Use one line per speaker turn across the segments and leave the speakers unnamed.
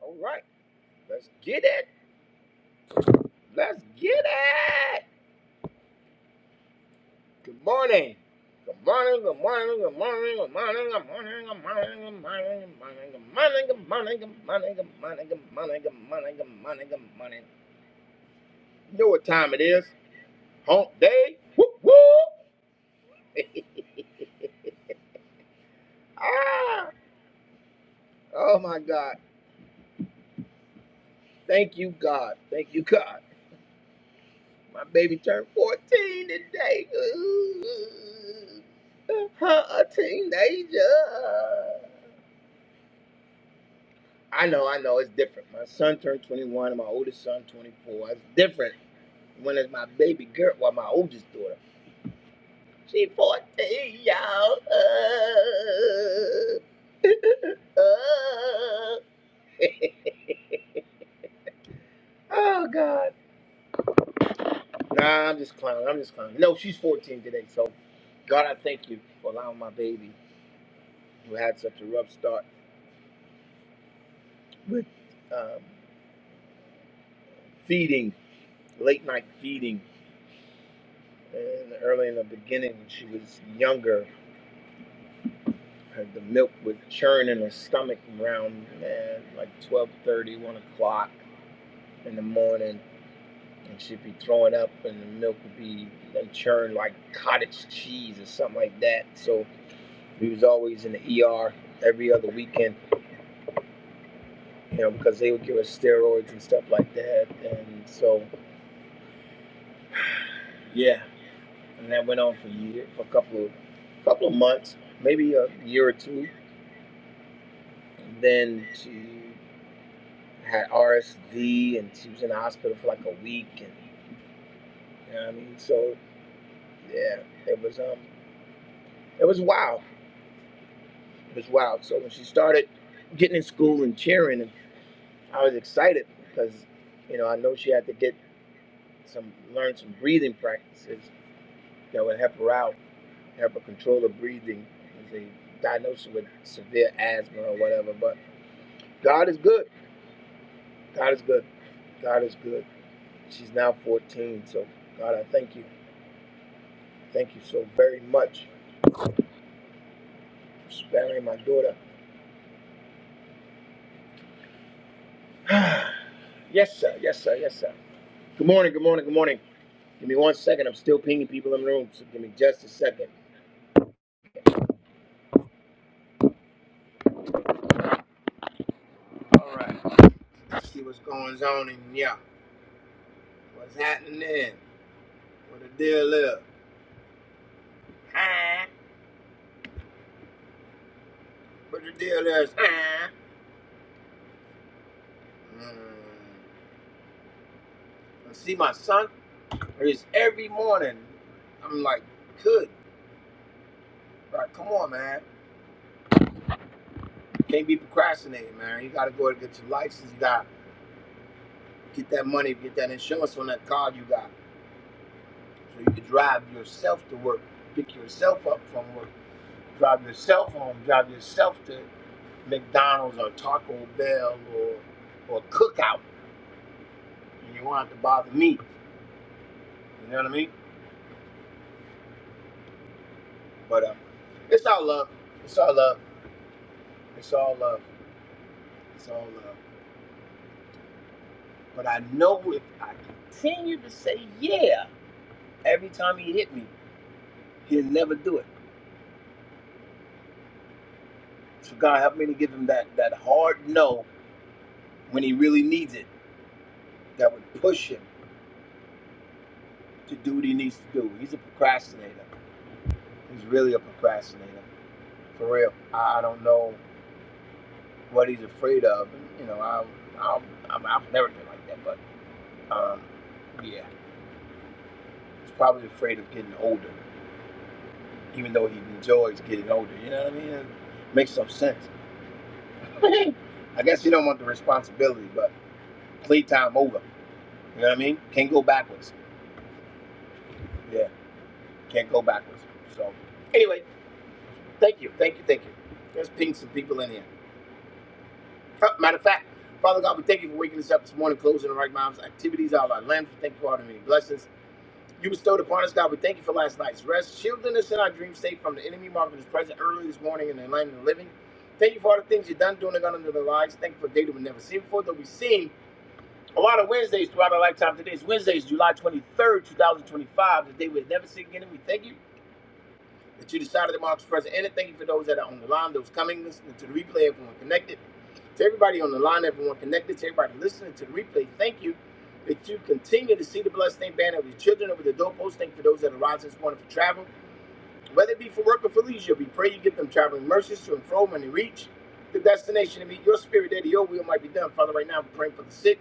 All right, let's get it. Let's get it. Good morning. Good morning. Good morning. Good morning. Good morning. Good morning. Good morning. Good morning. Good morning. Good morning. Good morning. Good morning. Good morning. Good morning. Good morning. Good morning. You know what time it is? Hump day. Whoop whoop. Ah. Oh my God. Thank you, God. Thank you, God. My baby turned 14 today. Ooh. Her a teenager. I know, I know, it's different. My son turned 21 and my oldest son 24. It's different when it's my baby girl, well, my oldest daughter. She 14, y'all. Uh, oh, God. Nah, I'm just clowning. I'm just clowning. No, she's 14 today, so God, I thank you for allowing my baby, who had such a rough start with um, feeding, late night feeding, and early in the beginning when she was younger. Had The milk would churn in her stomach around man, like twelve thirty, one o'clock in the morning, and she'd be throwing up, and the milk would be like churned like cottage cheese or something like that. So we was always in the ER every other weekend, you know, because they would give us steroids and stuff like that. And so, yeah, and that went on for a year, for a couple of couple of months, maybe a year or two. And then she had RSV and she was in the hospital for like a week and you know what I mean so yeah it was um it was wild it was wild so when she started getting in school and cheering and I was excited because you know I know she had to get some learn some breathing practices that would help her out help her control her breathing as they diagnosed her with severe asthma or whatever but God is good God is good God is good she's now 14 so God I thank you thank you so very much sparing my daughter. yes, sir. Yes, sir. Yes, sir. Good morning. Good morning. Good morning. Give me one second. I'm still pinging people in the room, so give me just a second. All right. Let's see what's going on in yeah. What's happening then? What the deal is? Huh? What the deal is? Huh? Mm. I see my son. It's every morning. I'm like, good. Like, come on, man. Can't be procrastinating, man. You gotta go and get your license. You gotta get that money, get that insurance on that car you got. so you can drive yourself to work, pick yourself up from work, drive yourself home, drive yourself to McDonald's or Taco Bell or or Cookout, and you won't have to bother me. You know what I mean? But um, it's all love. It's all love. It's all love. It's all love. But I know if I continue to say yeah every time he hit me, he'll never do it. So God help me to give him that that hard no when he really needs it. That would push him. to do what he needs to do. He's a procrastinator. He's really a procrastinator, for real. I don't know what he's afraid of. you know, I, I, I'm, I've never been like that, but um, yeah, he's probably afraid of getting older, even though he enjoys getting older. You know what I mean? It makes some sense. I guess he don't want the responsibility, but playtime over. You know what I mean? Can't go backwards. Yeah, can't go backwards. So anyway, thank you, thank you, thank you. Let's ping some people in here. Matter of fact, Father God, we thank you for waking us up this morning, closing the right minds, activities, all our lamps. We thank you for all the many blessings you bestowed upon us, God. We thank you for last night's rest, shielding us in our dream state from the enemy, marking us present early this morning in the land of the living. Thank you for all the things you've done, doing, and under the lives. Thank you for data we never seen before, though we've seen a lot of Wednesdays throughout our lifetime. Today is Wednesday, it's July 23rd, 2025, the day we'll never see again. And we thank you that you decided to mark as present. And thank you for those that are on the line, those coming, listening to the replay, everyone connected. To everybody on the line, everyone connected, to everybody listening to the replay, thank you that you continue to see the bloodstained banner of your children over the doorpost. Thank you for those that are rising this morning for travel, whether it be for work or for leisure. We pray you give them traveling mercies to and fro when they reach the destination to meet your spirit there. that Your will might be done. Father, right now, we're praying for the sick.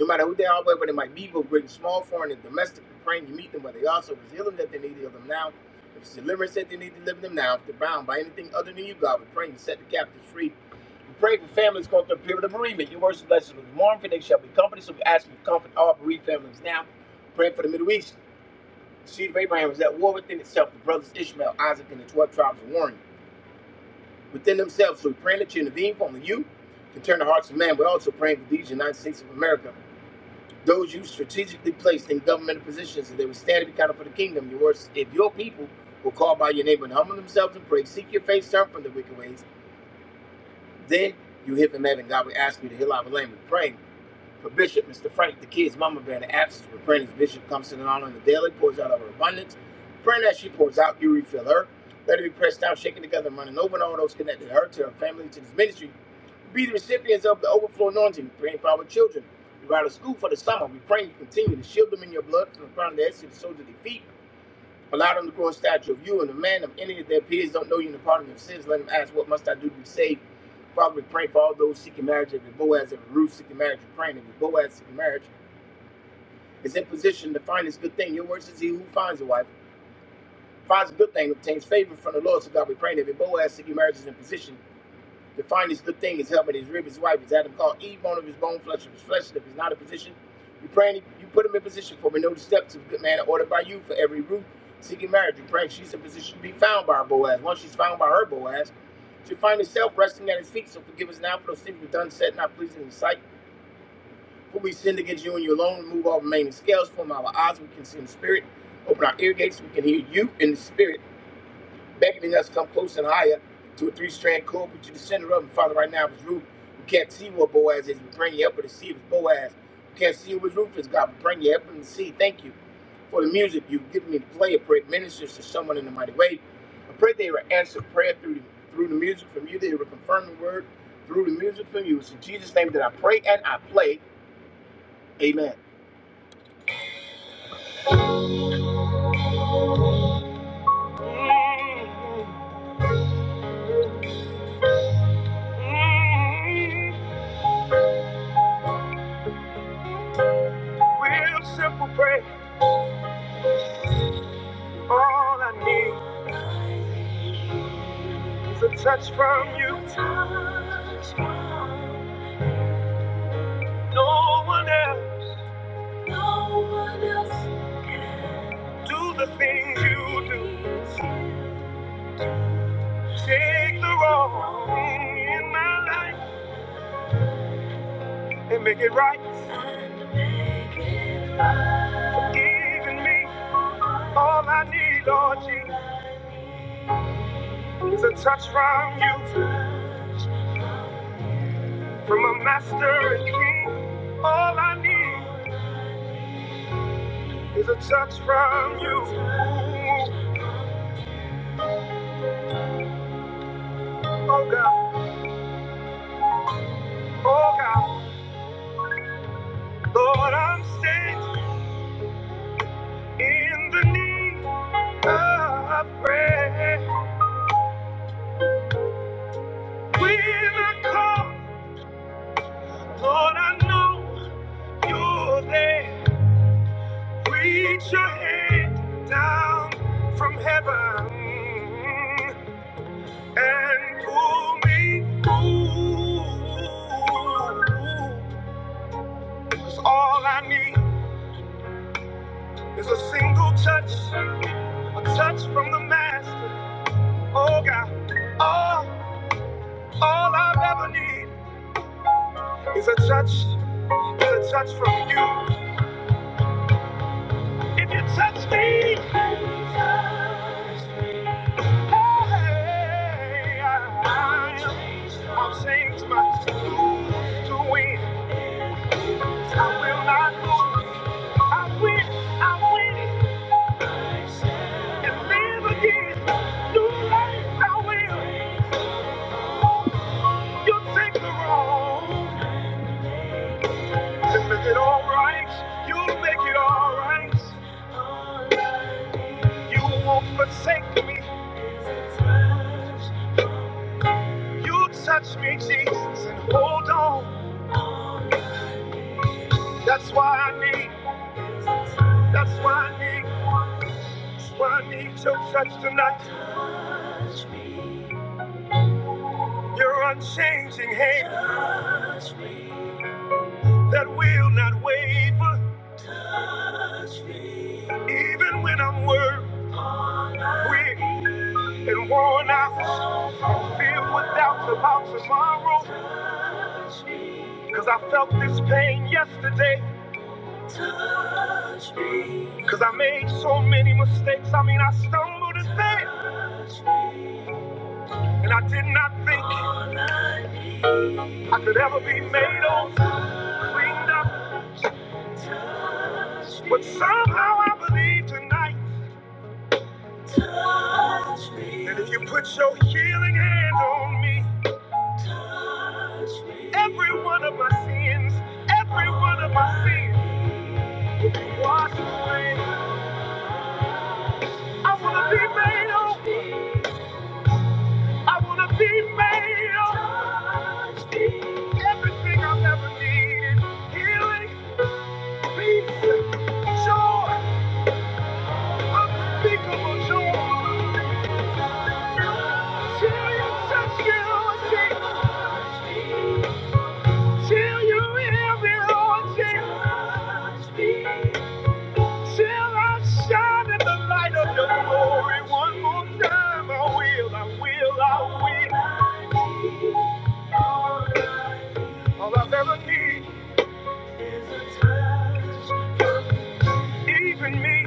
No matter who they are, whether they might be, both great and small, foreign and domestic, praying you meet them, but they also if it's healing that they need, heal them now. If it's deliverance that they need, deliver them now. If they're bound by anything other than you, God, we pray you set the captives free. We pray for families going through a period of bereavement. Your words are blessed those who mourn, for they shall be comforted. So we ask you to comfort all bereaved families now. Pray for the Middle East. The seed of Abraham was at war within itself. The brothers Ishmael, Isaac, and the 12 tribes were warring within themselves. So we pray that you intervene for only you can turn the hearts of man, but also praying for these United States of America. Those you strategically placed in governmental positions, and they will stand to be counted for the kingdom. Your words, if your people will call by your name and humble themselves and pray, seek your face, turn from the wicked ways, then you hear from heaven. God will ask you to heal our land. We're praying for Bishop, Mr. Frank, the kids, Mama Bear, and the absence. We're praying as Bishop comes to the honor on the daily, pours out of her abundance. Praying as she pours out, you refill her. Let her be pressed down, shaken together, and running over, and all those connected to her, to her family, to this ministry. Be the recipients of the overflow anointing, praying for our children. We're out of school for the summer. We pray you continue to shield them in your blood from the crown of their heads to the soles of their feet. Allow them to grow a stature of you and a man of any of their peers don't know you in the pardon of sins. Let them ask, What must I do to be saved? Father, we pray for all those seeking marriage, every Boaz, every Ruth seeking marriage, we're praying every Boaz seeking marriage is in position to find this good thing. Your word says, He who finds a wife finds a good thing, obtains favor from the Lord. So God, we pray that every Boaz seeking marriage is in position. The finest good thing is helmet, his rib, his wife, his Adam called Eve, bone of his bone, flesh of his flesh, and if he's not in position, you pray, you put him in position for we know the steps of a good man are ordered by you for every root seeking marriage. You pray she's in position to be found by her Boaz. Once she's found by her Boaz, she'll find herself resting at his feet. So forgive us now for those things we've done, said, not pleasing in your sight. For we sinned against you and you alone, remove all remaining scales from our eyes, we can see in the spirit. Open our ear gates, we can hear you in the spirit beckoning us to come close and higher to a three-strand cord, but you the center of them. Father, right now, if it's Ruth, we can't see what Boaz is. We bring you up to see if it's Boaz. We can't see what Ruth is, God. We bring you up to see. Thank you for the music you've given me to play. I pray it ministers to someone in a mighty way. I pray they will answer prayer through the, through the music from you. They will confirm the word through the music from you. It's in Jesus' name that I pray and I play. Amen. Real simple prayer, all I need. The touch from you. The Touch from you. no one else can. Do the things you do. Take the wrong in my life and make And make it right. Forgiving me. All is a touch from you. From a master and king, all I need is a touch from you. Oh God. Oh God, Lord, I'm standing in the need of prayer. When I call, Lord, I know you're there. Reach your hand down from heaven and pull me through. 'Cause all I need is a single touch, a touch from the Master. Oh God, oh. All I've ever need is a touch, is a touch from you. If you touch me, hey, I, I'll change my mood to win. I will not lose. I win, I win and live again. New life, I will. You take the road. You'll make it all right. You'll make it all right. You won't forsake me. You touch me, Jesus, and hold on. That's why I need. That's why I need. That's why I need your touch tonight. Your unchanging hand that will not waver, even when I'm worried. Weak and worn out, filled with doubts about tomorrow. Cause I felt this pain yesterday. Cause I made so many mistakes. I mean, I stumbled and fell. And I did not think I could ever be made over, cleaned up. But somehow I believe tonight that if you put your healing hand on me, Every one of my sins, every one of my sins, wash away. I wanna be made whole. I wanna be made whole. Everything I've ever needed, healing, peace, joy, unspeakable joy. Till you touch me, Lord Jesus. Till you hear me, Lord Jesus. Till I shine in the light of your glory one more time, I will, I will, I will. All I've ever need, even me,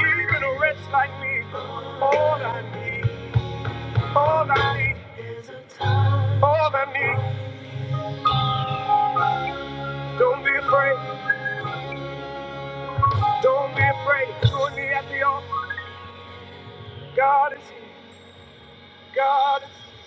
even a wretch like me. All I need, all I need, is a time. all I need. Don't be afraid, don't be afraid. Join me at the altar. God is here, God is here.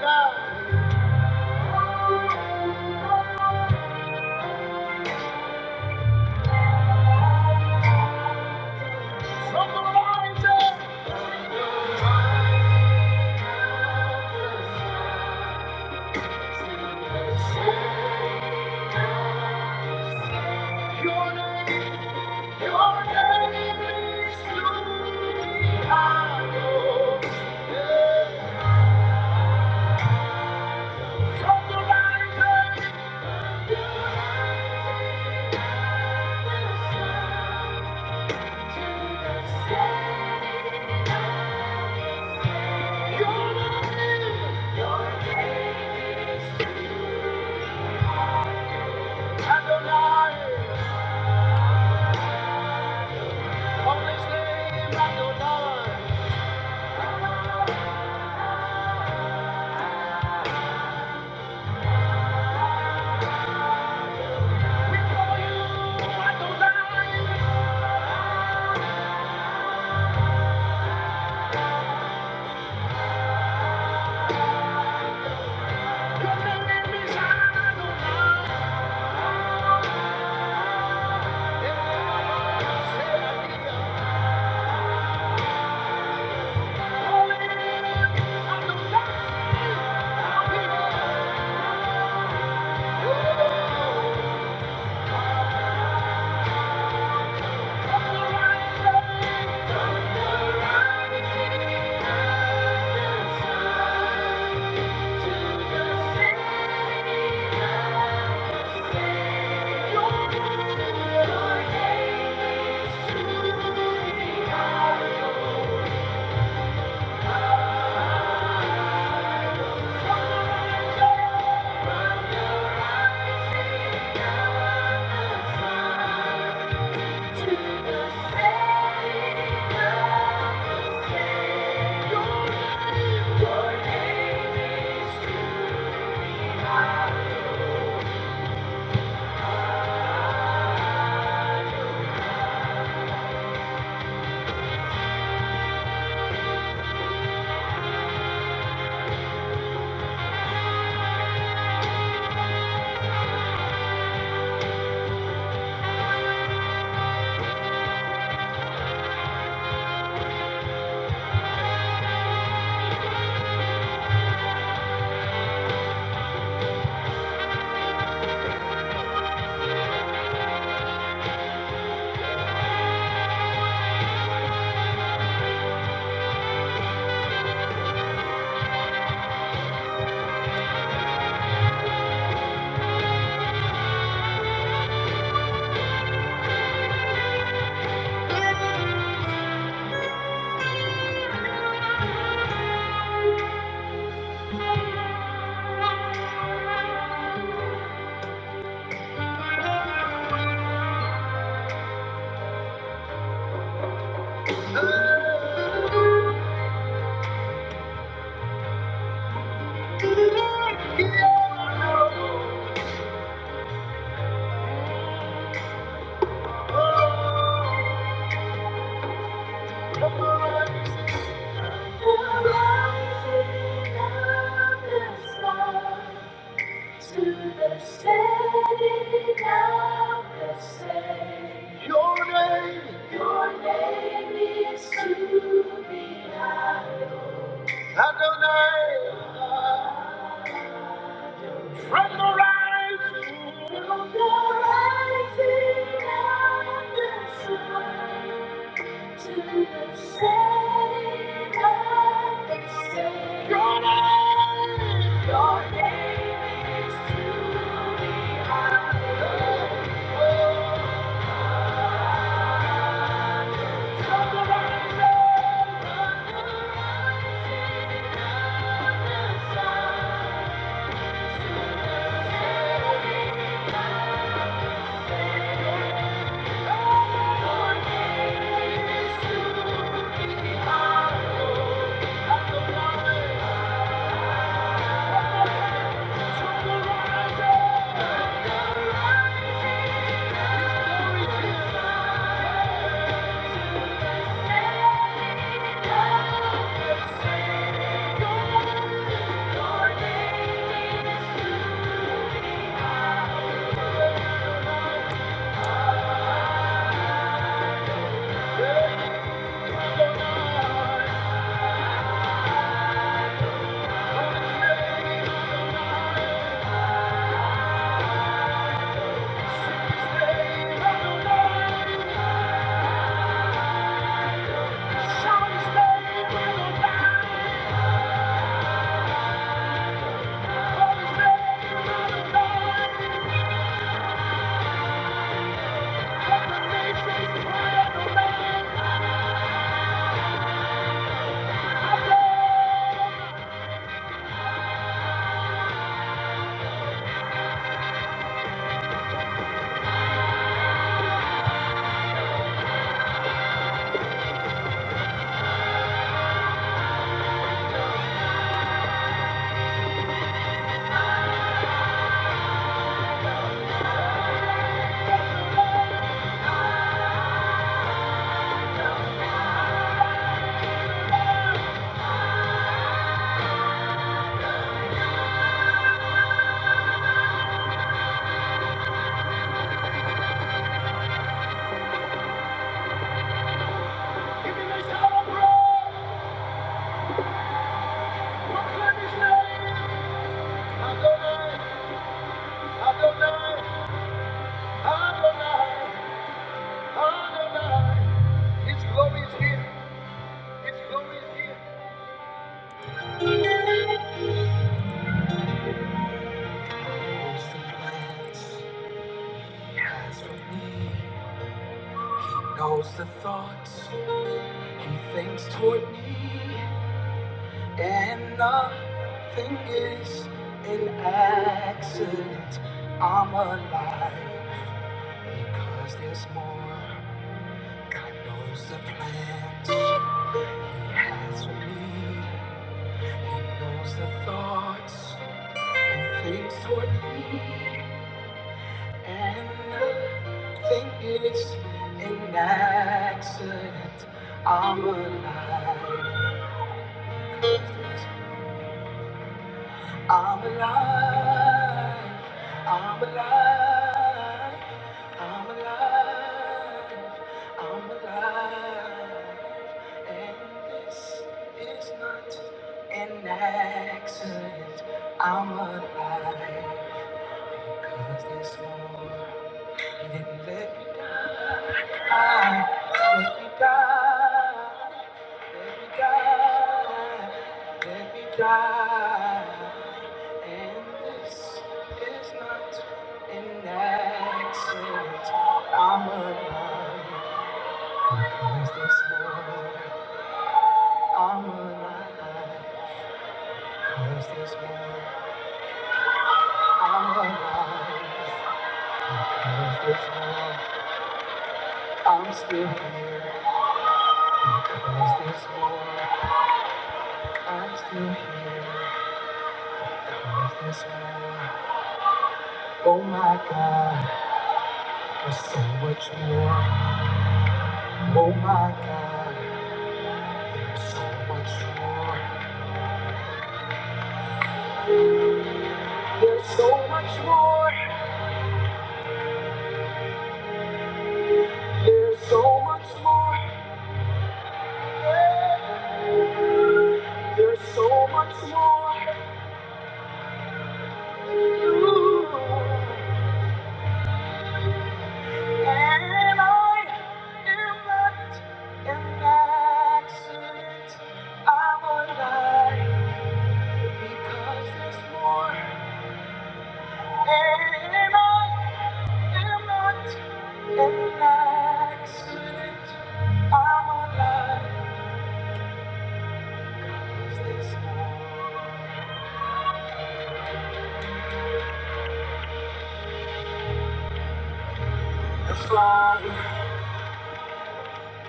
Now, someone rise up, your name. Your name is truly hallowed. From the rising your name, your name, Adonai. From his name, Adonai. Your name is Adonai. Holy Adonai. Thank you. From the rising of the sun. Thank you. Thank you. Its glory is here. Its Knows the plans, knows the thoughts. Anything's toward me, and nothing is an accident. I'm alive because there's more. God knows the plans He has for me. He knows the thoughts and things toward me, and nothing is an accident. I'm alive. because there's. I'm alive. I'm alive. I'm alive. I'm alive. And this is not an accident. I'm alive. Cause there's more. He didn't let me die. Let me die. Let me die, let die, and this is not an accident. I'm alive, cause this war. I'm alive, cause this war. I'm alive, cause this war. I'm still here, because this war. I'm still here, cause this war. Oh my God, there's so much more. Oh my God, there's so much more. There's, there's so much more. Yeah. There's so much more. And I am not an accident. I'm alive because there's more. And I.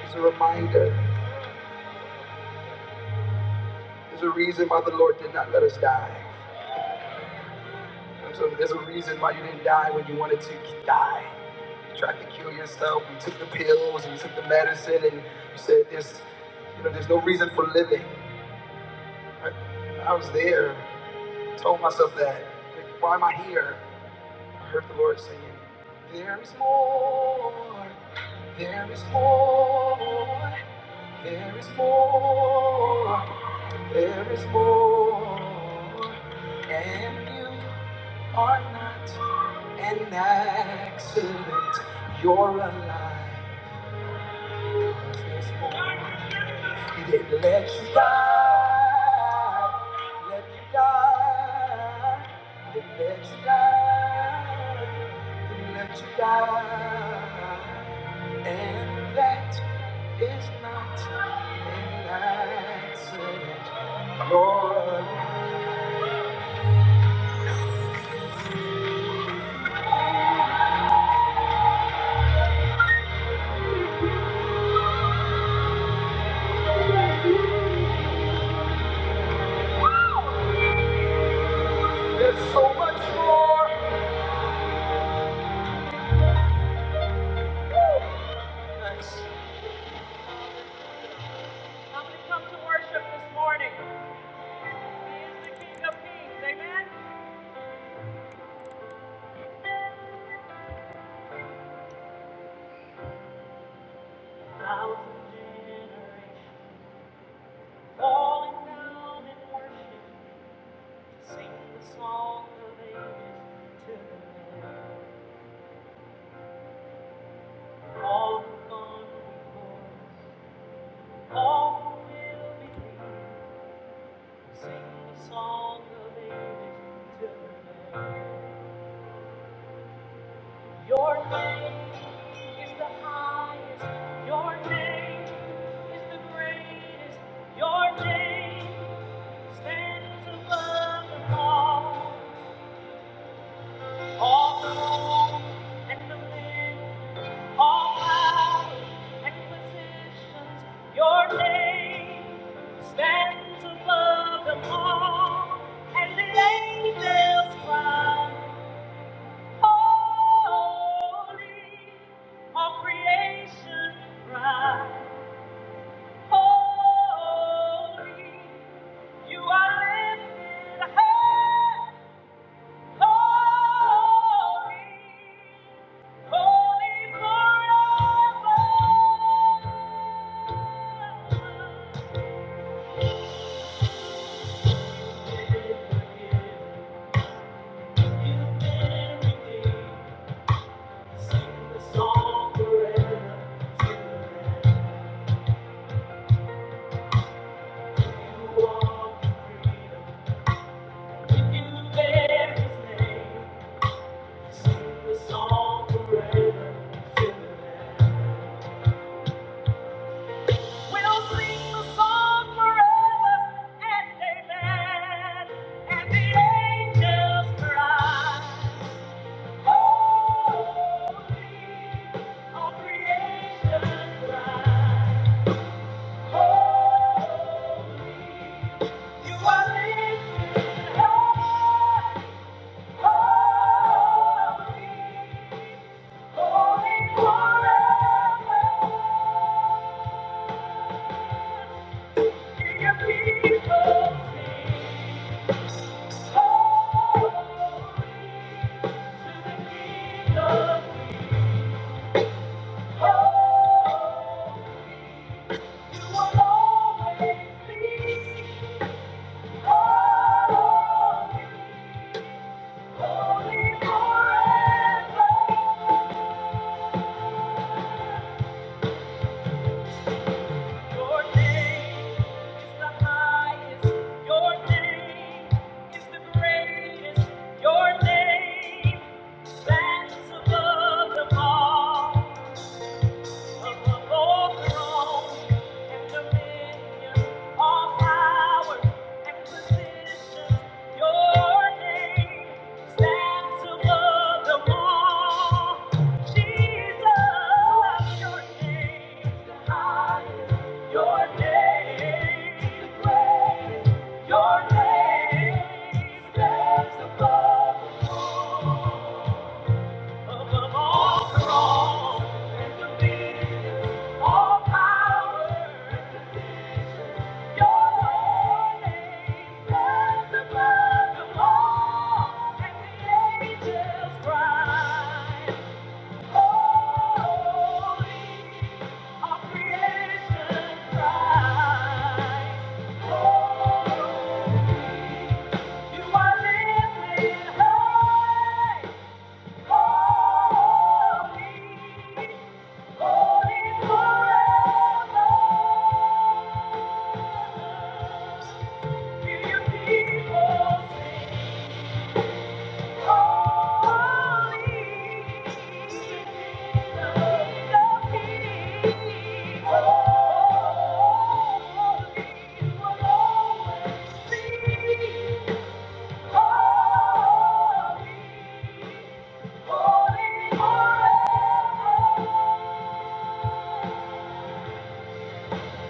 There's a reminder. There's a reason why the Lord did not let us die. There's a, there's a reason why you didn't die when you wanted to die. tried to kill yourself. You took the pills and you took the medicine and you said this, you know, there's no reason for living. I, I was there, told myself that. Like, why am I here? I heard the Lord singing, There is more, there is more, there is more, there is more. And you are not an accident, you're alive. He didn't let you die. Let you die. He didn't let you die. He didn't let you die. And that is not enough. There's so much more. How we come to worship this morning. He is the King of Kings. Amen. Thousand generations falling down in worship. Sing the song of ages to the Lamb. All who've gone before us, all who will believe. Sing the song of ages to the Lamb. Your name is the highest. Your name is the greatest. Your name stands above them all. All the moon and the land. All power and positions, your name stands above them all, and the angels cry, Holy. All creation cry, Holy. You are lifted high, holy, holy forever. We'll sing the song forever and amen. And the angels cry. Oh, all creation cries. Your name stands above them all. Your name, your name, steps above. the world. You are lifted high, you people.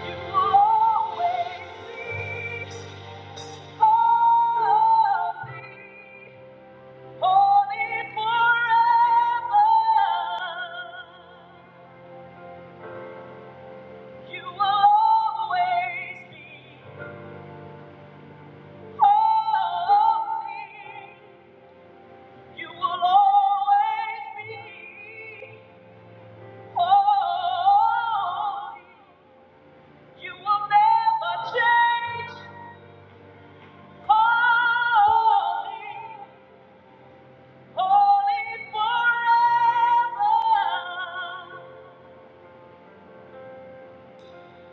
Holy forever.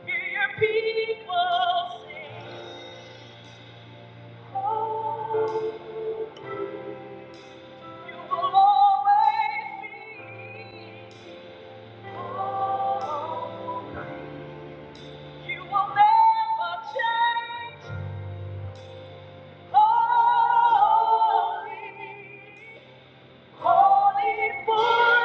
Hear people sing. Oh, you will always be. Oh, you will never change. Holy, holy forever.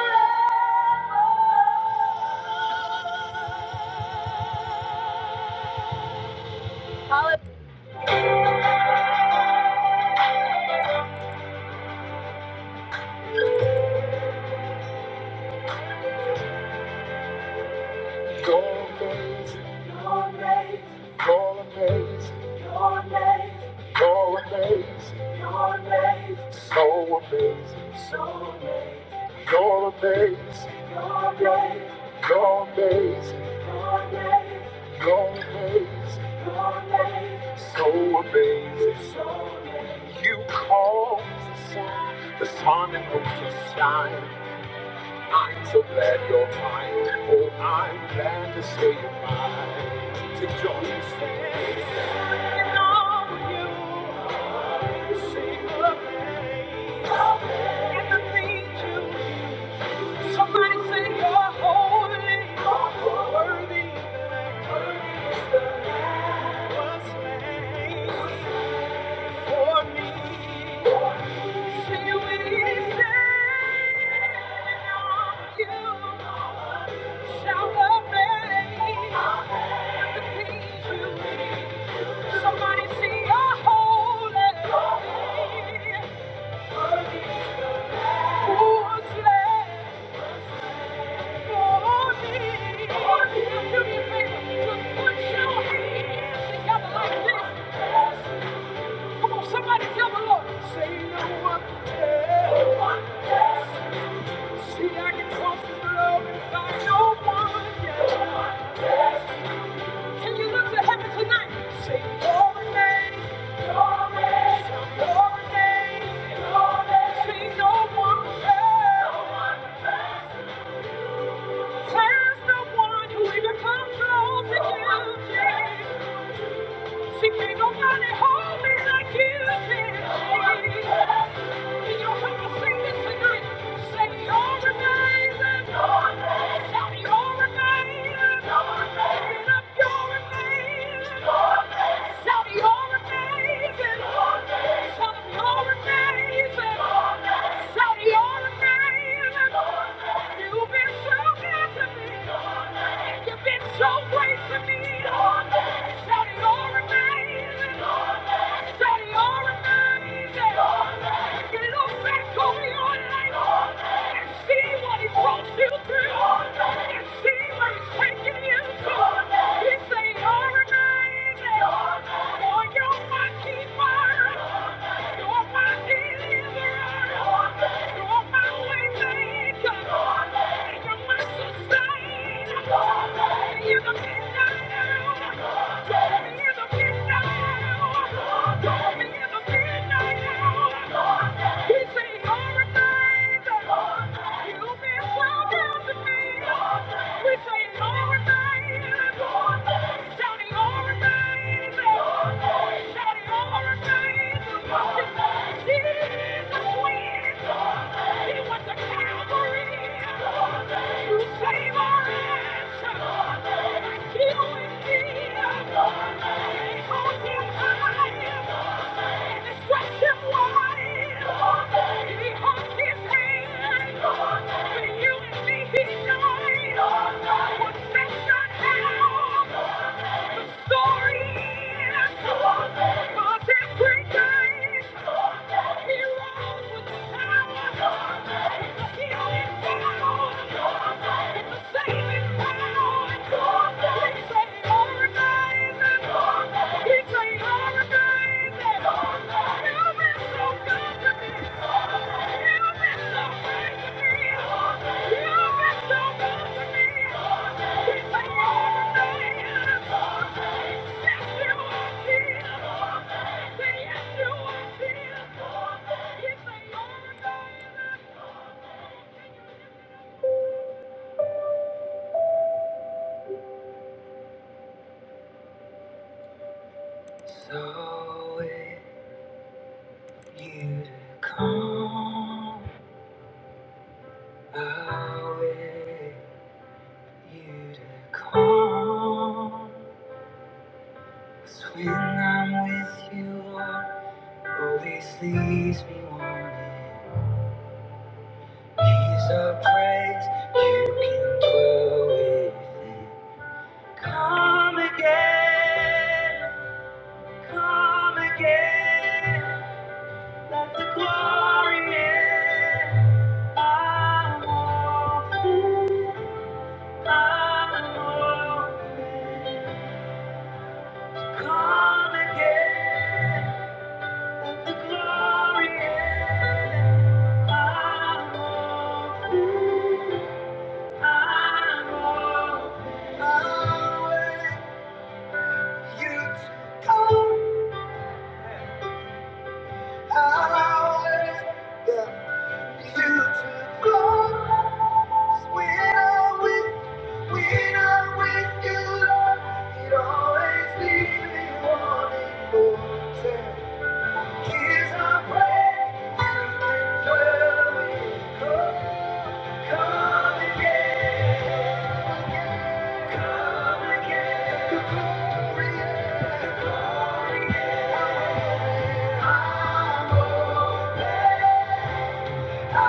So amazing. You're amazing. So amazing. So amazing. You're amazing. You're amazing. You're amazing. You're amazing. You're amazing. You're amazing. So amazing. So amazing. You are amazing you are amazing you are amazing you are amazing you are amazing so amazing so amazing you because the sun, the sun and moon to shine. I'm so glad you're mine. Oh, I'm glad to say you're mine. To join you, sing, sing, all you. Somebody see you holy, worthy, was made for me. See you you shall obey. Somebody see you holy. Somebody tell the Lord, say no one else. See, I can cross this road and find no one else. Can you look to heaven tonight? Say glory, glory, glory, glory. Say no one else. No one else. There's no one who even comes close to you. She can't nobody hold me like you can. Can you help me sing this tonight? Say you're amazing. Shout you're amazing. Get up, you're amazing. Shout you're amazing. Shout you're amazing. Shout you're amazing. You've been so good to me. You've been so great to me, Lord. Daddy, you're amazing, Lord. Daddy, you're amazing, Lord. You look back over your life Lord, and see what He brought you through Lord, and see where He's taking you to. Lord. He say, you're amazing, Lord. Boy, you're my keeper. You're my deliverer. Lord. You're my way maker. Lord. And You're my sustainer. Lord. Shouting all the things, Jesus wins. He went to Calvary to save our ass. He was here. He holds him high and stretched him wide. He was our ass. his hand. Thank you. and me he died, What sets us down? Thank you. So if you to come, I wait you to come. When I'm with you, always leaves me warm. Come again, come again. Let the glory in. I'm all, I'm all. Come again, the glory in. I'm all, I'm all. I'll let you come. I'll Come again, Yeah. Every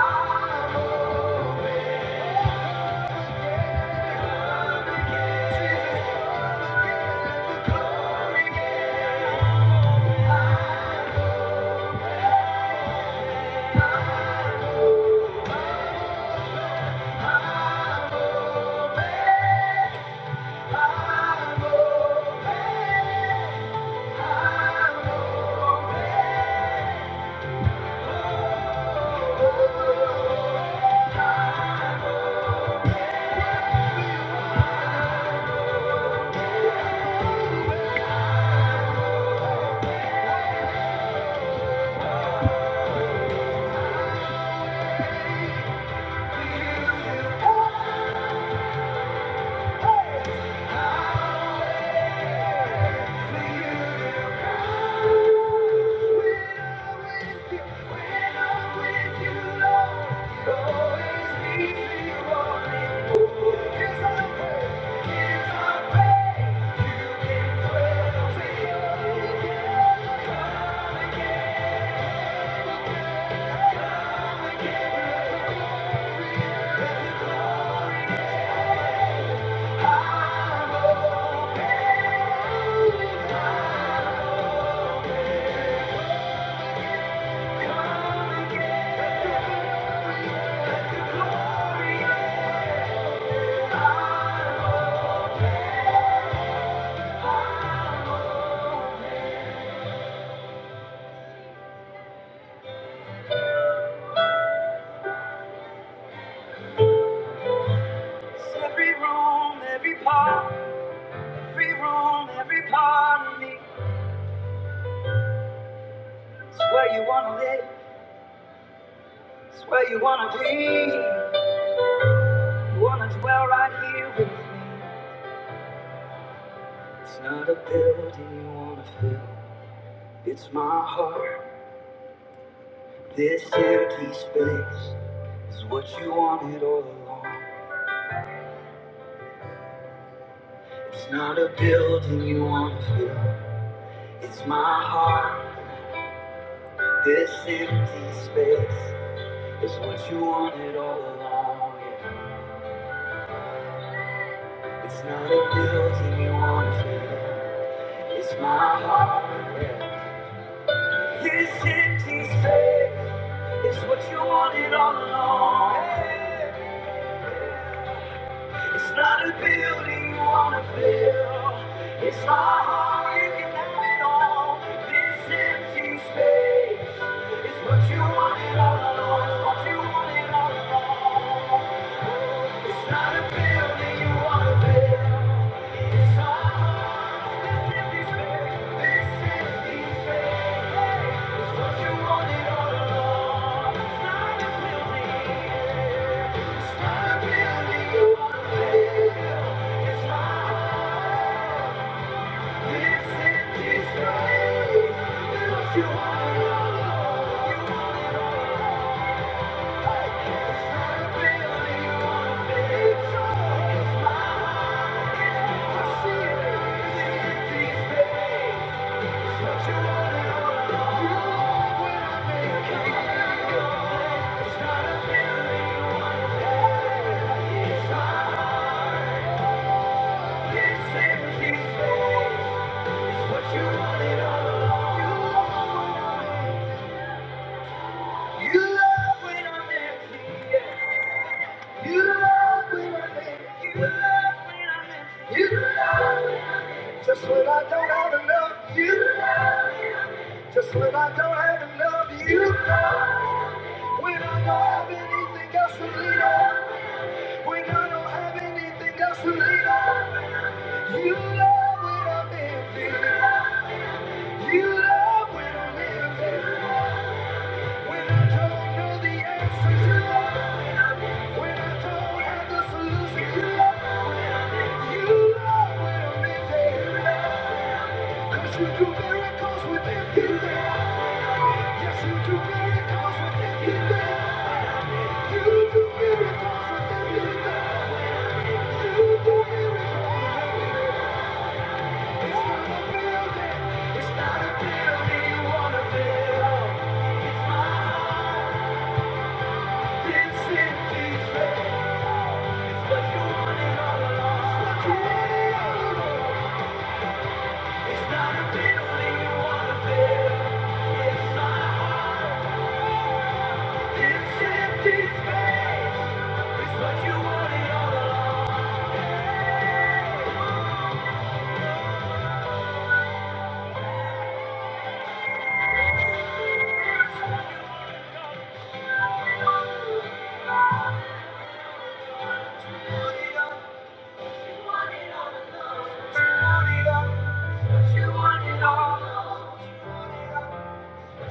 room, every part, every room, every part of me. It's not a building you want to fill. It's my heart. This empty space is what you wanted all along. yeah. It's not a building you want to fill. It's my heart. yeah. This empty space is what you wanted all along. yeah. It's not a building you want to fill. It's my heart. You can have it all. This empty space is what you wanted all along. It's what you wanted all along. It's not a building you wanna build. It's our hearts that simply say, this simply say, it's what you wanted all along. It's not a building. It's not a building you wanna build. It's our heart, this empty space. It's what all You wanted all along. Just when I don't have enough, you know. When I don't have anything else to lean on. We don't have anything else to lean on. You love when I'm empty. You love when I'm empty. When I don't know the answers, you love. When I don't have the solution, you love. You love when I'm empty. 'Cause you do miracles with empty hands. Yes, you do miracles with empty hands. You do miracles with empty hands. You do miracles. with empty land.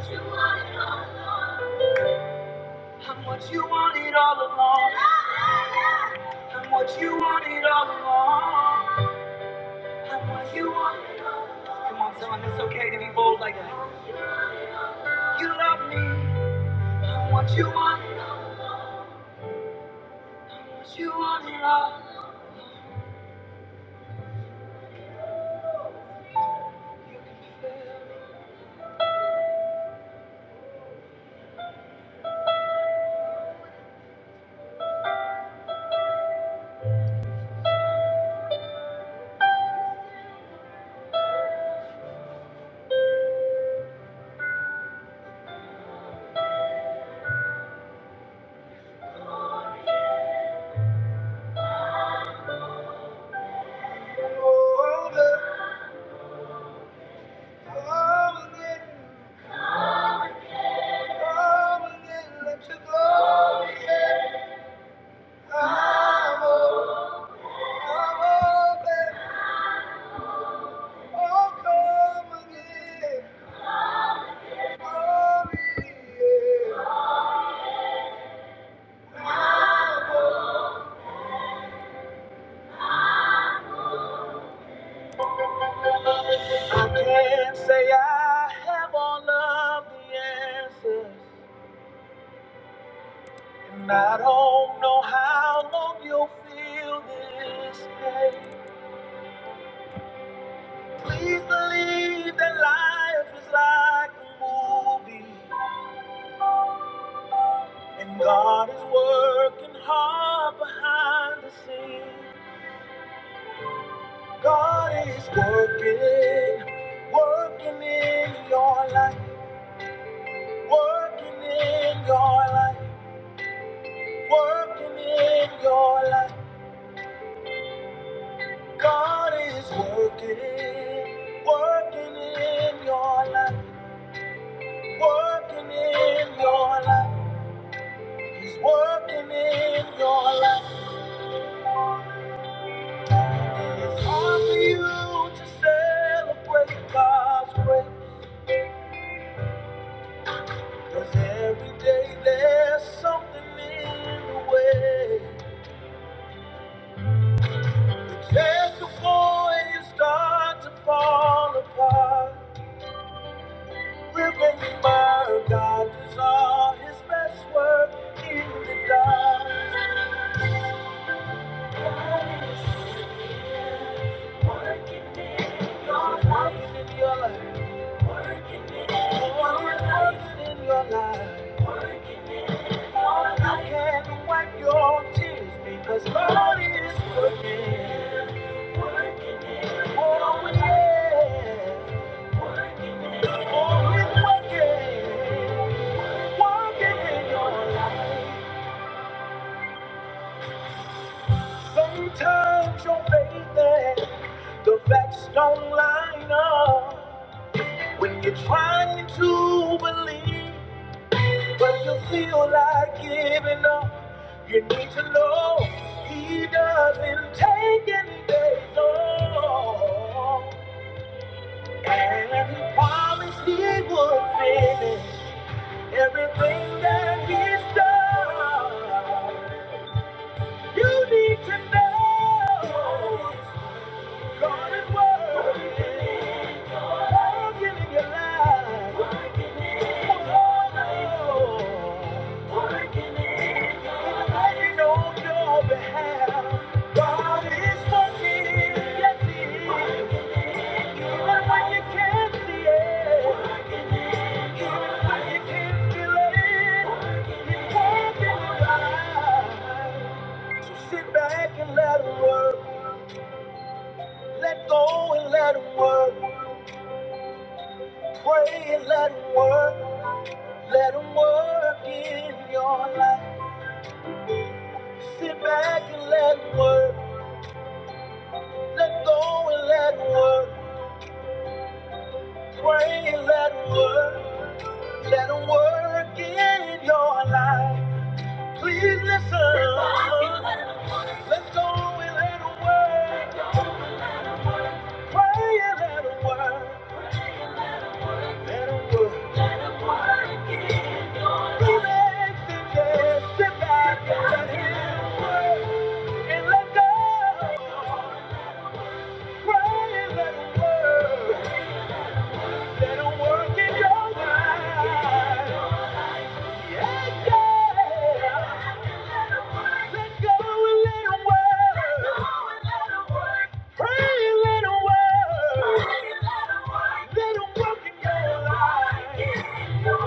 You want it all. I'm what you wanted all along. I'm what you wanted all along. I'm what you wanted. Come on, tell me it's okay to be bold like that. You love me. I'm what you want. I'm what you wanted all. Over, over again, over again. Let you go. I'm over, I'm over, over. And I don't know how long you'll feel this way. Please believe that life is like a movie, and God is working hard behind the scenes. God is working, working in your life, working in your life, working in your life. God is working, working in your life, working in your life. He's working in your life. It's hard for you to celebrate God's grace. 'cause every day there's something just before you start to fall apart. God is working in your life. Working in your life. In your life. I can't wipe your tears because God is working. Oh, yeah. Oh, he's working. Working in your life. Sometimes your faith and the facts don't line up. When you're trying to believe, but you feel like giving up, you need to know He doesn't take any days off. And He promised He would finish everything that He's done. You need to know. God working. Working your life. Working in your life. Working in your life. Working on your behalf. working. Yes, He is. Working in your life. Even when you can it. Working in your life. Working in your So let go and let him work. Pray and let him work. Let him work in your life. Sit back and let him work. Let go and let him work. Pray and let him work. Let him work in your life. Please listen. Let go and let him work. Pray and let him work. Yeah, yeah. Let go and let him work. Pray and let him work. Let him work in your life. Yeah. Let go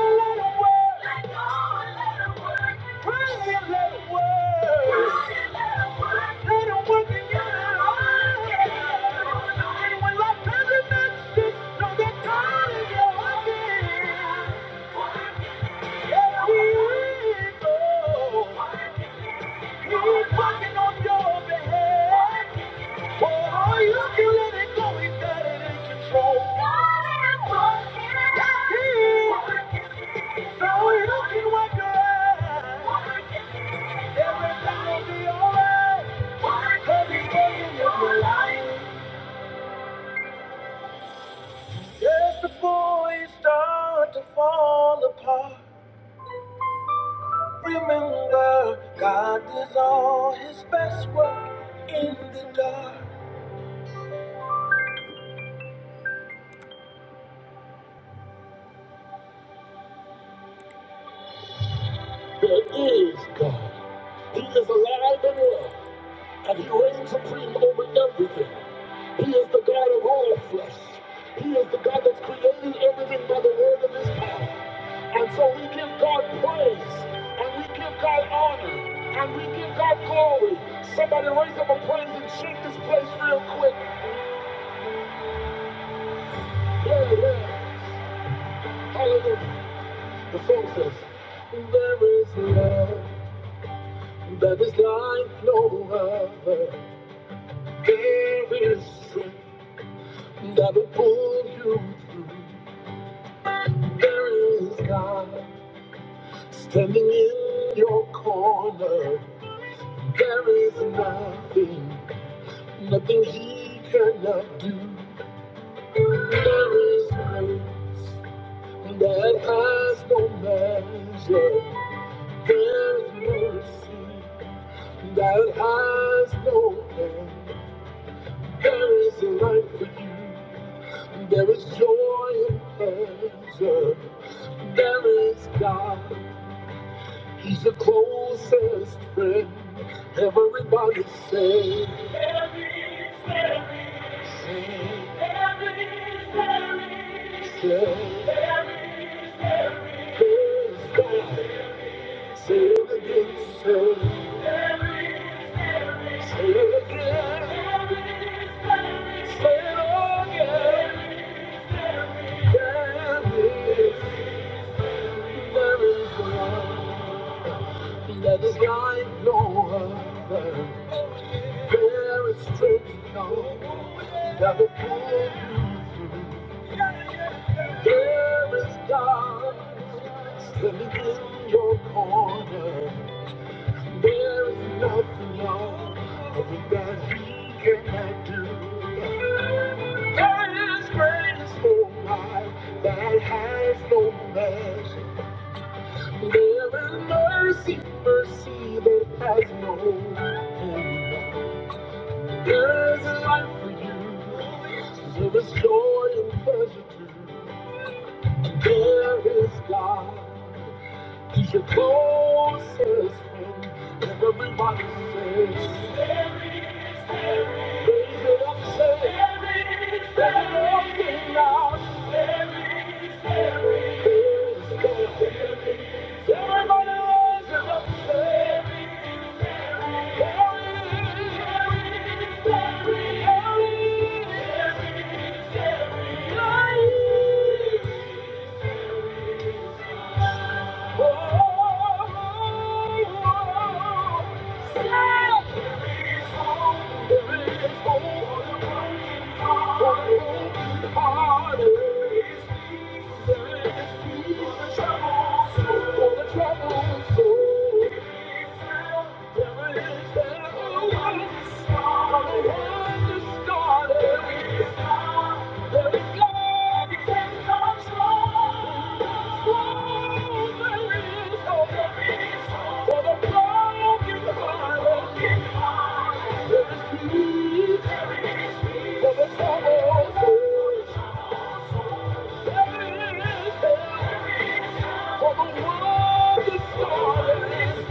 and let him work. Pray and let him work. He's working on your behalf. Oh, So Just before you start to fall apart. Remember, God does all his best work in the dark. The folks says, there is love. That is like no other. There is strength that will pull you through. There is God standing in your corner. There is nothing, nothing He cannot do. There is grace that has no measure. There is mercy that has no end. There is life for you. There is joy in pleasure. There is God. He's the closest friend. Everybody say. There is God. Say it again. Say, say it again. Say it again. There is There is one that is like no other. There is strength no that will pull you through. There is God standing in your corner. There is nothing else nothing that He cannot do. There is grace, oh my, that has no measure. There is mercy, mercy that has no end. There is life for you. There is joy and pleasure too. There is God. He's your closest friend. Everybody says. there is, there is. Raise it up, say. Raise it up, sing loud. There is there is. There is God. Everybody raise it up, say. Trouble, trouble, trouble. For the world is started.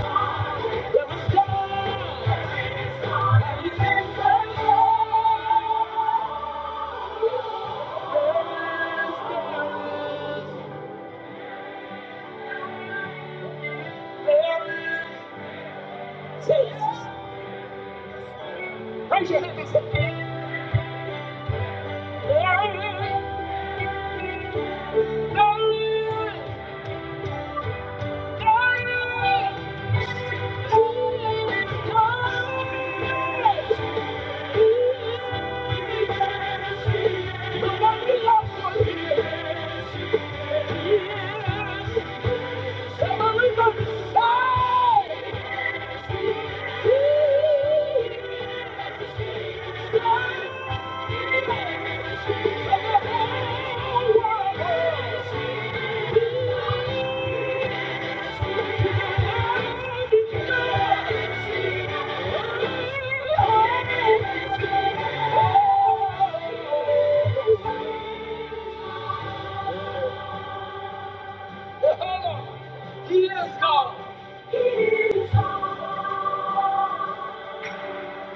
Raise your hand and say, Glory, glory, glory, glory. The one we love, yes, yes.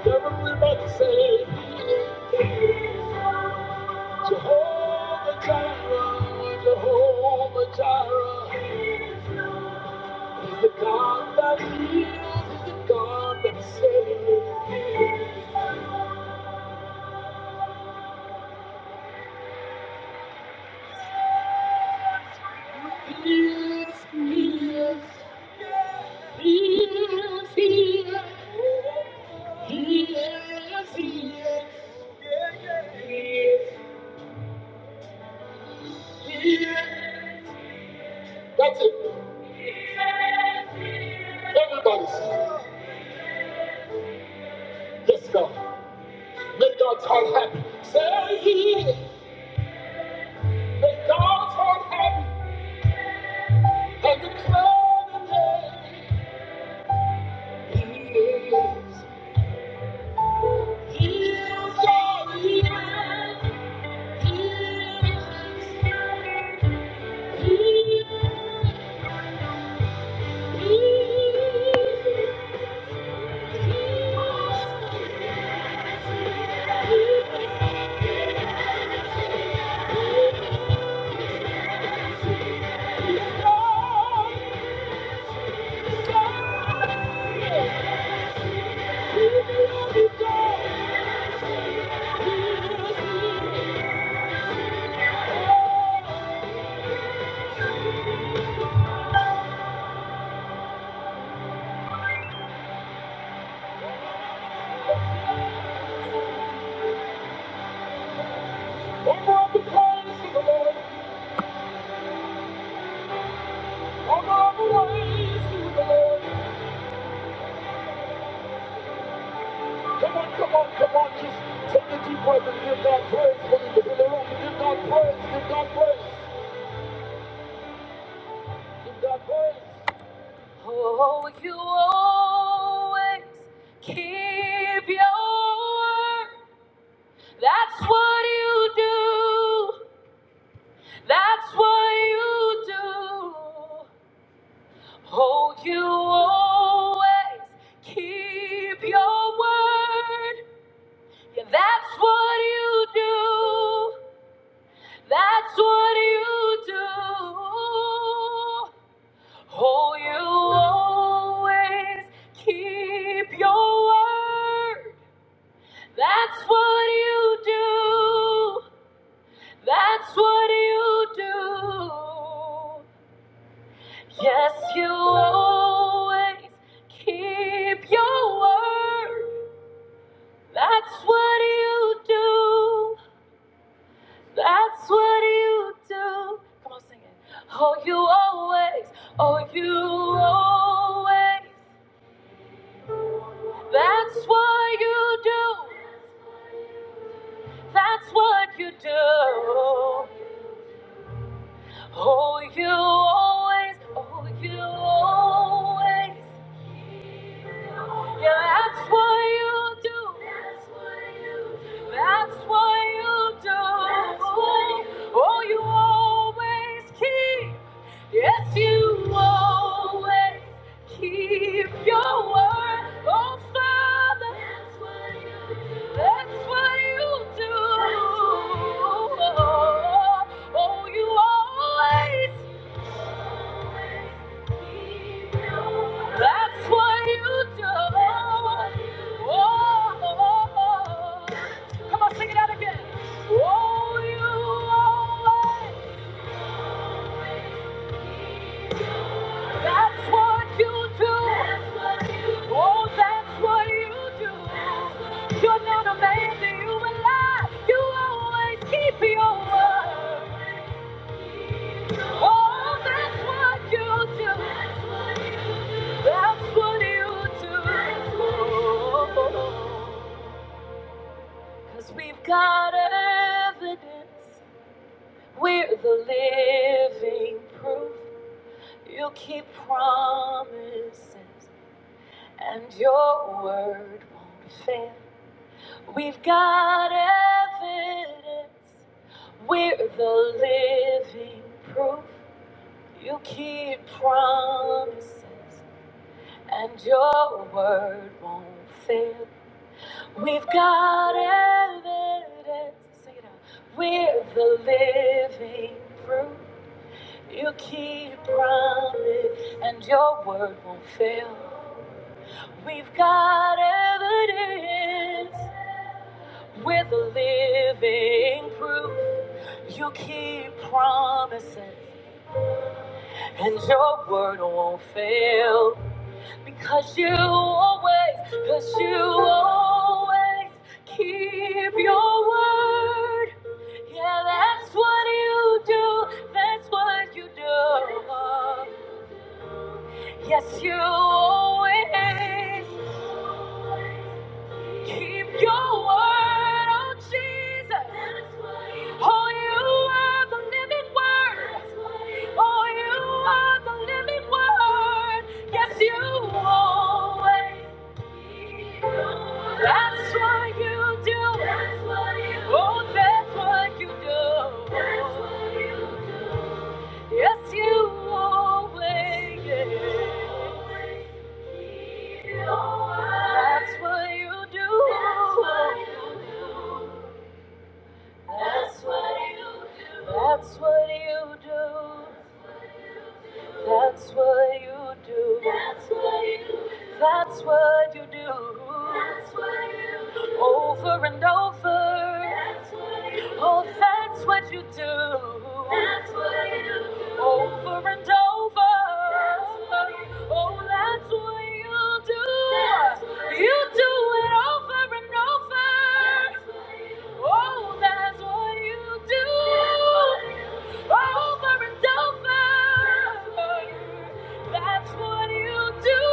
Everybody say, Jehovah Jireh, Jehovah Jireh, is the God that heals, is the God that saves. He is, He is, He is, He is. He is, He is, He is, He is. That's it. Everybody, sing. yes, God. Make God's heart happy. Say He is. Make God's heart happy and declare the day He is. Always keep your word. That's what you do. That's what you do. Oh, you always keep your word. Yeah, that's what you do. That's what you do. Oh, you always keep your word. That's what you do. That's what you do. Yes, you always keep your word. That's what you do. That's what you do. Come on, sing it. Oh, you always, oh, you always. That's what you do. That's what you do. Oh, you always, oh, you always. Yeah, that's what you do. That's what you do. That's what you do. That's what you do. Oh, you always keep. Yes, you always keep your word. Oh, Father. That's what you do. That's what you do. That's what you do. Oh, you always that's what you do. Oh, oh, oh. come on, sing it out again. Oh, you always. That's what you do. Oh, that's what you do. You're not a man that you will lie. You always keep your word. Oh, that's what you do. That's what you do. Cause we've got evidence. We're the living proof. You keep promises, and your word won't fail. We've got evidence. We're the living proof. You keep promises, and your word won't fail. We've got evidence. Sing it out. We're the living proof. You keep promise, and your word won't fail. We've got evidence. We're the living proof. You keep promises, and your word won't fail. Because you always, because you always keep your word. Yeah, that's what you do. That's what you do. Yes, you always. Keep your word, oh Jesus. Oh, you are the living word. Oh, you are the living word. Yes, you always. That's what you do. Oh, that's what you do. Yes, you always. That's what you do. That's what you do. That's what you do. That's what you do. That's what you do. That's what you do. That's what you do. Over and over. That's what you do. Oh, that's what you do. That's what you do. Over and over. That's what you do. Oh, that's what you do. That's what you You do do it over and over. That's what you do. Oh, that's what you do. That's what you do. Over and over. That's what you do.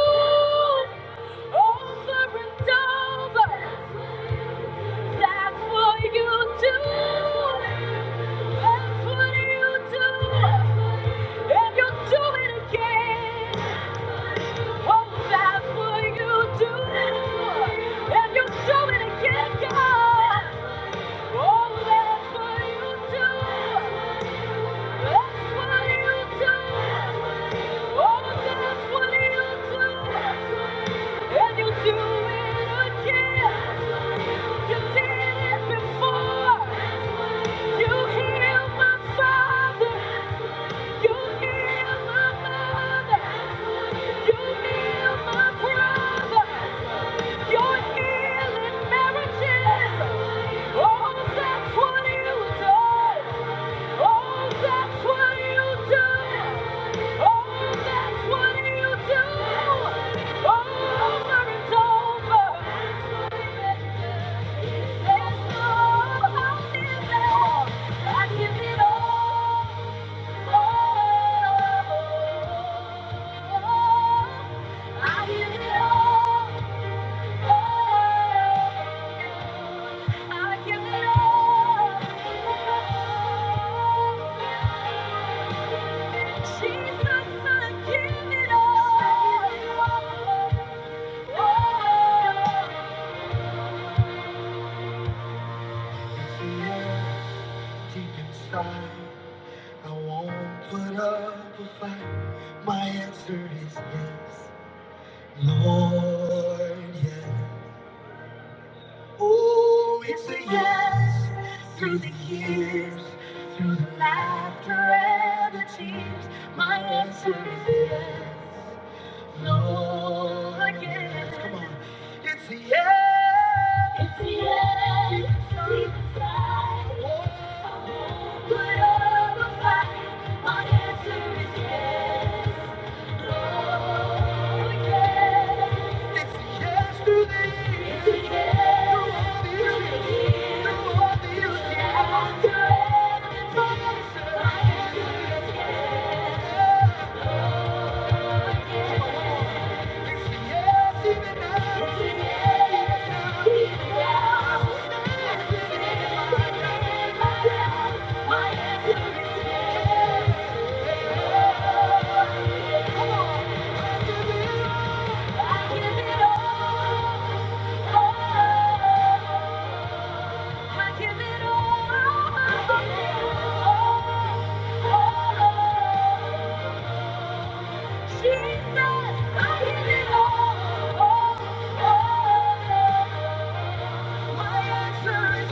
Over and over. That's what you do. That's what you do. And you do it again. Oh, that's what you do. And you do it again, God. Oh, that's what you do. That's what you do. You healed my father. I give it all. Jesus, I give it all. Yes. I give it all. I'll My answer is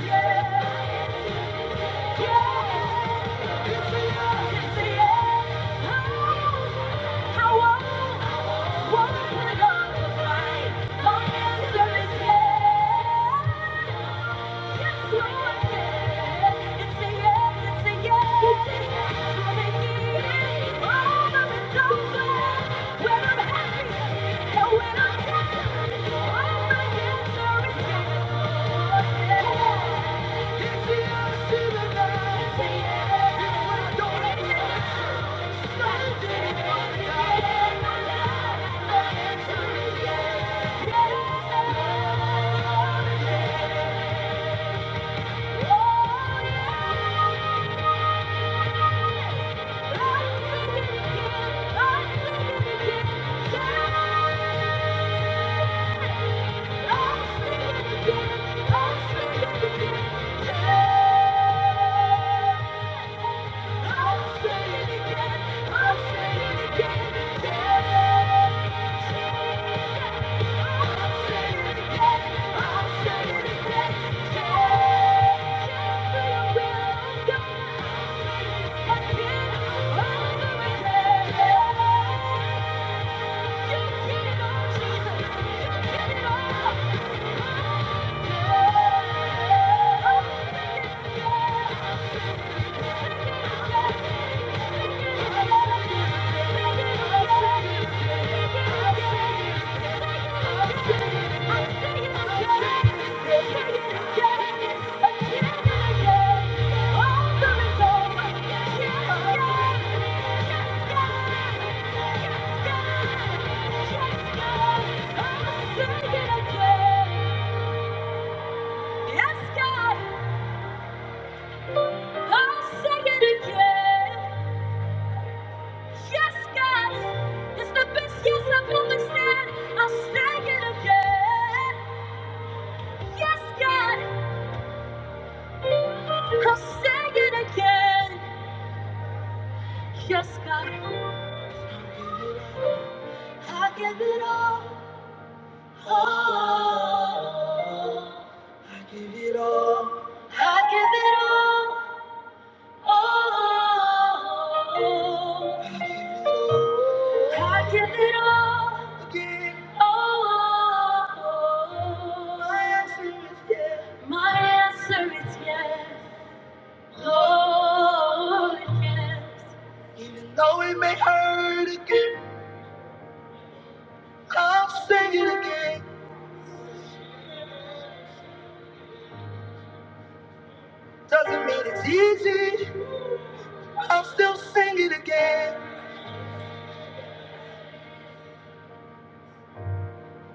What Yeah. Yeah. Oh, Yeah. I'll say again. I'll say again. Yeah. I'll say again. I'll say again. Yeah. Just for your will, God, again. Over Yeah. You it all, Jesus. You did it all. Yeah. i it again. i again. Yes, God, I'll say it again. Yes, God, it's the best yes I've ever said. I'll say it again. Yes, God, I'll say it again. Yes, God, I give it all. Oh, oh, oh. my answer is yes. Lord, yes. I'll still sing it again.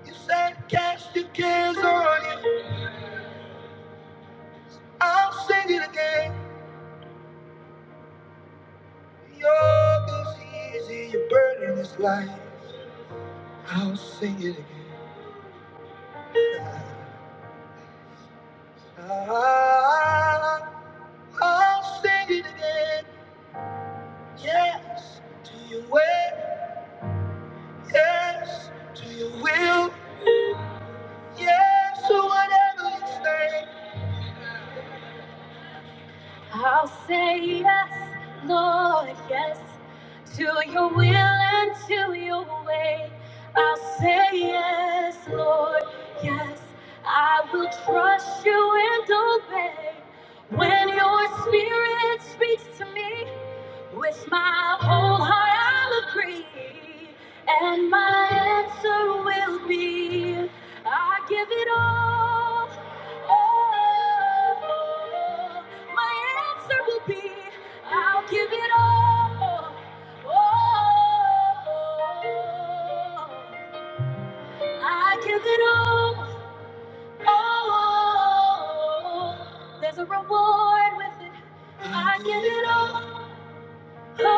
You said cast your cares on you. I'll sing it again. Yoke is easy, your burden is light. I'll sing it again. I'll say yes, Lord, yes, to your will and to your way. I'll say yes, Lord, yes. I will trust you and obey. When your spirit speaks to me, With my whole heart I'll agree, and my answer will be I give it all. all. My answer will be I'll give it all. all. I give it all. all. There's a reward with it. I give it all. You-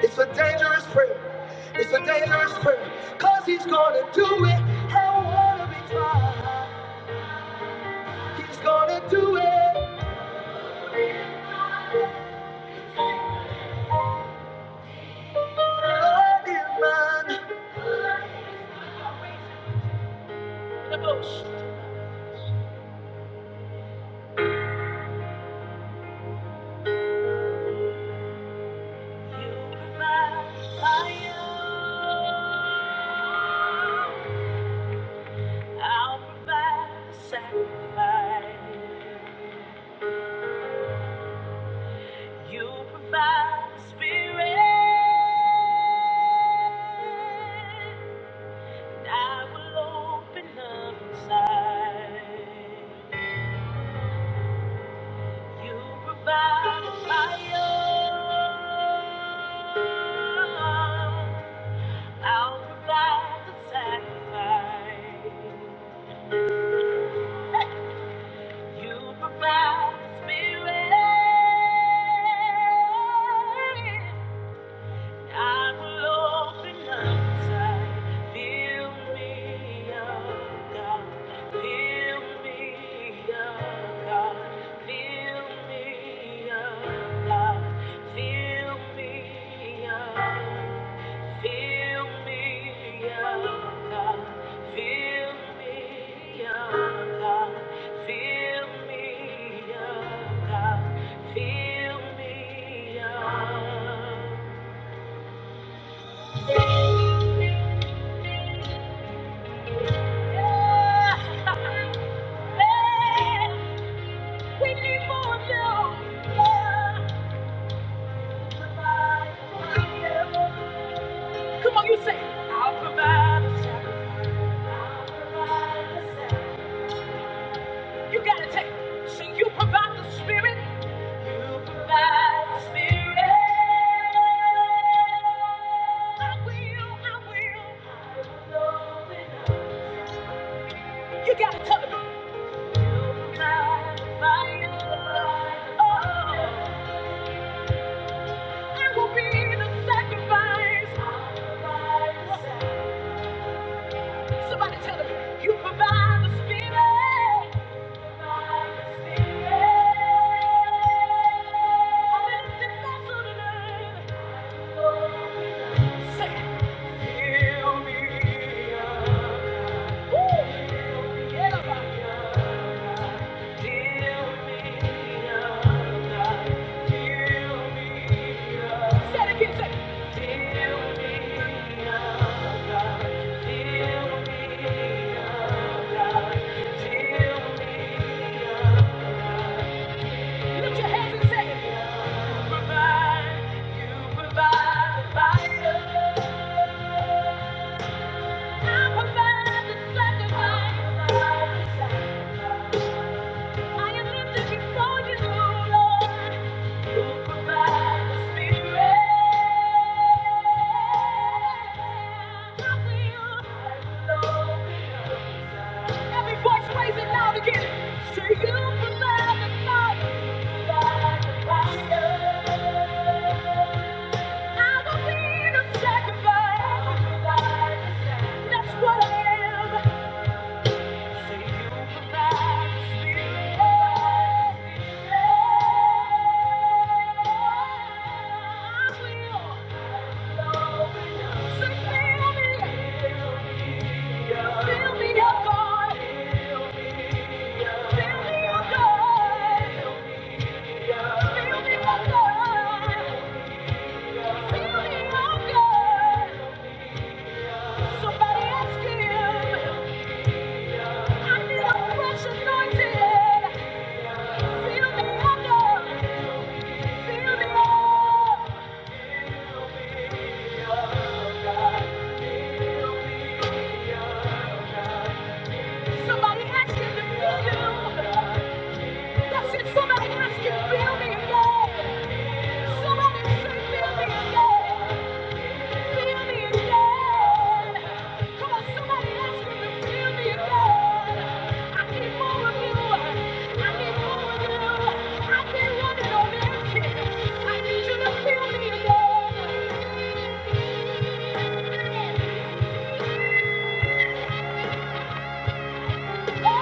It's a dangerous do it. You provide fire, I'll provide the sacrifice. You provide the spirit. and I will open up inside. You provide fire. I'll provide the sacrifice. You provide the spirit. I will open up inside. Fill me up, God. Fill me up, God. Fill me up, God. Fill me up. Fill me up, God. Fill me up, God. Fill me up, God. Fill me up. Come on, you say, I'll provide a sacrifice. You gotta take, so you provide the spirit. You provide the spirit. I will, I will. I will open up. You gotta tell them. Somebody tell them, you Provide the spirit. Feel me, oh God. Lift your hands and say, "You provide, you provide the fire. I provide the sacrifice. I am lifted before you, Lord. That's what I am. Somebody ask him. I need a fresh anointing. Fill me up, God. Somebody ask to feel you. Somebody ask him, fill me again. Somebody say, feel me again. I need you to feel me again. Thank you.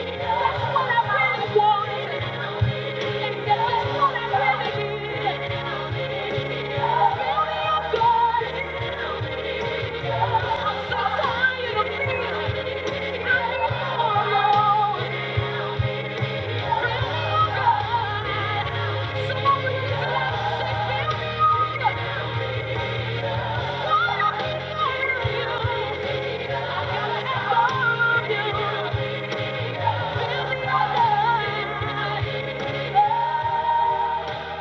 Thank you. You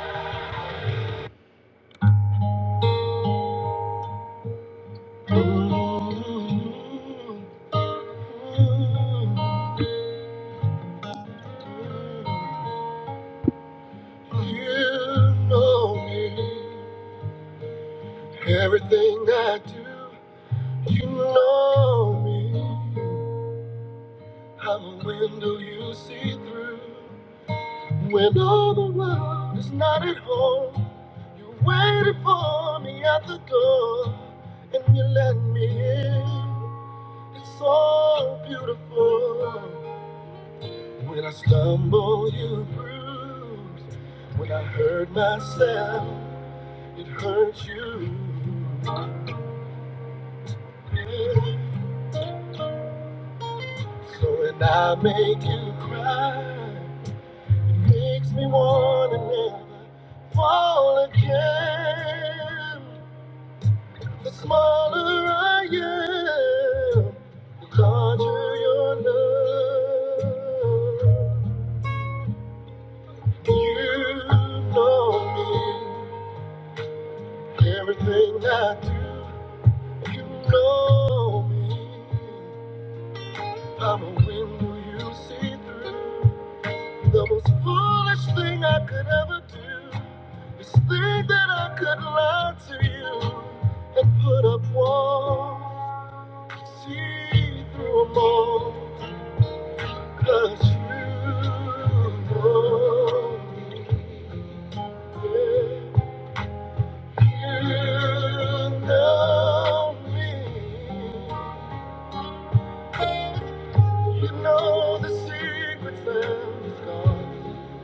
know me. Everything I do, you know me. I'm a window you see through. When all the world is not at home, you waited for me at the door, and you let me in. It's so beautiful. When I stumble, you bruised. When I hurt myself, it hurts you. So when I make you cry, it makes me wanna never fall again. The smaller I am, the larger your love. You know me, everything I do. You know me, I'm a window you see through. The most foolish thing I could do, think that I could lie to you and put up a see through 'em all. 'Cause you know. You You you you you You know know know know me. me. me. the scars.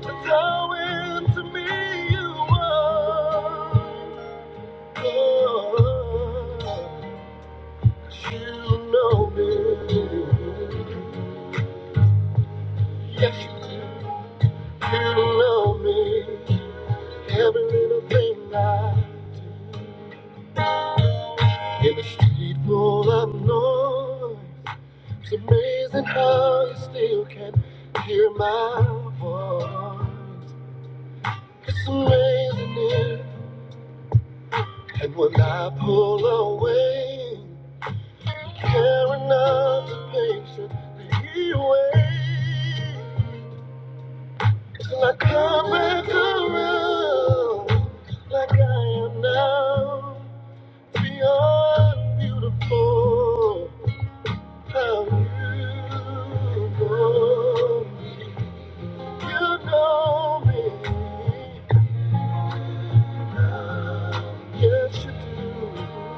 That's how into me you are. Oh, 'cause you know me. Yes, you do. You know me. Every little thing I in the street full of noise. It's amazing how you still can hear my voice. It's amazing, it. And when I pull away, carrying out the patient the way. Till I come back around, like I am now. Beyond beautiful, how you go. You know me. Yes, you do.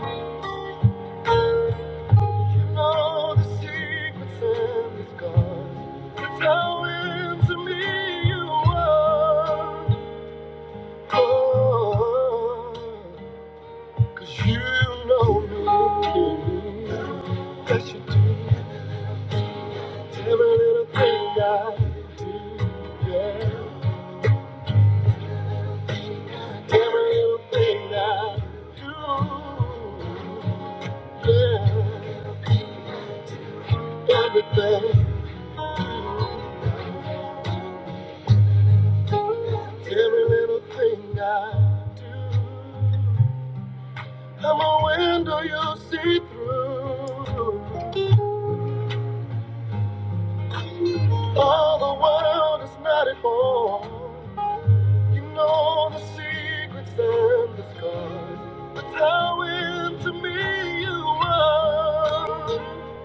You know the secrets and the scars. It's how into me you are. Oh, 'cause you know me. Yes, you do. Every little thing I do. Yeah. Every little thing I do. Yeah. Everything. Every little thing I do, I'm a window you see through. All the world is not at home. You know the secrets and the scars. That's how into me you are.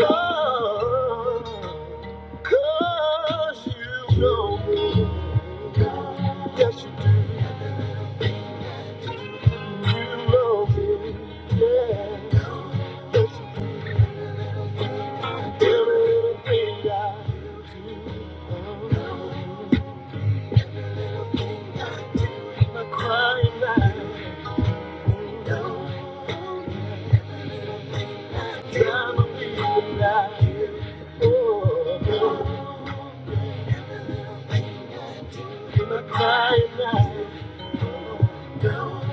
Oh, Cause you know that I'm a fool. Every little thing I do. Come on,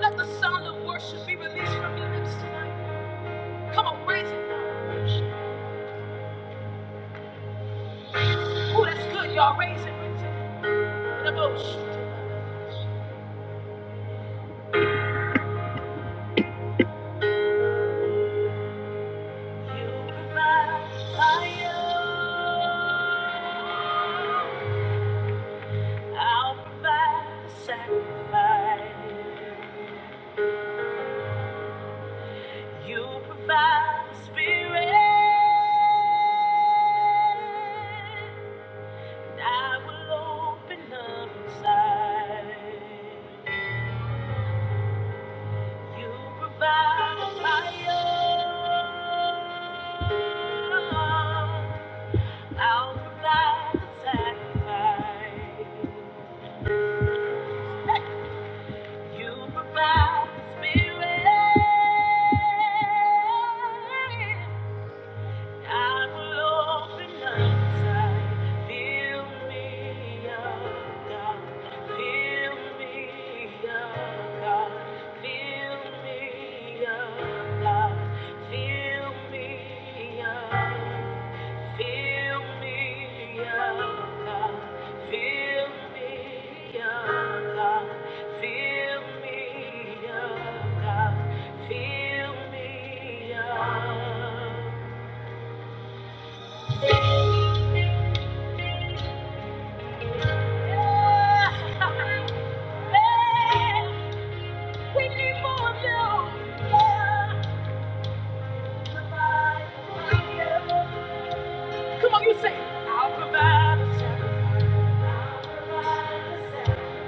let the sound of worship be released from your lips tonight. Come on, raise it now. Oh, that's good, y'all. Raise it, raise it. In a boat. You provide fire, I'll provide sacrifice. You provide the spirit, and I will open up inside. You provide the fire, I'll provide the sacrifice. You provide the spirit. I will open up inside. Fill me up, God. Fill me up, God. Fill me up, God. Fill me up. Fill me up, God. Fill me up, God. Fill me up, God. Fill me up. Yeah. Come on, you say, I'll provide a sacrifice.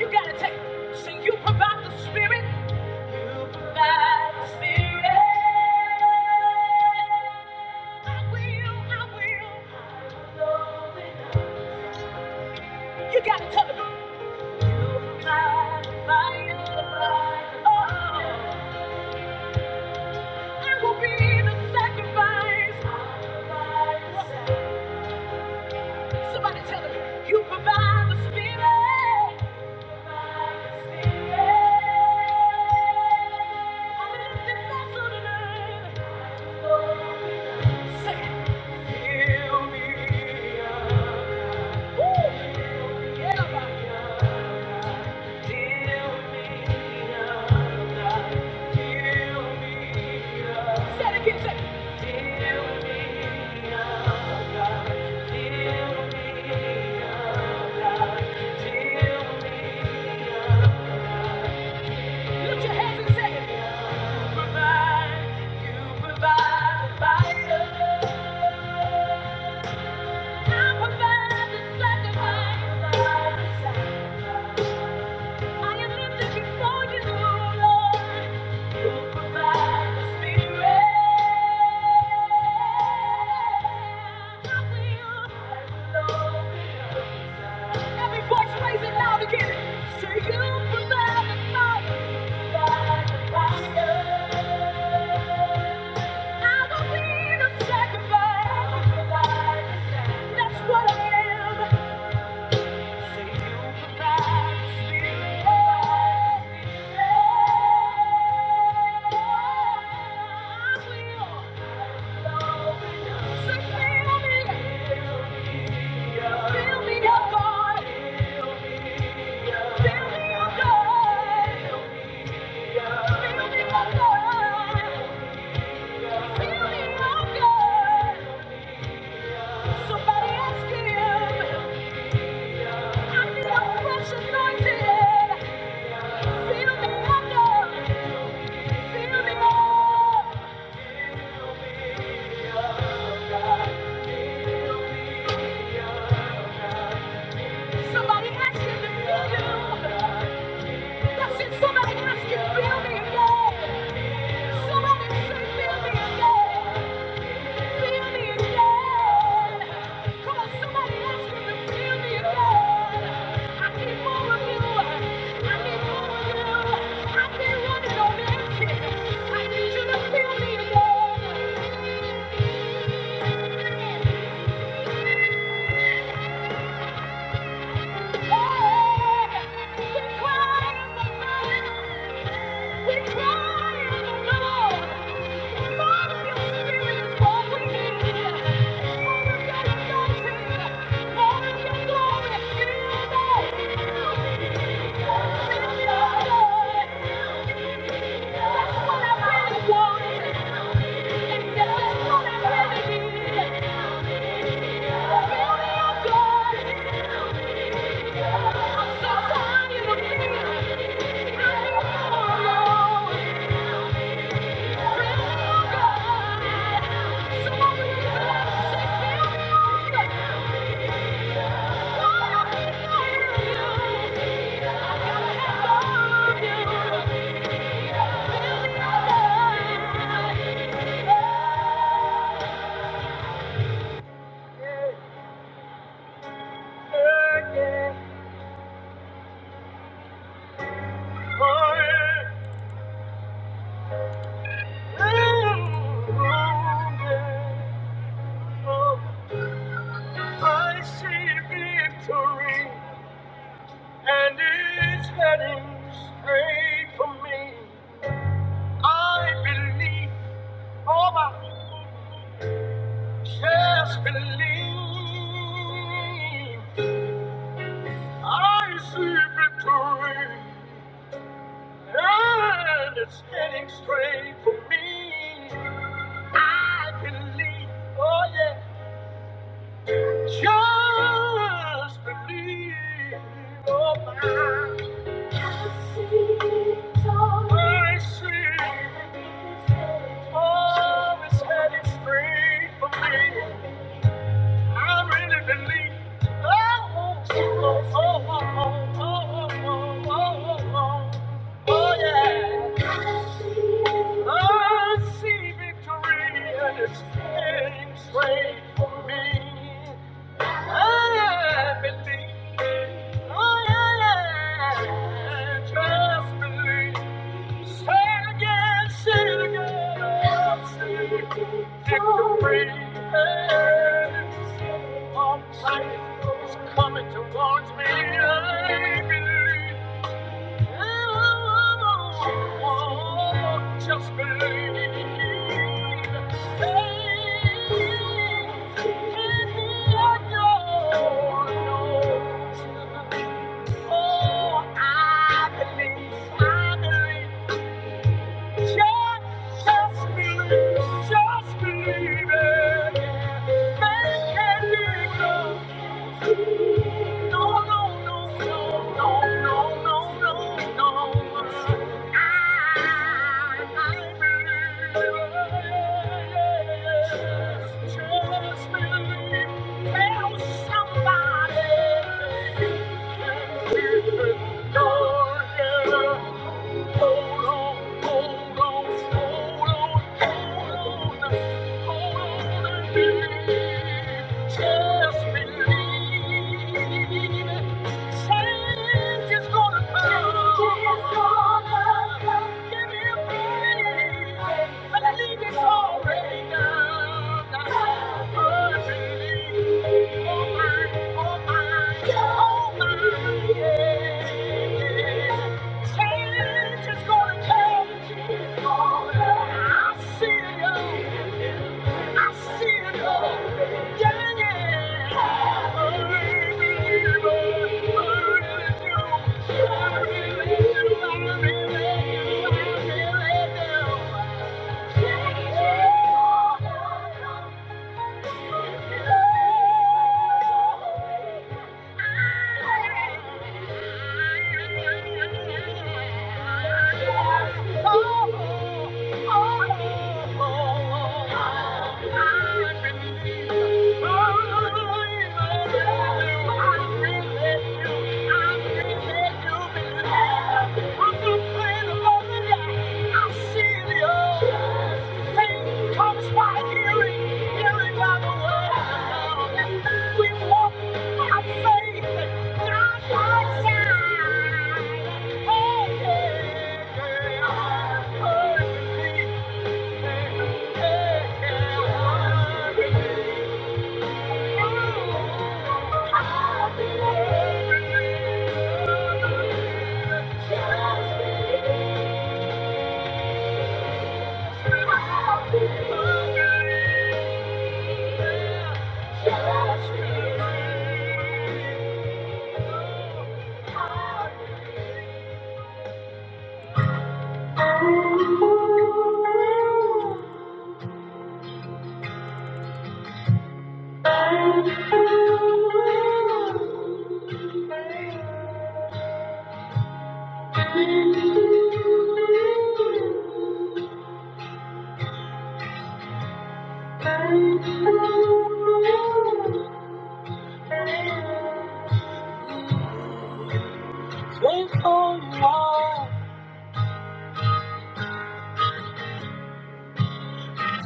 You gotta take, so you provide the spirit, provide the spirit. I will, I will, You gotta tell them. Light the fire. Oh. I will be the sacrifice. Somebody tell them, you provide the spirit. I'm an empty vessel tonight. Feel me, oh God. Lift your hands and say, "You provide, you provide the fire. I provide the sacrifice. I am lifted before you, Lord. That's what I am. Somebody ask him. I feel a fresh anointing. Feel the wonder. Feel the awe. Somebody has to feel you. That's it. Somebody ask him, feel me again. Somebody say, feel me again. I need you to feel me again. That's what I really want. Thank you. I see victory, and it's heading straight for me. I believe, oh my, just believe. I see victory, and it's heading straight for me. I believe, oh yeah. Just believe, oh my. I see. it all. Oh, it's headed straight for me. I really believe. Oh, oh, oh, oh, oh, oh, oh, oh, oh, oh, oh, yeah. I see victory and it's heading straight for me. I believe, oh yeah, just believe. Say it again, say it again, I'll see victory. Our life is coming towards me, I believe. Just believe it. Just believe it. Make it legal. No, no, no, no, no, no, no, no. I will somebody. Oh, yeah. Hold on, hold on. It's gonna come. Give him praise. I believe it's already done. I believe. Oh, my, oh, my, oh, my, yeah. Change is gonna come. I see it. I see it all. Yeah, yeah. I really do. I really do. I really do. I really do. Yeah, yeah. Comes by hearing, hearing by the word. We walk by faith.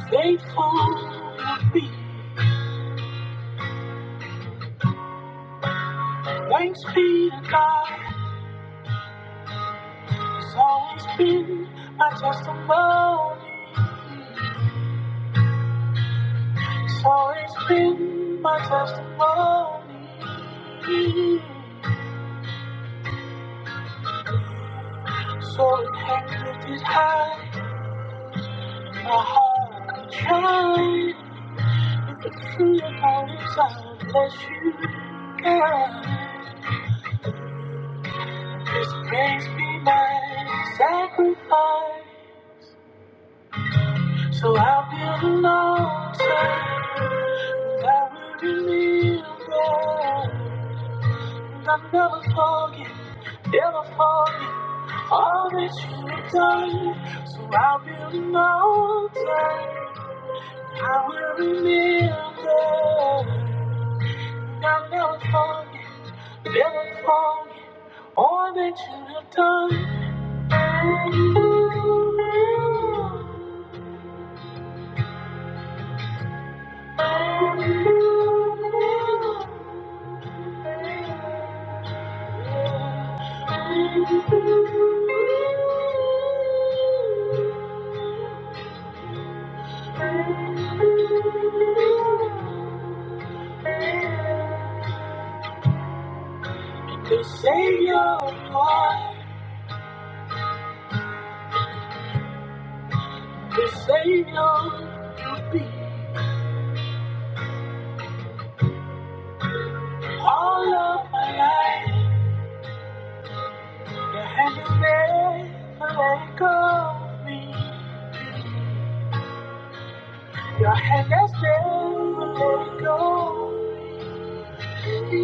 Thankful to be, thanks be to God. It's always been my testimony. It's always been my testimony. So it hangs lifted high, my heart is trying. If it's true about it, I'll bless you, God. This praise be my sacrifice. So I'll build an altar that will remember. And I'll never forget, never forget. All of my life, your hand is there, but let it go of me. Your hand is there, but let it go of me.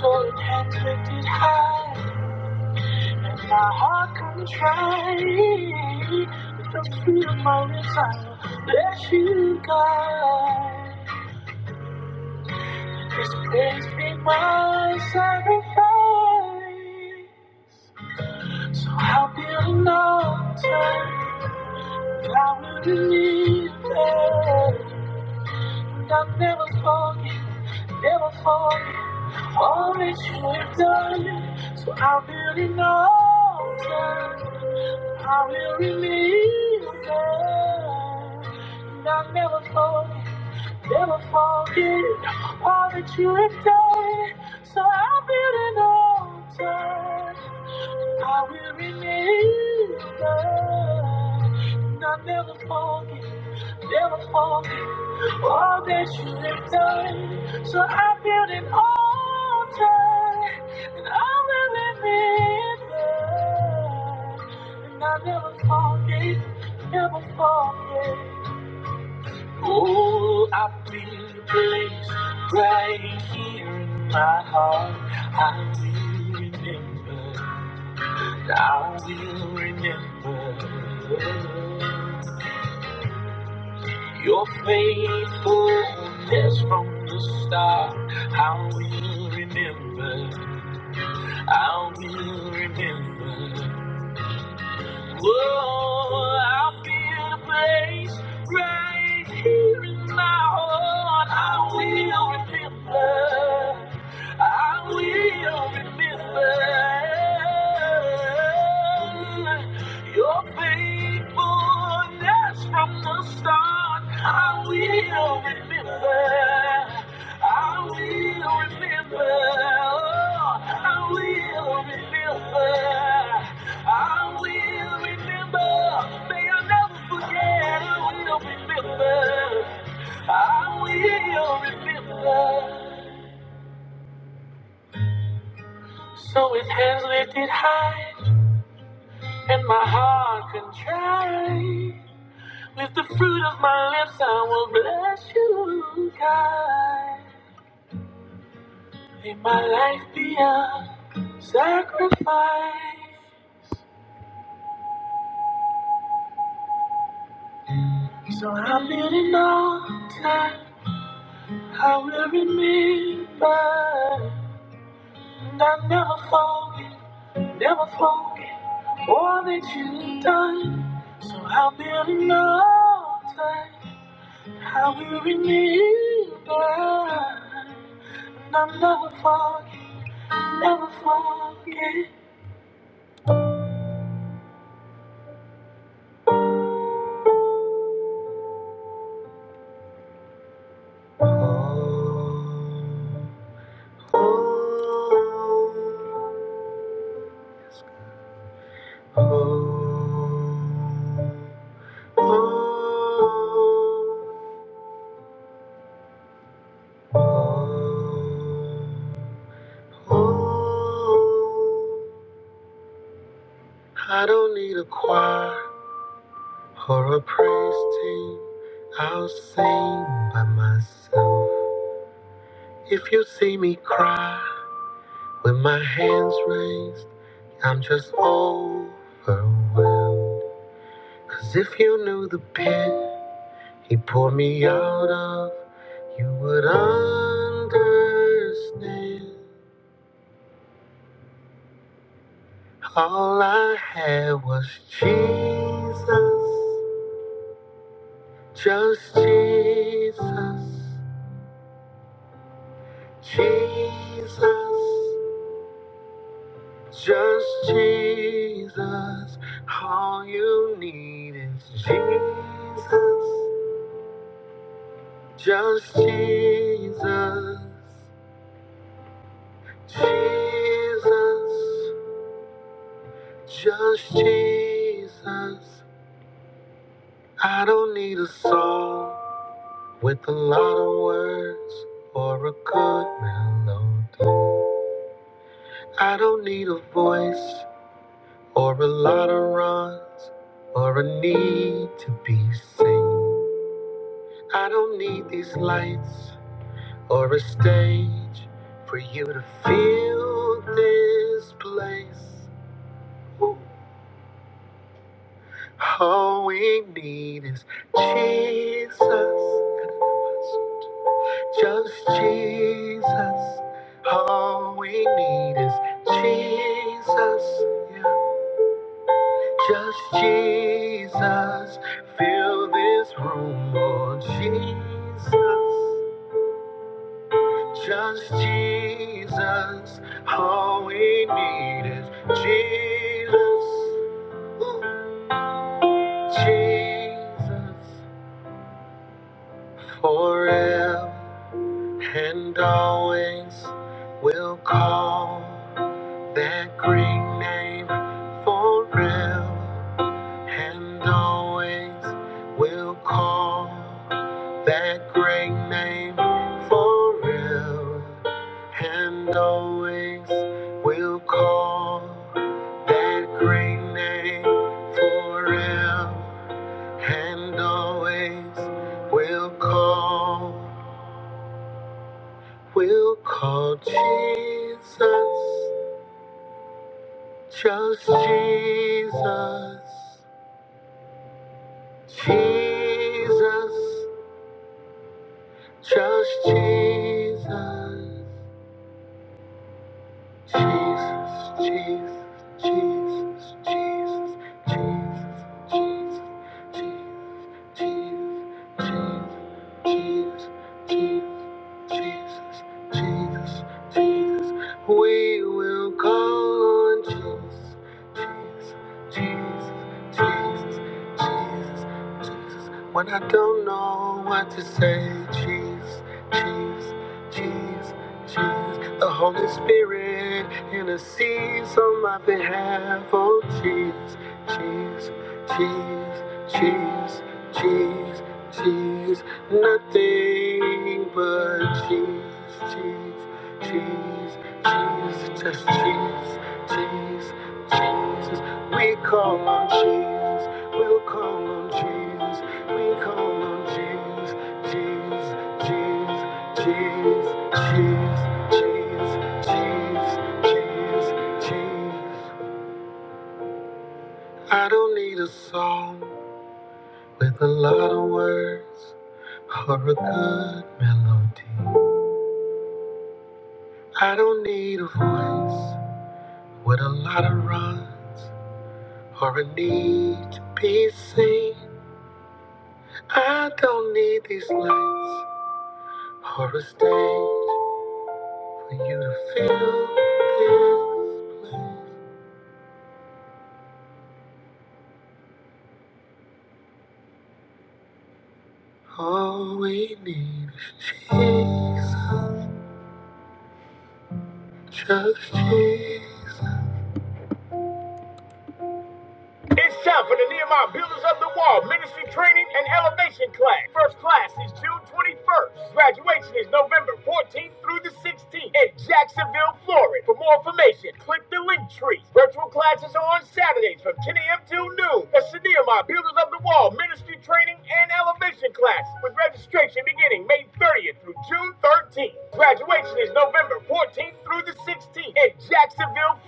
So it hands lifted high, and my heart contrite. With the fruit of my lips, I let you guide. This place be my sacrifice. I'll build an altar I will believe that I've never forget, never forget all that you have done. So I will build an altar, I will believe that and I've never forget, never forget all that you have done. So I will build an altar, I will believe that and I'll never forget, never forget. all that you have done. So I build an altar and I will live it up. And I never forget, never forget. Oh, I feel the place right here in my heart. I will remember, I will remember. Your faithfulness from the start, I will remember, I will remember. Whoa, I feel a place right here in my heart, I will remember, I will remember. Your faithfulness from the start, I will remember. I will remember. Oh, I will remember. I will remember. May I never forget. I will remember. I will remember. So with hands lifted high and my heart contrite. With the fruit of I will bless you, God. May my life be a sacrifice. So I'm in altar. I will remember. And I'll never forget, never forget all that you've done. So I'll build an altar. I will remember. And I'll never forget, never forget. Oh, oh. Oh, oh, oh, oh. I don't need a choir or a praise team. I'll sing by myself. If you see me cry with my hands raised, I'm just overwhelmed. 'Cause if you knew the pit. He pulled me out of, you would understand. All I had was Jesus, just Jesus, Jesus, just Jesus. All you need is Jesus, just Jesus, Jesus, just Jesus. I don't need a song with a lot of words or a good melody. I don't need a voice or a lot of runs or a need to be seen. I don't need these lights or a stage for you to feel this place. Ooh. All we need is Jesus. Just Jesus. All we need is Jesus. Yeah. Just Jesus. Fill this room, Lord Jesus. Just Jesus. All we need is Jesus. Jesus. Forever. And always will call that great name for real. And always will call that great name for real. And always will call that great name for real. And always will call. We'll call Jesus, just Jesus, Jesus, just Jesus. Jesus, Jesus, Jesus, Jesus, Jesus, Jesus, Jesus, Jesus, Jesus, Jesus, Jesus, Jesus. We will call on Jesus, Jesus, Jesus, Jesus, Jesus, Jesus. When I don't know what to say, Jesus, Jesus, Jesus, Jesus. The Holy Spirit intercedes on my behalf. Oh, Jesus, Jesus, Jesus, Jesus, Jesus, Jesus. Nothing but Jesus, Jesus, Jesus, Jesus. Just Jesus, Jesus, Jesus. We call on Jesus. We'll call on Jesus. We call on Jesus, Jesus, Jesus. Cheese, cheese, cheese, cheese, cheese, cheese. I don't need a song with a lot of words or a good melody. I don't need a voice with a lot of runs or a need to be seen. I don't need these lights or a stage for you to feel this place. All we need is Jesus, just Jesus. It's time for the Nehemiah Builders of the Wall Ministry Training and Elevation Class. First class is June 21st. Graduation is November 14th through the 16th in Jacksonville, Florida. For more information, click the link tree. Virtual classes are on Saturdays from 10 a.m. till noon. That's the Nehemiah Builders of the Wall Ministry Training and Elevation Class with registration beginning May 30th through June 13th. Graduation is November. through the 16th in Jacksonville.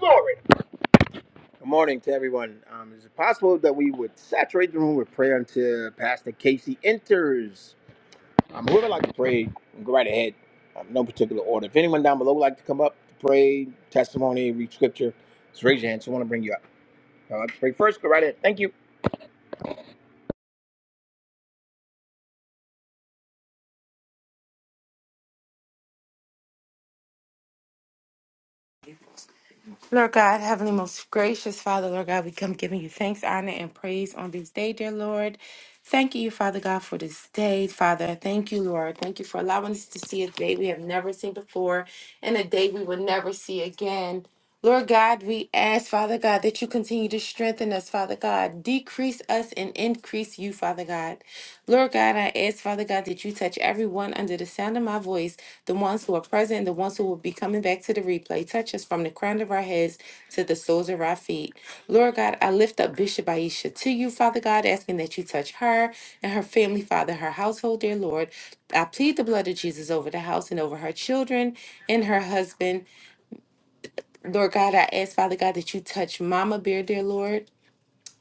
Good morning to everyone. Um, is it possible that we would saturate the room with prayer until Pastor Casey enters? Um, whoever would like to pray, go right ahead. Um, no particular order. If anyone down below would like to come up to pray, testimony, read scripture, just raise your hand. So I want to bring you up. I'd like to pray first. Go right ahead. Thank you.
Lord God, Heavenly, most gracious Father, Lord God, we come giving you thanks, honor, and praise on this day, dear Lord. Thank you, Father God, for this day, Father. Thank you, Lord. Thank you for allowing us to see a day we have never seen before and a day we will never see again. Lord God, we ask, Father God, that you continue to strengthen us, Father God. Decrease us and increase you, Father God. Lord God, I ask, Father God, that you touch everyone under the sound of my voice, the ones who are present, the ones who will be coming back to the replay. Touch us from the crown of our heads to the soles of our feet. Lord God, I lift up Bishop Aisha to you, Father God, asking that you touch her and her family, Father, her household, dear Lord. I plead the blood of Jesus over the house and over her children and her husband. Lord God, I ask, Father God, that you touch Mama Bear, dear Lord.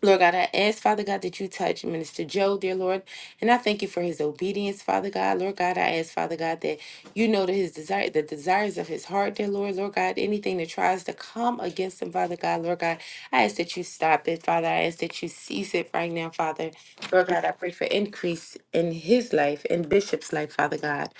Lord God, I ask, Father God, that you touch Minister Joe, dear Lord. And I thank you for his obedience, Father God. Lord God, I ask, Father God, that you know that his desire, the desires of his heart, dear Lord. Lord God, anything that tries to come against him, Father God, Lord God, I ask that you stop it, Father. I ask that you cease it right now, Father. Lord God, I pray for increase in his life, in Bishop's life, Father God.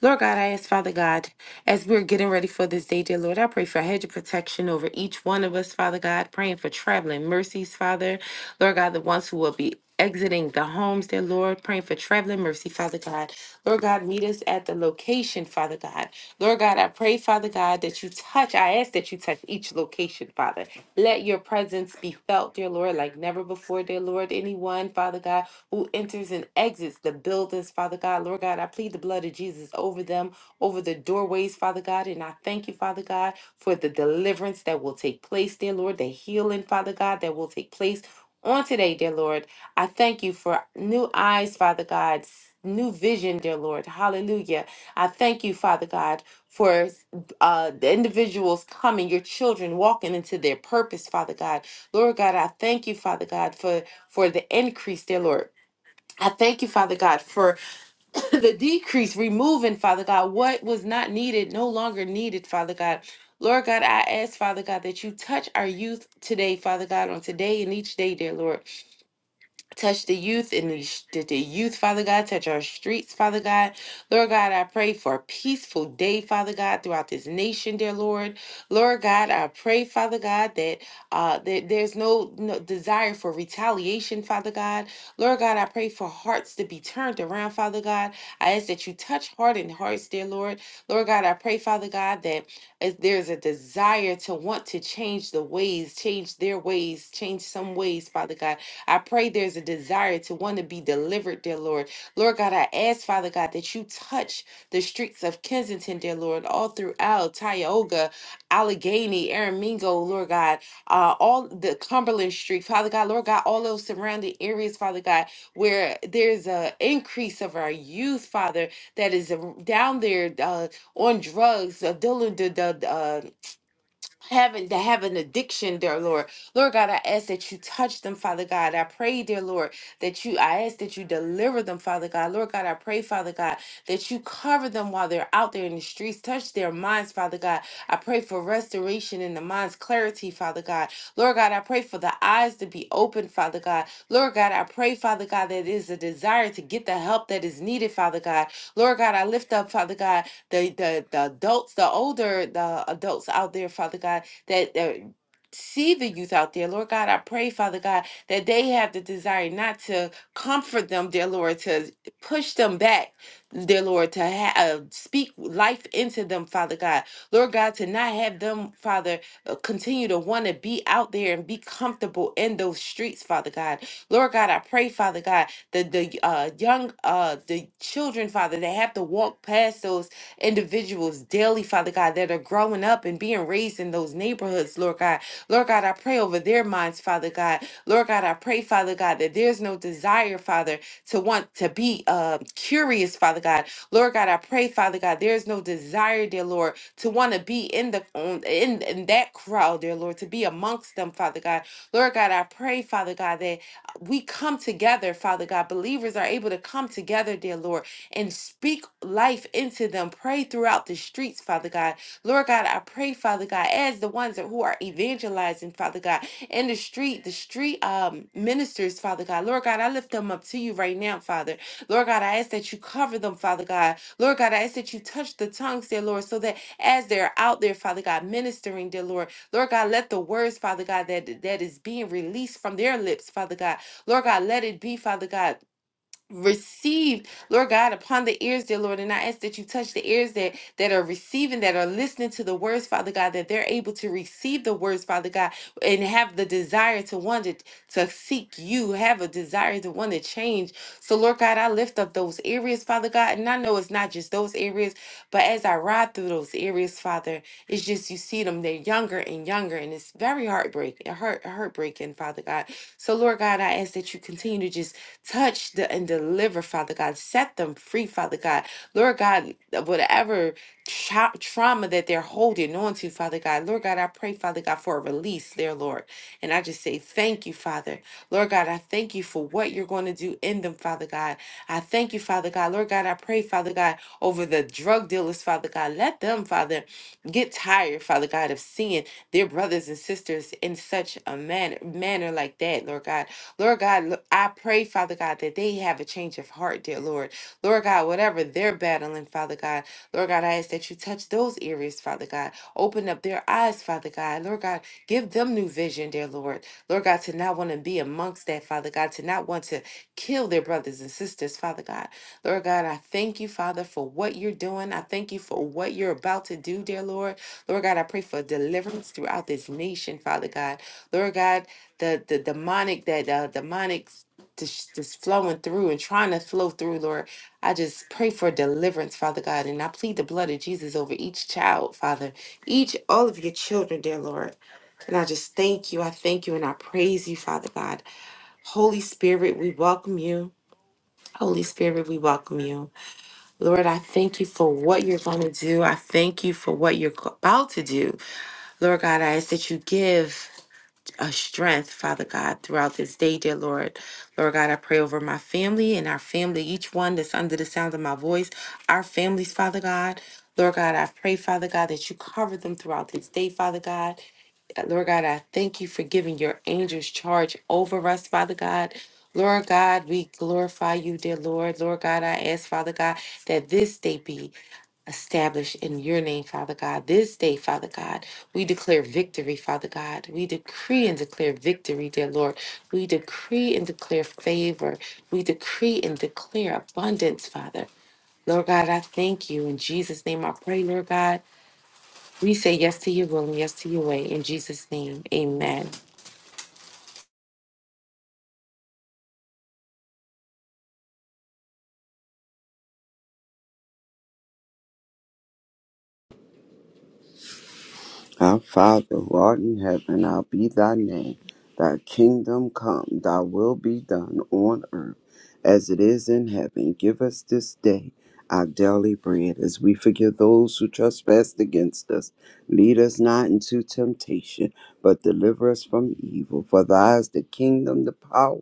Lord God, I ask, Father God, as we're getting ready for this day, dear Lord, I pray for a hedge of protection over each one of us, Father God, praying for traveling mercies, Father. Father. Lord God, the ones who will be exiting the homes, dear Lord, praying for traveling mercy, Father God. Lord God, meet us at the location, Father God. Lord God, I pray, Father God, that you touch, I ask that you touch each location, Father. Let your presence be felt, dear Lord, like never before, dear Lord. Anyone, Father God, who enters and exits the buildings, Father God, Lord God, I plead the blood of Jesus over them, over the doorways, Father God, and I thank you, Father God, for the deliverance that will take place, dear Lord, the healing, Father God, that will take place on today, dear Lord. I thank you for new eyes, Father God, s- new vision, dear Lord. Hallelujah. I thank you, Father God, for uh, the individuals coming, your children walking into their purpose, Father God. Lord God, I thank you, Father God, for for the increase, dear Lord. I thank you, Father God, for the decrease, removing, Father God, what was not needed, no longer needed, Father God. Lord God, I ask, Father God, that you touch our youth today, Father God, on today and each day, dear Lord. Touch the youth and the, sh- the the youth, Father God. Touch our streets, Father God. Lord God, I pray for a peaceful day, Father God, throughout this nation, dear Lord. Lord God, I pray, Father God, that uh that there's no, no desire for retaliation, Father God. Lord God, I pray for hearts to be turned around, Father God. I ask that you touch heart and hearts, dear Lord. Lord God, I pray, Father God, that as there's a desire to want to change the ways, change their ways, change some ways, Father God. I pray there's a desire to want to be delivered, dear Lord. Lord God, I ask, Father God, that you touch the streets of Kensington, dear Lord, all throughout Tioga, Allegheny, Aramingo, Lord God, uh, all the Cumberland Street, Father God, Lord God, all those surrounding areas, Father God, where there's a increase of our youth, Father, that is uh, down there uh, on drugs, uh, dealing the, having to have an addiction, dear Lord. Lord God, I ask that you touch them, Father God. I pray, dear Lord, that you I ask that you deliver them, Father God. Lord God, I pray, Father God, that you cover them while they're out there in the streets. Touch their minds, Father God. I pray for restoration in the minds, clarity, Father God. Lord God, I pray for the eyes to be open, Father God. Lord God, I pray, Father God, that it is a desire to get the help that is needed, Father God. Lord God, I lift up, Father God the the, the adults, the older the adults out there, Father God, that that see the youth out there, Lord God, I pray, Father God, that they have the desire not to comfort them, dear Lord, to push them back, dear Lord, to ha- uh, speak life into them, Father God, Lord God, to not have them, Father, uh, continue to want to be out there and be comfortable in those streets, Father God, Lord God, I pray, Father God, that the uh, young, uh, the children, Father, they have to walk past those individuals daily, Father God, that are growing up and being raised in those neighborhoods, Lord God. Lord God, I pray over their minds, Father God. Lord God, I pray, Father God, that there's no desire, Father, to want to be uh, curious, Father God. Lord God, I pray, Father God, there is no desire, dear Lord, to want to be in the on- in, in that crowd, dear Lord, to be amongst them, Father God. Lord God, I pray, Father God, that we come together, Father God. Believers are able to come together, dear Lord, and speak life into them. Pray throughout the streets, Father God. Lord God, I pray, Father God, as the ones that, who are evangelizing, Father God, in the street, the street um, ministers, Father God. Lord God, I lift them up to you right now, Father. Lord God, I ask that you cover them, Father God. Lord God, I ask that you touch the tongues, dear Lord, so that as they're out there, Father God, ministering, dear Lord, Lord God, let the words, Father God, that that is being released from their lips, Father God. Lord God, let it be, Father God received, Lord God, upon the ears, dear Lord. And I ask that you touch the ears that that are receiving, that are listening to the words, Father God, that they're able to receive the words, Father God, and have the desire to want to, to seek you, have a desire to want to change. So, Lord God, I lift up those areas, Father God. And I know it's not just those areas, but as I ride through those areas, Father, it's just you see them, they're younger and younger, and it's very heartbreaking, heart, heartbreaking, Father God. So, Lord God, I ask that you continue to just Touch the, and deliver, Father God. Set them free, Father God. Lord God, whatever tra- trauma that they're holding on to, Father God, Lord God, I pray, Father God, for a release there, Lord. And I just say thank you, Father. Lord God, I thank you for what you're going to do in them, Father God. I thank you, Father God. Lord God, I pray, Father God, over the drug dealers, Father God. Let them, Father, get tired, Father God, of seeing their brothers and sisters in such a manner, manner like that, Lord God. Lord God, l- I pray, Father God, that they have a change of heart, dear Lord. Lord God, whatever they're battling, Father God, Lord God, I ask that you touch those areas, Father God. Open up their eyes, Father God. Lord God, give them new vision, dear Lord. Lord God, to not want to be amongst that, Father God, to not want to kill their brothers and sisters, Father God. Lord God, I thank you, Father, for what you're doing. I thank you for what you're about to do, dear Lord. Lord God, I pray for deliverance throughout this nation, Father God. Lord God, the the demonic that uh, demonic s- just just flowing through and trying to flow through, Lord. I just pray for deliverance, Father God, and I plead the blood of Jesus over each child, Father, each all of your children, dear Lord. And I just thank you, I thank you, and I praise you, Father God. Holy Spirit, we welcome you. Holy Spirit, we welcome you. Lord, I thank you for what you're going to do. I thank you for what you're about to do. Lord God, I ask that you give a strength, Father God, throughout this day, dear Lord. Lord God, I pray over my family and our family, each one that's under the sound of my voice, our families, Father God. Lord God, I pray, Father God, that you cover them throughout this day, Father God. Lord God, I thank you for giving your angels charge over us, Father God. Lord God, we glorify you, dear Lord. Lord God, I ask, Father God, that this day be Establish in your name, Father God, this day, Father God. We declare victory, Father God. We decree and declare victory, dear Lord. We decree and declare favor. We decree and declare abundance, Father. Lord God, I thank you. In Jesus' name I pray, Lord God. We say yes to your will and yes to your way. In Jesus' name, amen.
Our Father, who art in heaven, hallowed be thy name. Thy kingdom come, thy will be done on earth as it is in heaven. Give us this day our daily bread as we forgive those who trespass against us. Lead us not into temptation, but deliver us from evil. For Thine is the kingdom, the power,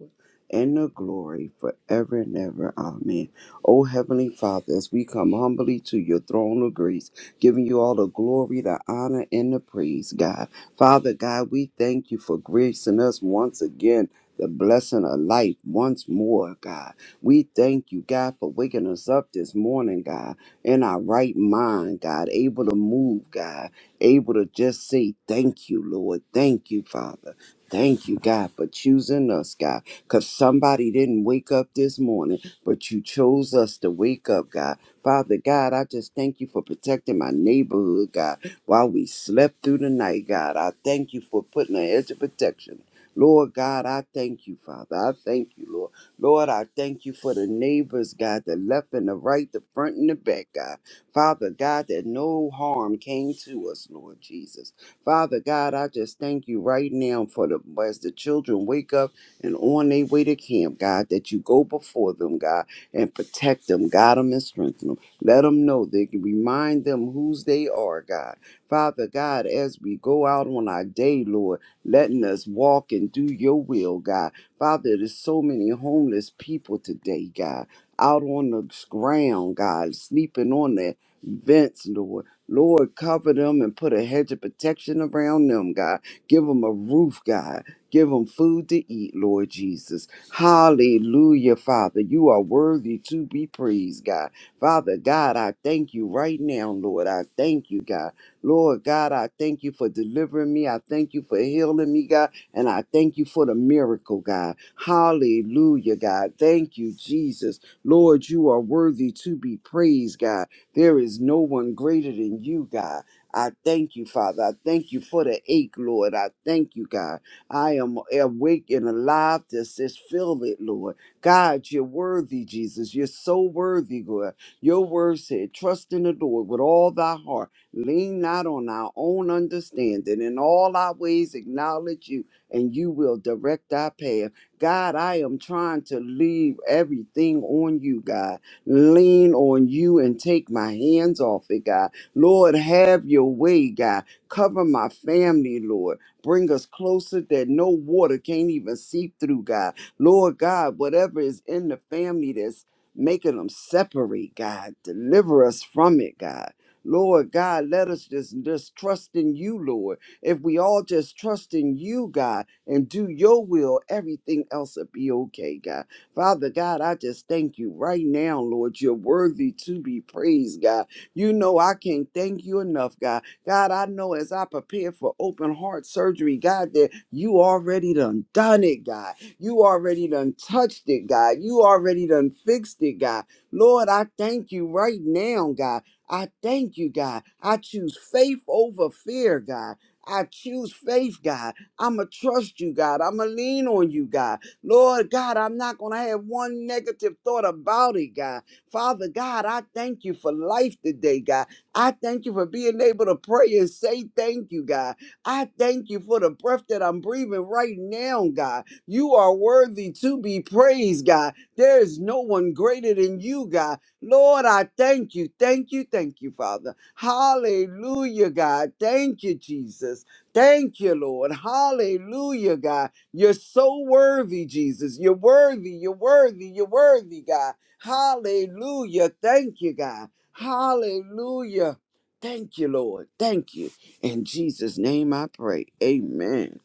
and the glory forever and ever. Amen. O Heavenly Father, as we come humbly to your throne of grace, giving you all the glory, the honor, and the praise, God. Father God, we thank you for gracing us once again. The blessing of life once more, God. We thank you, God, for waking us up this morning, God, in our right mind, God, able to move, God, able to just say thank you, Lord. Thank you, Father. Thank you, God, for choosing us, God, because somebody didn't wake up this morning, but you chose us to wake up, God. Father God, I just thank you for protecting my neighborhood, God, while we slept through the night, God. I thank you for putting an edge of protection. Lord God, I thank you, Father. I thank you, Lord. Lord, I thank you for the neighbors, God, the left and the right, the front and the back, God. Father God, that no harm came to us, Lord Jesus. Father God, I just thank you right now for the as the children wake up and on their way to camp, God, that you go before them, God and protect them, guide them, and strengthen them. Let them know they can remind them whose they are, God. Father God, as we go out on our day, Lord, letting us walk and do your will, God. Father, there's so many homeless people today, God, out on the ground, God, sleeping on their vents, Lord. Lord, cover them and put a hedge of protection around them, God. Give them a roof, God. Give them food to eat, Lord Jesus. Hallelujah, Father. You are worthy to be praised, God. Father God, I thank you right now, Lord. I thank you, God. Lord God, I thank you for delivering me. I thank you for healing me, God. And I thank you for the miracle, God. Hallelujah, God. Thank you, Jesus. Lord, you are worthy to be praised, God. There is no one greater than you, God. I thank you, Father. I thank you for the ache, Lord. I thank you, God. I am awake and alive to just feel it, Lord. God, you're worthy, Jesus. You're so worthy, God. Your word said, trust in the Lord with all thy heart. Lean not on our own understanding. In all our ways, acknowledge you, and you will direct our path. God, I am trying to leave everything on you, God. Lean on you and take my hands off it, God. Lord, have your way, God. Cover my family, Lord. Bring us closer that no water can't even seep through, God. Lord God, whatever is in the family that's making them separate, God, deliver us from it, God. Lord God, let us just, just trust in you, Lord. If we all just trust in you, God, and do your will, everything else will be okay, God. Father God, I just thank you right now, Lord. You're worthy to be praised, God. You know I can't thank you enough, God. God, I know as I prepare for open heart surgery, God, that you already done done it, God. You already done touched it, God. You already done fixed it, God. Lord, I thank you right now, God. I thank you, God. I choose faith over fear, God. I choose faith, God. I'm going to trust you, God. I'm going to lean on you, God. Lord God, I'm not going to have one negative thought about it, God. Father God, I thank you for life today, God. I thank you for being able to pray and say thank you, God. I thank you for the breath that I'm breathing right now, God. You are worthy to be praised, God. There is no one greater than you, God. Lord, I thank you. Thank you. Thank you, Father. Hallelujah, God. Thank you, Jesus. Thank you, Lord. Hallelujah, God. You're so worthy, Jesus. You're worthy. You're worthy. You're worthy, God. Hallelujah. Thank you, God. Hallelujah. Thank you, Lord. Thank you. In Jesus' name I pray. Amen.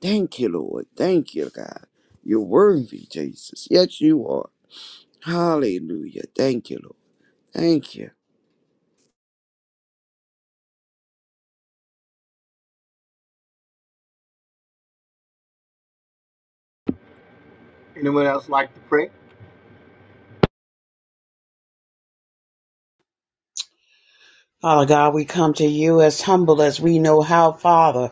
Thank you, Lord. Thank you, God. You're worthy, Jesus. Yes, you are. Hallelujah. Thank you, Lord. Thank you.
Anyone else like to pray?
Father God, we come to you as humble as we know how, Father.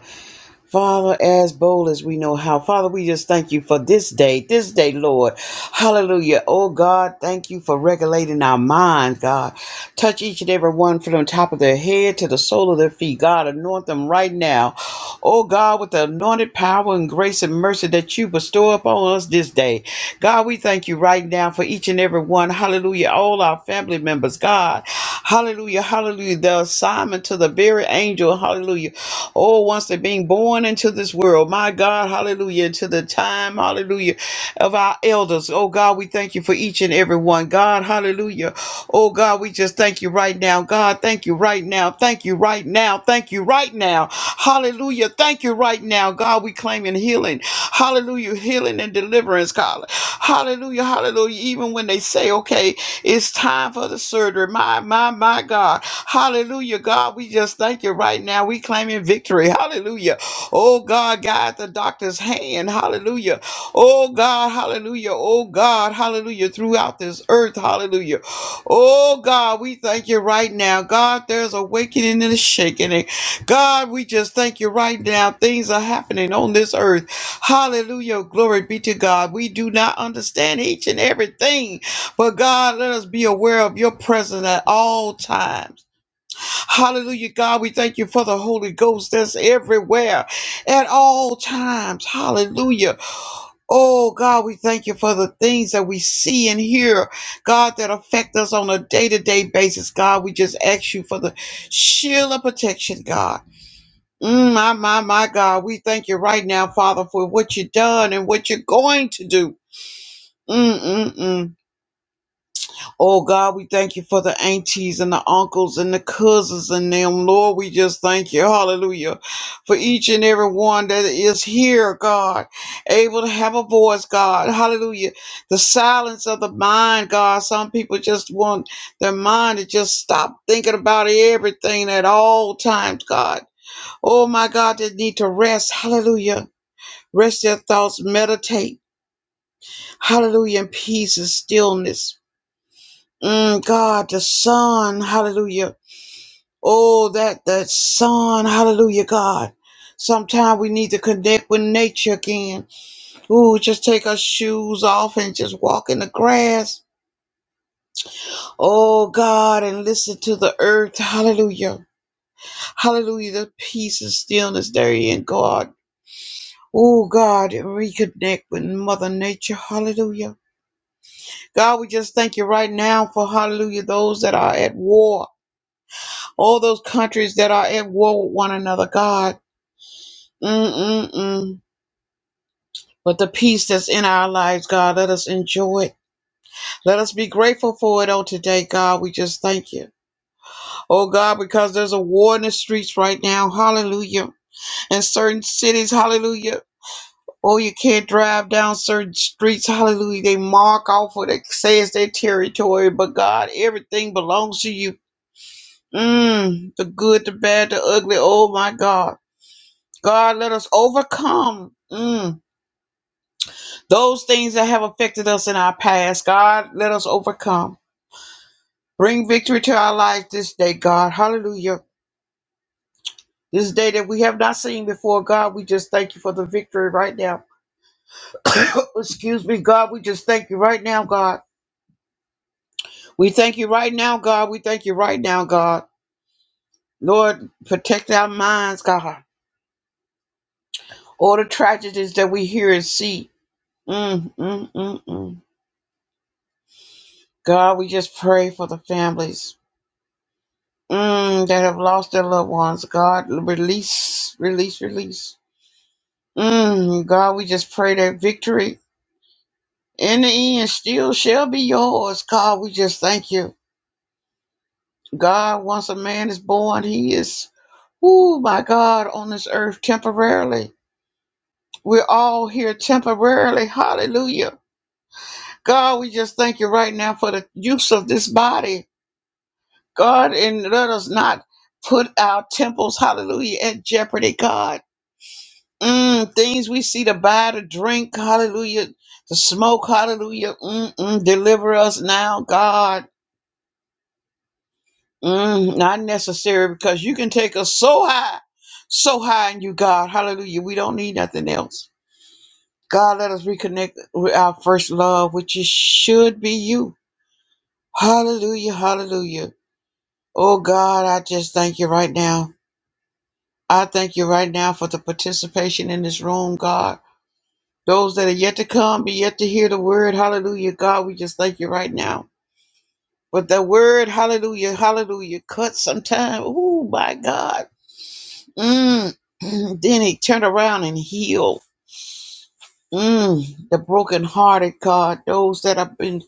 Father, as bold as we know how. Father, we just thank you for this day, this day, Lord. Hallelujah. Oh, God, thank you for regulating our mind, God. Touch each and every one from the top of their head to the sole of their feet. God, anoint them right now. Oh, God, with the anointed power and grace and mercy that you bestow upon us this day. God, we thank you right now for each and every one. Hallelujah. All our family members, God. Hallelujah. Hallelujah. The assignment to the very angel. Hallelujah Oh, once they're being born into this world, my God, hallelujah, to the time, hallelujah, of our elders. Oh, God, we thank you for each and every one. God, hallelujah. Oh, God, we just thank you right now. God, thank you right now. Thank you right now. Thank you right now. Hallelujah. Thank you right now. God, we claiming healing. Hallelujah. Healing and deliverance, God. Hallelujah. Hallelujah. Even when they say, okay, it's time for the surgery. My, my, my God. Hallelujah, God. We just thank you right now. We claiming victory. Hallelujah. Oh, God, guide the doctor's hand. Hallelujah. Oh, God. Hallelujah. Oh, God. Hallelujah. Throughout this earth. Hallelujah. Oh, God, we thank you right now. God, there's a waking and a shaking. And God, we just thank you right now. Things are happening on this earth. Hallelujah. Glory be to God. We do not understand each and everything. But God, let us be aware of your presence at all times. Hallelujah, God. We thank you for the Holy Ghost that's everywhere at all times. Hallelujah. Oh, God, we thank you for the things that we see and hear, God, that affect us on a day to day basis. God, we just ask you for the shield of protection, God. Mm, my, my, my God, we thank you right now, Father, for what you've done and what you're going to do. Mm-mm-mm. Oh God, we thank you for the aunties and the uncles and the cousins and them. Lord, we just thank you. Hallelujah. For each and every one that is here, God, able to have a voice, God. Hallelujah. The silence of the mind, God. Some people just want their mind to just stop thinking about everything at all times, God. Oh my God, they need to rest. Hallelujah. Rest their thoughts, meditate. Hallelujah. In peace and stillness. Mm, God, the sun, hallelujah. Oh, that that sun, hallelujah, God. Sometimes we need to connect with nature again. Ooh, just take our shoes off and just walk in the grass. Oh God, and listen to the earth. Hallelujah. Hallelujah. The peace and stillness there in God. Oh God, and reconnect with Mother Nature. Hallelujah. God, we just thank you right now for hallelujah, those that are at war. All those countries that are at war with one another, God. Mm-mm-mm. But the peace that's in our lives, God, let us enjoy it. Let us be grateful for it on today, God. We just thank you. Oh, God, because there's a war in the streets right now. Hallelujah. In certain cities, hallelujah. Oh, you can't drive down certain streets. Hallelujah. They mark off what they say is their territory. But God, everything belongs to you. Mm, the good, the bad, the ugly. Oh, my God. God, let us overcome mm, those things that have affected us in our past. God, let us overcome. Bring victory to our life this day, God. Hallelujah. This day that we have not seen before, God, we just thank you for the victory right now. Excuse me, God, we just thank you right now, God. We thank you right now, God. We thank you right now, God. Lord, protect our minds, God. All the tragedies that we hear and see. Mm, mm, mm, mm. God, we just pray for the families. mm, that have lost their loved ones. God, release, release, release. Mm, God, we just pray that victory in the end still shall be yours. God, we just thank you. God, once a man is born, he is, oh my God, on this earth temporarily. We're all here temporarily. Hallelujah. God, we just thank you right now for the use of this body. God, and let us not put our temples, hallelujah, at jeopardy, God Mm, things we see to buy, to drink, hallelujah, to smoke, hallelujah. Mm-mm, deliver us now, God. Mm, not necessary because you can take us so high, so high in you, God. Hallelujah. We don't need nothing else. God, let us reconnect with our first love, which is, should be you. Hallelujah, hallelujah. Oh, God, I just thank you right now. I thank you right now for the participation in this room, God. Those that are yet to come, be yet to hear the word. Hallelujah. God, we just thank you right now. But the word, hallelujah, hallelujah, cut sometime. Oh, my God. Mm. then he turned around and healed. Mm. The brokenhearted, God. Those that have been,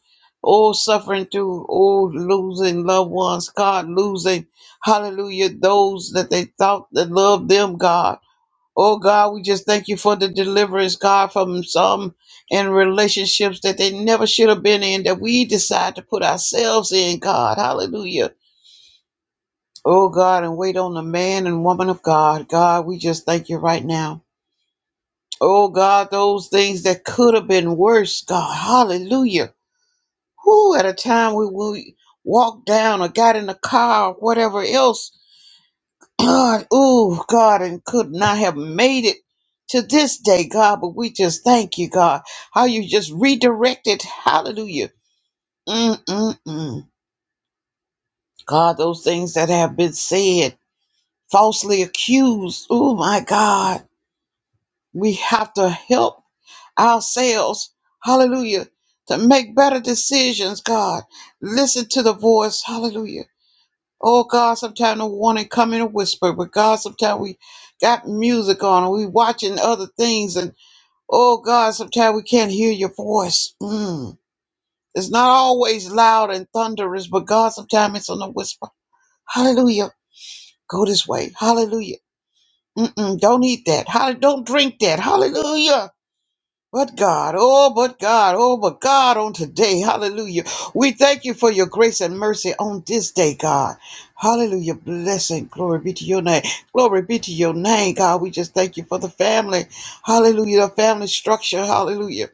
oh, suffering through, oh, losing loved ones. God, losing, hallelujah, those that they thought that loved them, God. Oh God, we just thank you for the deliverance, God, from some in relationships that they never should have been in, that we decide to put ourselves in, God. Hallelujah. Oh God, and wait on the man and woman of God. God, we just thank you right now. Oh God, those things that could have been worse, God. Hallelujah. Who at a time we, we walked down or got in the car or whatever else God, oh God, and could not have made it to this day, God, but we just thank you, God, how you just redirected. Hallelujah. Mm-mm-mm. God, those things that have been said, falsely accused. Oh my God. We have to help ourselves. Hallelujah. To make better decisions, God. Listen to the voice. Hallelujah Oh God, sometimes the warning come in a whisper, but God, sometimes we got music on and we watching other things, and oh God, sometimes we can't hear your voice. Mm. It's not always loud and thunderous, but God, sometimes it's on a whisper. Hallelujah, go this way. Hallelujah. Mm-mm, don't eat that. Hall- don't drink that. Hallelujah. But God, oh, but God, oh, but God, on today, hallelujah. We thank you for your grace and mercy on this day, God. Hallelujah. Blessing. Glory be to your name. Glory be to your name, God. We just thank you for the family. Hallelujah. The family structure, hallelujah,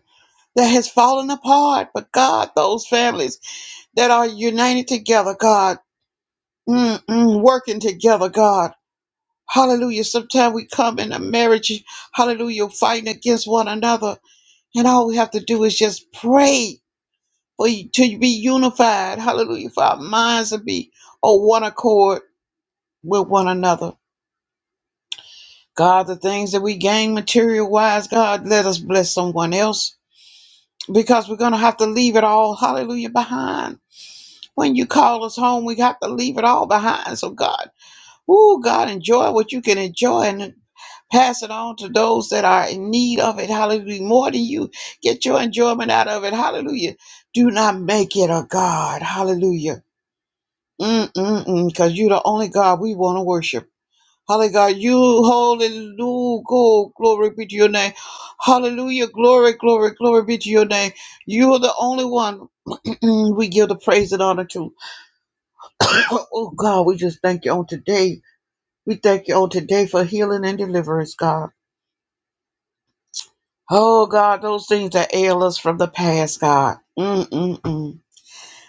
that has fallen apart. But God, those families that are united together, God, mm-mm, working together, God. Hallelujah. Sometimes we come in a marriage, hallelujah, fighting against one another. And all we have to do is just pray for you to be unified. Hallelujah. For our minds to be on one accord with one another. God, the things that we gain material wise, God, let us bless someone else because we're going to have to leave it all, hallelujah, behind. When you call us home, we have to leave it all behind. So, God, oh, God, enjoy what you can enjoy. and Pass it on to those that are in need of it. Hallelujah. More than you get your enjoyment out of it. Hallelujah. Do not make it a God. Hallelujah. Mm-mm-mm. Because you're the only God we want to worship. Hallelujah. God, You holy, go. Glory be to your name. Hallelujah. Glory, glory, glory be to your name. You are the only one we give the praise and honor to. Oh, God, we just thank you on today. We thank you on today for healing and deliverance, God. Oh God, those things that ail us from the past, God. Mm-mm-mm.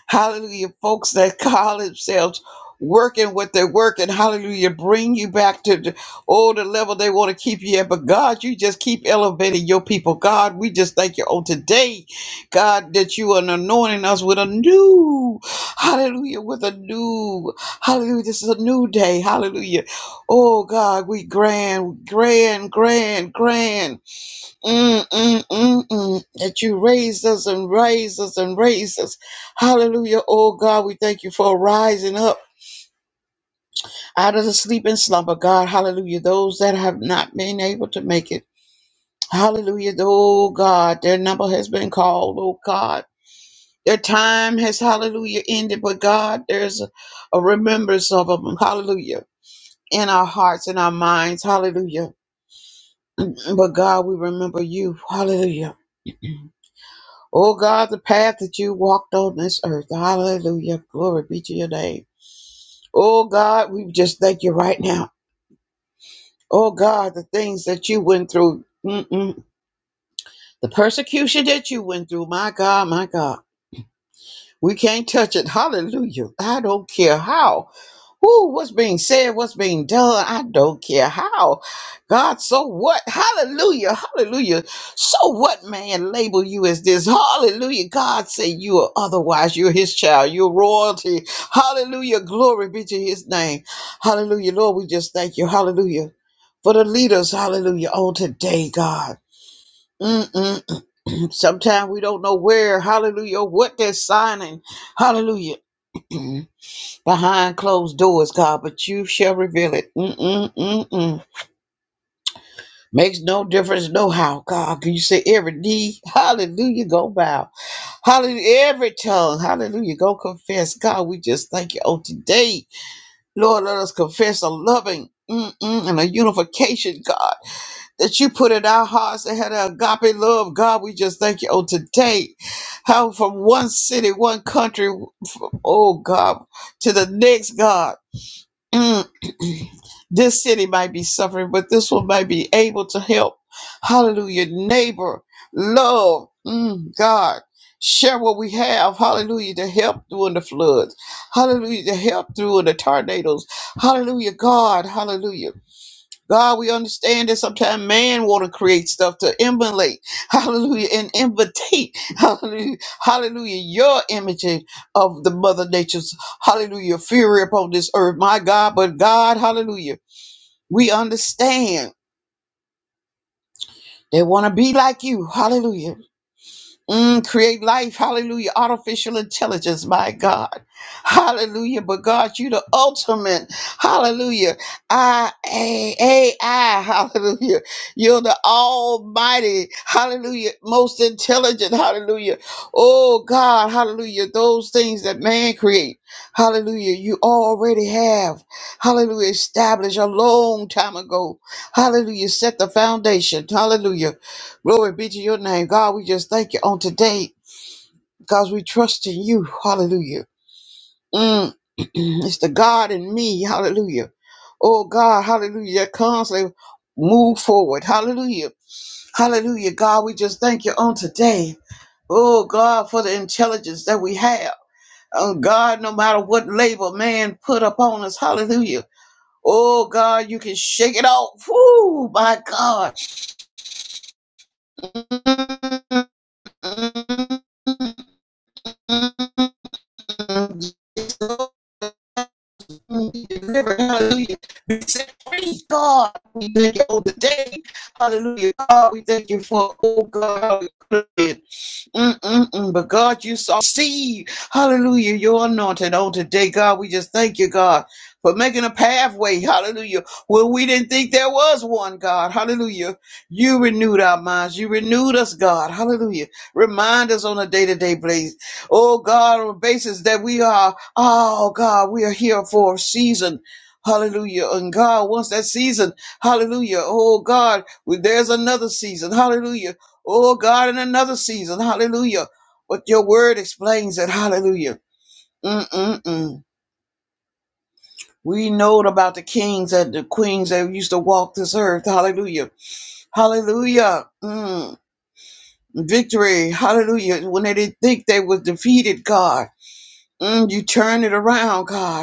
Hallelujah. Folks that call themselves working what they're working. Hallelujah. Bring you back to the oh the level they want to keep you at. But God, you just keep elevating your people. God, we just thank you on today. God, that you are anointing us with a new, hallelujah, with a new, hallelujah. This is a new day. Hallelujah. Oh God, we grand, grand, grand, grand. Mm, mm, mm, mm. That you raise us and raise us and raise us. Hallelujah. Oh God, we thank you for rising up out of the sleep and slumber, God. Hallelujah. Those that have not been able to make it. Hallelujah. Oh God, their number has been called. Oh God. Their time has, hallelujah, ended. But God, there's a, a remembrance of them. Hallelujah. In our hearts and our minds. Hallelujah. But God, we remember you. Hallelujah Oh God, the path that you walked on this earth. Hallelujah. Glory be to your name. Oh God, we just thank you right now. Oh God, the things that you went through. Mm-mm. The persecution that you went through. My God, my God. We can't touch it. Hallelujah. I don't care how. Who what's being said, what's being done, I don't care how. God, so what? Hallelujah, hallelujah. So what, man, label you as this? Hallelujah. God say you are otherwise. You're his child. You're royalty. Hallelujah. Glory be to his name. Hallelujah. Lord, we just thank you. Hallelujah. For the leaders, hallelujah, on today, God. Mm-mm. Sometimes we don't know where, hallelujah, what they're signing. Hallelujah. behind closed doors, God, but you shall reveal it. Mm-mm-mm-mm. Makes no difference, no how, God. You say every knee, hallelujah, go bow. Hallelujah, every tongue, hallelujah, go confess. God, we just thank you. Oh, today, Lord, let us confess a loving. Mm-mm, and a unification, God, that you put in our hearts that had an agape love. God, we just thank you. Oh, today, how from one city, one country, oh God, to the next, God. Mm. this city might be suffering, but this one might be able to help. Hallelujah. Neighbor, love, mm, God. Share what we have, hallelujah, to help during the floods, hallelujah, to help during the tornadoes, hallelujah, God, hallelujah. God, we understand that sometimes man want to create stuff to emulate, hallelujah, and imitate, hallelujah, hallelujah, your image of the mother nature's, hallelujah, fury upon this earth, my God, but God, hallelujah, we understand. They want to be like you, hallelujah. Mm, create life, hallelujah. Artificial intelligence, my God. Hallelujah. But God, you the ultimate. Hallelujah. I A A I. Hallelujah. You're the almighty. Hallelujah. Most intelligent. Hallelujah. Oh God, hallelujah. Those things that man create. Hallelujah. You already have. Hallelujah. Established a long time ago. Hallelujah. Set the foundation. Hallelujah. Glory be to your name. God, we just thank you on today because we trust in you. Hallelujah. Mm. it's the God in me. Hallelujah. Oh God, hallelujah. That constantly move forward. Hallelujah. Hallelujah. God, we just thank you on today. Oh God, for the intelligence that we have. Oh God, no matter what label man put upon us. Hallelujah. Oh God, you can shake it off. Woo, my God. Hallelujah. We said, Praise God. We thank you all the day. Hallelujah. God, we thank you for, oh God. Mm-mm-mm. But God, you saw, see, hallelujah, your anointing on today. God, we just thank you, God, for making a pathway, hallelujah, where we didn't think there was one, God, hallelujah. You renewed our minds. You renewed us, God, hallelujah. Remind us on a day to day basis, oh God, on a basis that we are. Oh God, we are here for a season. Hallelujah. And God wants that season. Hallelujah. Oh God, well, there's another season. Hallelujah. Oh God, and another season. Hallelujah. But your word explains it. Hallelujah. Mm-mm-mm. We know about the kings and the queens that used to walk this earth. Hallelujah. Hallelujah. Mm. Victory. Hallelujah. When they didn't think they was defeated, God, mm, you turn it around, God.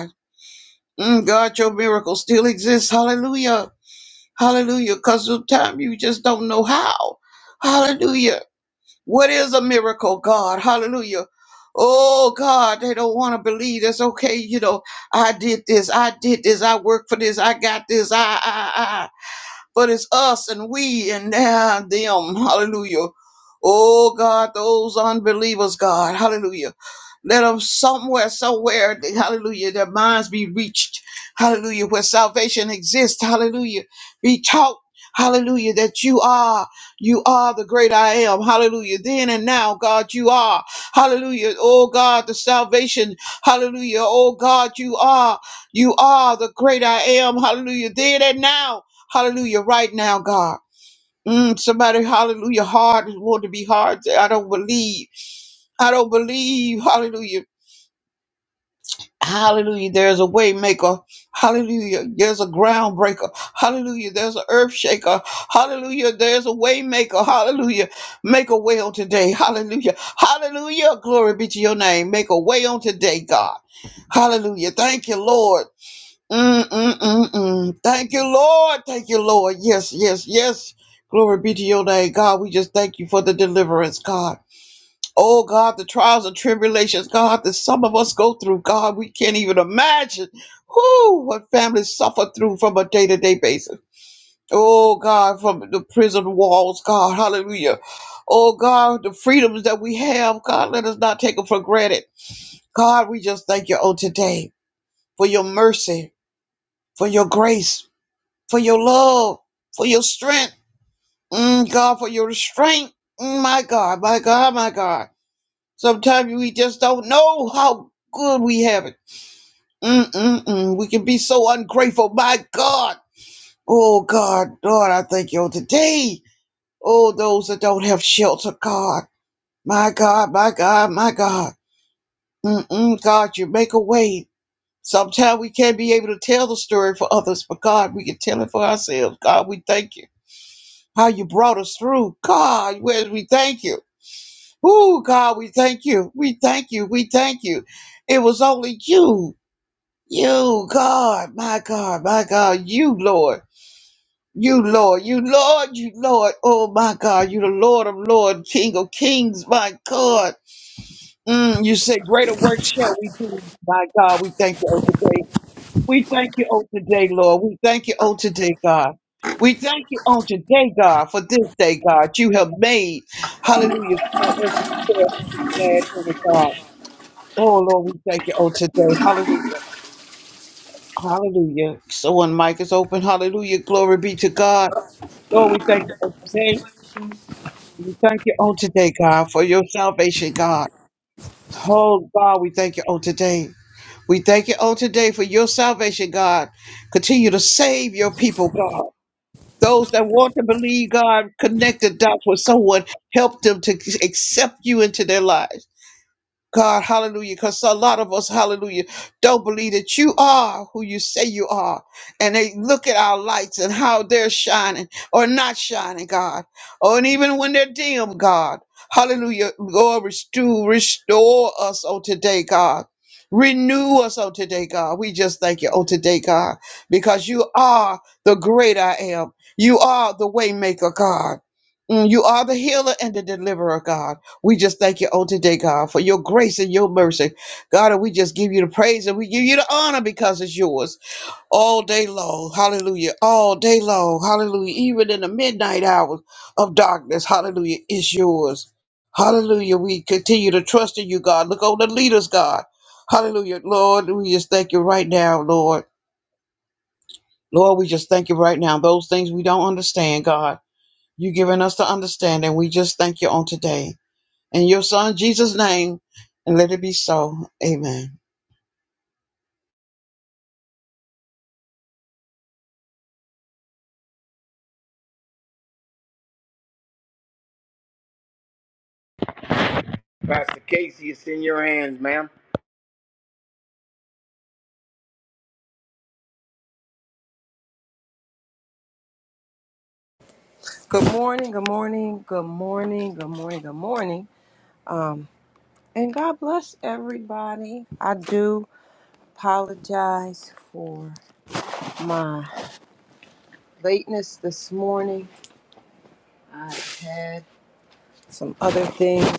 Mm, God, your miracle still exists. Hallelujah. Hallelujah. Because sometimes you just don't know how. Hallelujah. What is a miracle, God? Hallelujah. Oh, God, they don't want to believe. That's okay. You know, I did this. I did this. I worked for this. I got this. I, I, I but it's us and we and uh, them. Hallelujah. Oh God, those unbelievers, God. Hallelujah. Let them somewhere, somewhere, they- hallelujah, their minds be reached. Hallelujah, where salvation exists. Hallelujah. Be taught. Hallelujah, that you are, you are the great I am. Hallelujah. Then and now, God, you are. Hallelujah. Oh God, the salvation. Hallelujah. Oh God, you are, you are the great I am. Hallelujah. Then and now. Hallelujah. Right now, God. Mm, somebody, hallelujah, hard is want to be hard. Say, I don't believe. I don't believe. Hallelujah. Hallelujah. There's a way maker. Hallelujah. There's a groundbreaker. Hallelujah. There's an earth shaker. Hallelujah. There's a way maker. Hallelujah. Make a way on today. Hallelujah. Hallelujah. Glory be to your name. Make a way on today, God. Hallelujah. Thank you, Lord. Mm, mm, mm, mm. Thank you, Lord. Thank you, Lord. Yes, yes, yes. Glory be to your name, God. We just thank you for the deliverance, God. Oh, God, the trials and tribulations, God, that some of us go through, God, we can't even imagine who what families suffer through from a day to day basis. Oh, God, from the prison walls, God. Hallelujah. Oh, God, the freedoms that we have, God, let us not take them for granted. God, we just thank you on today for your mercy, for your grace for your love, for your strength, mm, God, for your restraint. Mm, my God, my God, my God. Sometimes we just don't know how good we have it. Mm-mm-mm. We can be so ungrateful. My God. Oh, God, Lord, I thank you today. Oh, those that don't have shelter, God. My God, my God, my God. Mm-mm, God, you make a way. Sometimes we can't be able to tell the story for others, but God, we can tell it for ourselves. God, we thank you. how you brought us through. God, whereas we thank you. Ooh, God, we thank you. We thank you. We thank you. It was only you. You, God, my God, my God, you, Lord. You, Lord, you, Lord, you, Lord. Oh, my God, you, the Lord of Lords, King of Kings, my God. Mm, you say, Greater work shall we do, my God. We thank you on today. We thank you on today, Lord. We thank you on today, God. We thank you on today, God, for this day, God. You have made. Hallelujah. For us and for us to be glad in it, God. Oh, Lord, we thank you on today. Hallelujah. Hallelujah. Someone mic is open. Hallelujah. Glory be to God. Lord, we thank you on today. We thank you on today, God, for your salvation, God. Oh, God, we thank you on today. We thank you on today for your salvation, God. Continue to save your people, God. Those that want to believe God, connect the dots with someone, help them to accept you into their lives. God, hallelujah, because a lot of us, hallelujah, don't believe that you are who you say you are. And they look at our lights and how they're shining or not shining, God. Oh, and even when they're dim, God, hallelujah, Lord, restore, restore us on today, God. Renew us on today, God. We just thank you on today, God, because you are the great I am. You are the waymaker, God. Mm, You are the healer and the deliverer, God. We just thank you on today, God, for your grace and your mercy. God, and we just give you the praise and we give you the honor because it's yours all day long. Hallelujah. All day long. Hallelujah. Even in the midnight hours of darkness. Hallelujah. It's yours. Hallelujah. We continue to trust in you, God. Look on the leaders, God. Hallelujah. Lord, we just thank you right now, Lord. Lord, we just thank you right now. Those things we don't understand, God, you have given us the understanding. We just thank you on today. In your son Jesus' name, and let it be so. Amen.
Pastor Casey, it's in your hands, ma'am.
Good morning, good morning, good morning, good morning, good morning. Um, and God bless everybody. I do apologize for my lateness this morning. I had some other things.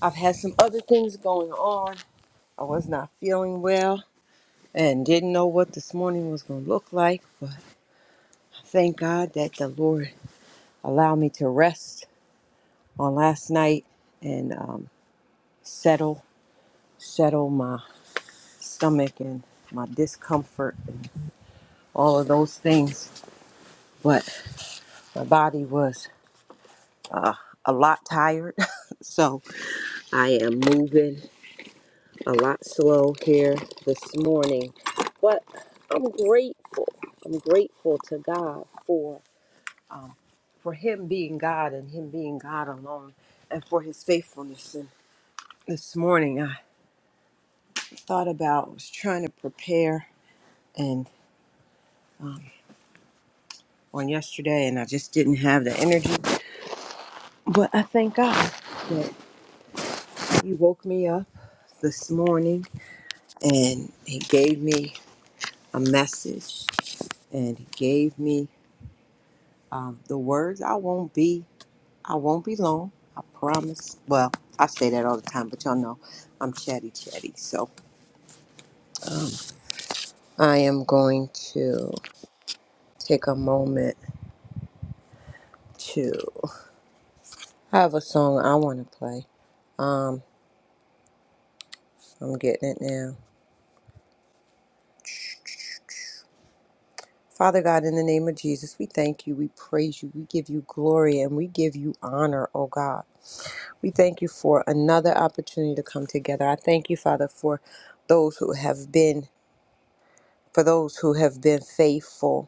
I've had some other things going on. I was not feeling well and didn't know what this morning was going to look like, but thank God that the Lord allowed me to rest on last night and um, settle settle my stomach and my discomfort and all of those things. But my body was uh, a lot tired. so I am moving a lot slow here this morning. But I'm grateful. I'm grateful to God for um, for Him being God and Him being God alone and for His faithfulness. And this morning I thought about, I was trying to prepare and um, on yesterday and I just didn't have the energy But I thank God that He woke me up this morning and He gave me a message and He gave me um, the words. I won't be, I won't be long. I promise. Well, I say that all the time, but y'all know I'm chatty chatty. So um, I am going to take a moment to I have a song I want to play. Um, I'm getting it now. Father God, in the name of Jesus, we thank you, we praise you, we give you glory, and we give you honor, oh God. We thank you for another opportunity to come together. I thank you, Father, for those who have been for those who have been faithful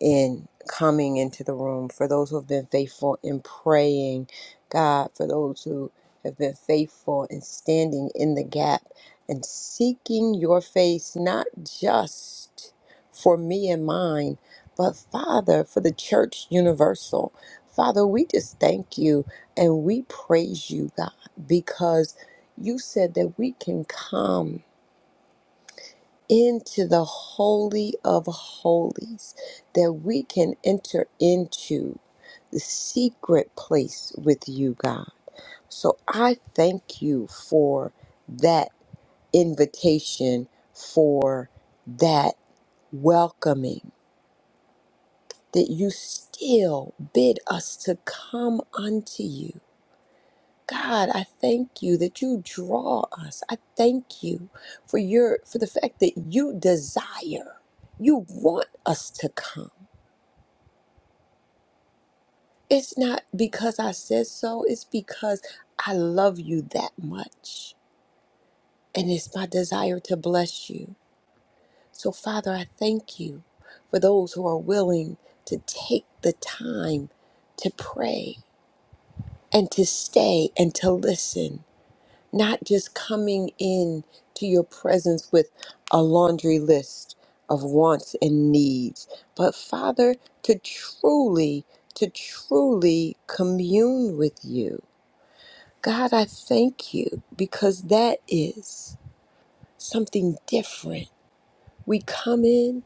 in coming into the room, for those who have been faithful in praying, God, for those who have been faithful in standing in the gap and seeking your face, not just for me and mine, but Father, for the church universal. Father, we just thank you and we praise you, God, because you said that we can come into the Holy of Holies, that we can enter into the secret place with you, God. So I thank you for that invitation, for that welcoming, that you still bid us to come unto you. God, I thank you that you draw us. I thank you for your for the fact that you desire. You want us to come. It's not because I said so, it's because I love you that much. And it's my desire to bless you. So Father, I thank you for those who are willing to take the time to pray and to stay and to listen not just coming in to your presence with a laundry list of wants and needs, but Father, to truly, to truly commune with you. God, I thank you because that is something different. We come in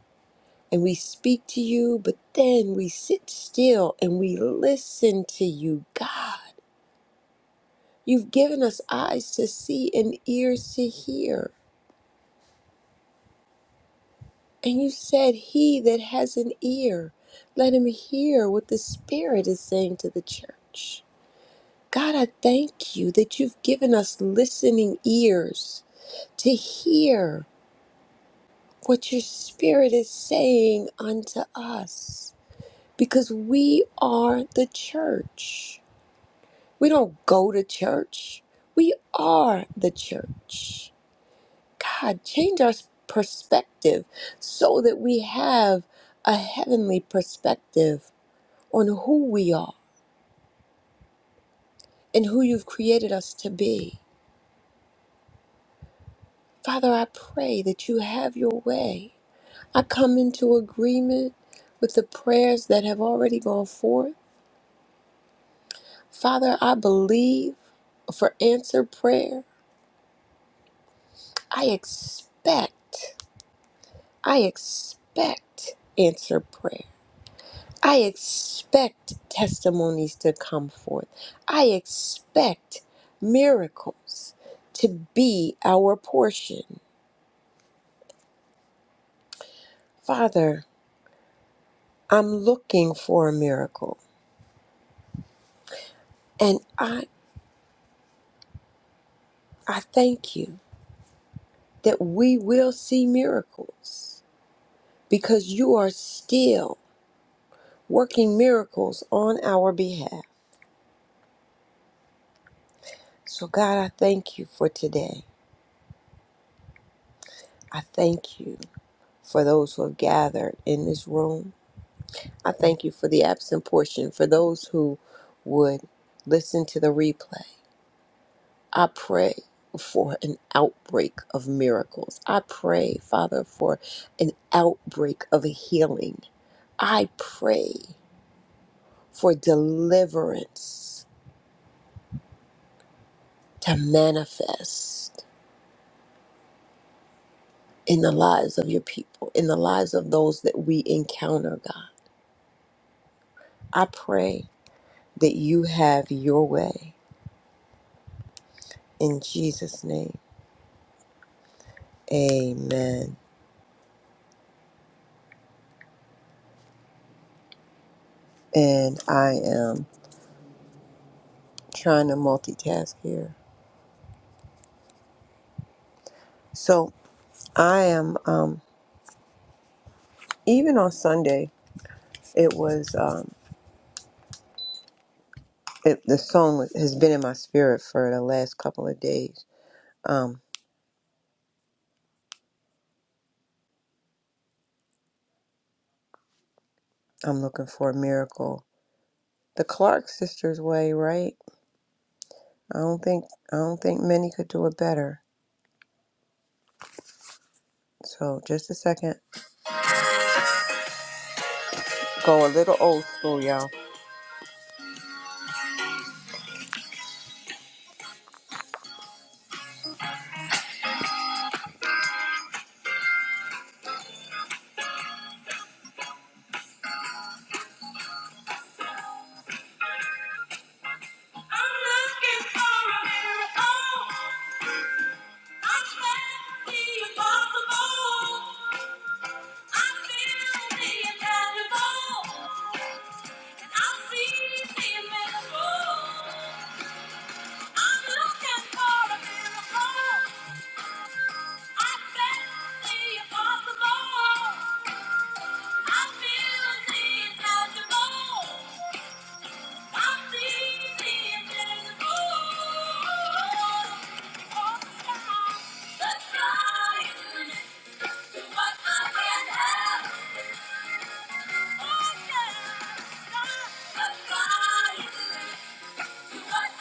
and we speak to you, but then we sit still and we listen to you, God. You've given us eyes to see and ears to hear. And you said, He that has an ear, let him hear what the Spirit is saying to the church. God, I thank you that you've given us listening ears to hear what your Spirit is saying unto us because we are the church. We don't go to church, we are the church. God, change our perspective so that we have a heavenly perspective on who we are and who you've created us to be. Father, I pray that you have your way. I come into agreement with the prayers that have already gone forth. Father, I believe for answer prayer. I expect, I expect answer prayer. I expect testimonies to come forth. I expect miracles to be our portion. Father, I'm looking for a miracle. And I I thank you that we will see miracles because you are still working miracles on our behalf. So God, I thank you for today. I thank you for those who have gathered in this room. I thank you for the absent portion for those who would listen to the replay. I pray for an outbreak of miracles. I pray, Father, for an outbreak of healing. I pray for deliverance to manifest in the lives of your people, in the lives of those that we encounter, God. I pray that you have your way in Jesus' name. Amen. And I am trying to multitask here. So I am. Um, even on Sunday, it was um, it, the song was- has been in my spirit for the last couple of days. Um, I'm looking for a miracle, the Clark sisters way, right? I don't think I don't think many could do it better. So just a second, go a little old school, y'all. I'm looking for a miracle. I can't be impossible. I feel the inevitable. Yeah. I'm looking for a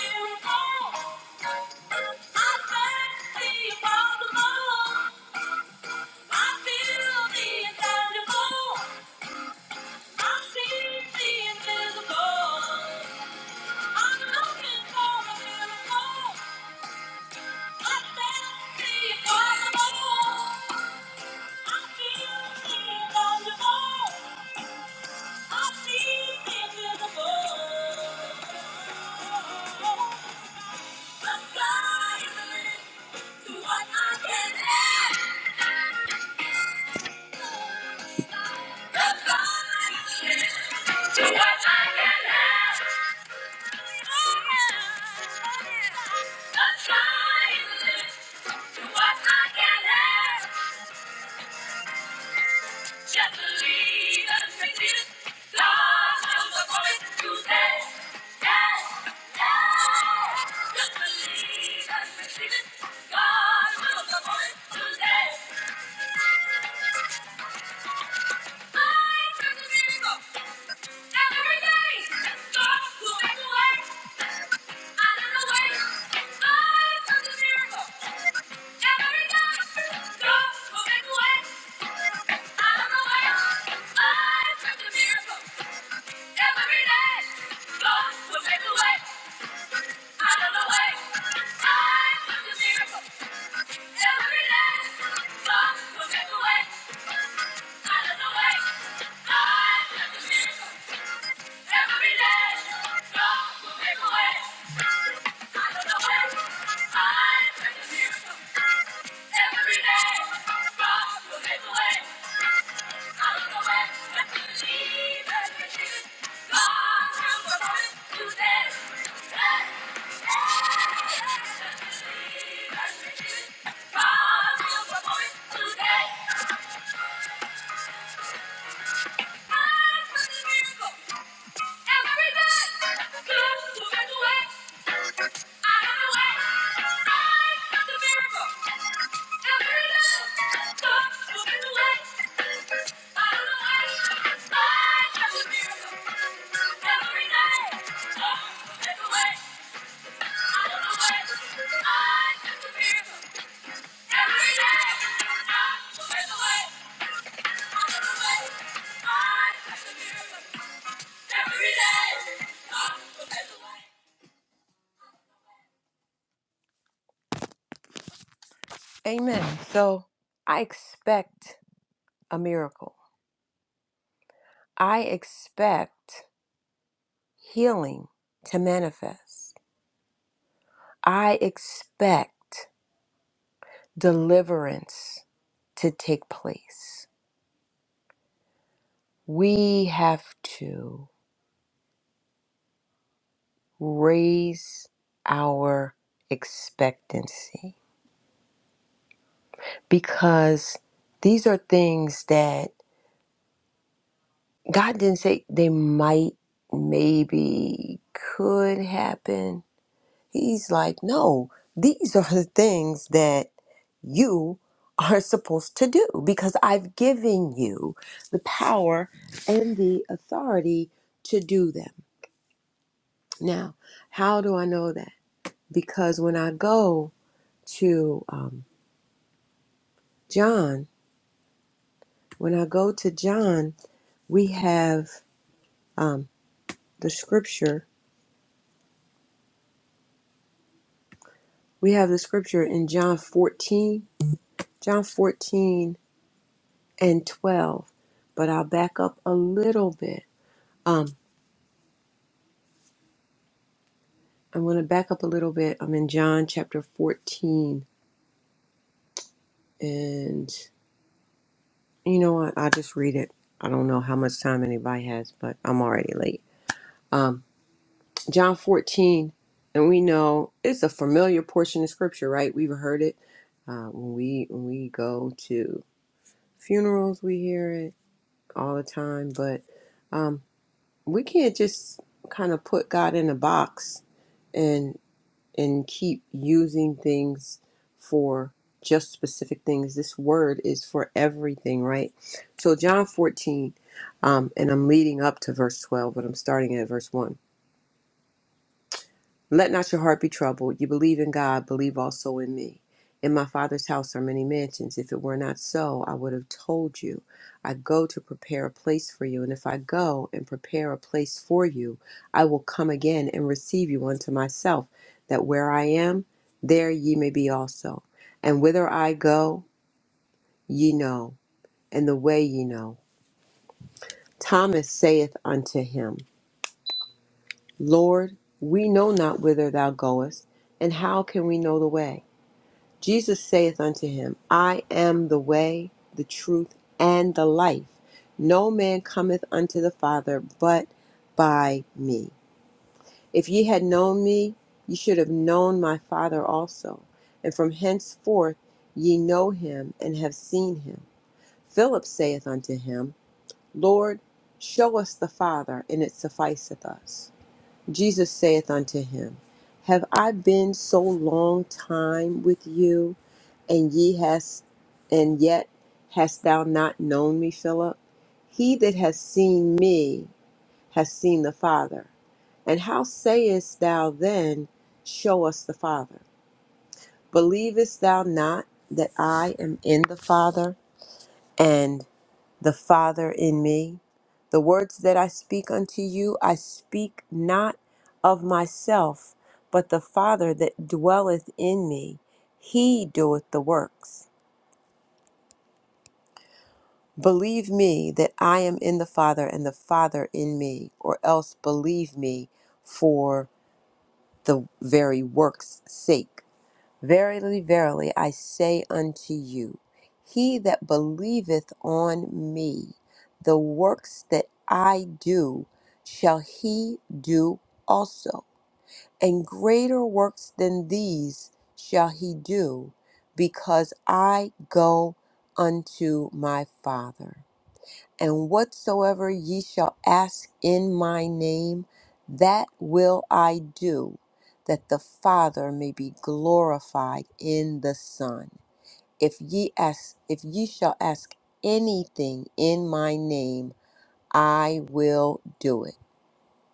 miracle. I can't see impossible. I feel the intangible. I see the invisible. I'm looking for a miracle. I sense the impossible. I feel the intangible. I see the invisible. The sky is the limit to what I can have. God will perform it today. Every day, God will make a way out of the way. God will make a miracle. Every day, good to get away. Every day, God will make a way. Amen. So I expect a miracle. I expect healing to manifest. I expect deliverance to take place. We have to raise our expectancy because these are things that God didn't say they might, maybe, could happen He's like, no, these are the things that you are supposed to do because I've given you the power and the authority to do them. Now, how do I know that? Because when I go to um, John, when I go to John, we have um, the scripture. We have the scripture in John 14, John 14 and 12. But I'll back up a little bit Um, I'm going to back up a little bit. I'm in John chapter 14, and you know what? I'll just read it. I don't know how much time anybody has, but I'm already late. Um, John 14, and we know it's a familiar portion of scripture, right? We've heard it uh, when we when we go to funerals. We hear it all the time, but um, we can't just kind of put God in a box and. and keep using things for just specific things. This word is for everything, right? So, John 14, um, and I'm leading up to verse 12, but I'm starting at verse 1. Let not your heart be troubled. You believe in God, believe also in me. In my Father's house are many mansions. If it were not so, I would have told you. I go to prepare a place for you. And if I go and prepare a place for you, I will come again and receive you unto myself, that where I am, there ye may be also. And whither I go, ye know, and the way ye know. Thomas saith unto him, Lord, we know not whither thou goest, and how can we know the way? Jesus saith unto him, I am the way, the truth, and the life. No man cometh unto the Father but by me. If ye had known me, ye should have known my Father also. And from henceforth ye know him and have seen him. Philip saith unto him, Lord, show us the Father, and it sufficeth us. Jesus saith unto him, Have I been so long time with you, and ye hast and yet hast thou not known me, Philip? He that hath seen me hath seen the Father. And how sayest thou then, Show us the Father? Believest thou not that I am in the Father, and the Father in me. The words that I speak unto you, I speak not of myself, but the Father that dwelleth in me, he doeth the works. Believe me that I am in the Father and the Father in me, or else believe me for the very works' sake. Verily, verily, I say unto you, he that believeth on me, the works that I do, shall he do also. And greater works than these shall he do, because I go unto my Father. And whatsoever ye shall ask in my name, that will I do, that the Father may be glorified in the Son. If ye ask, if ye shall ask anything in my name, I will do it.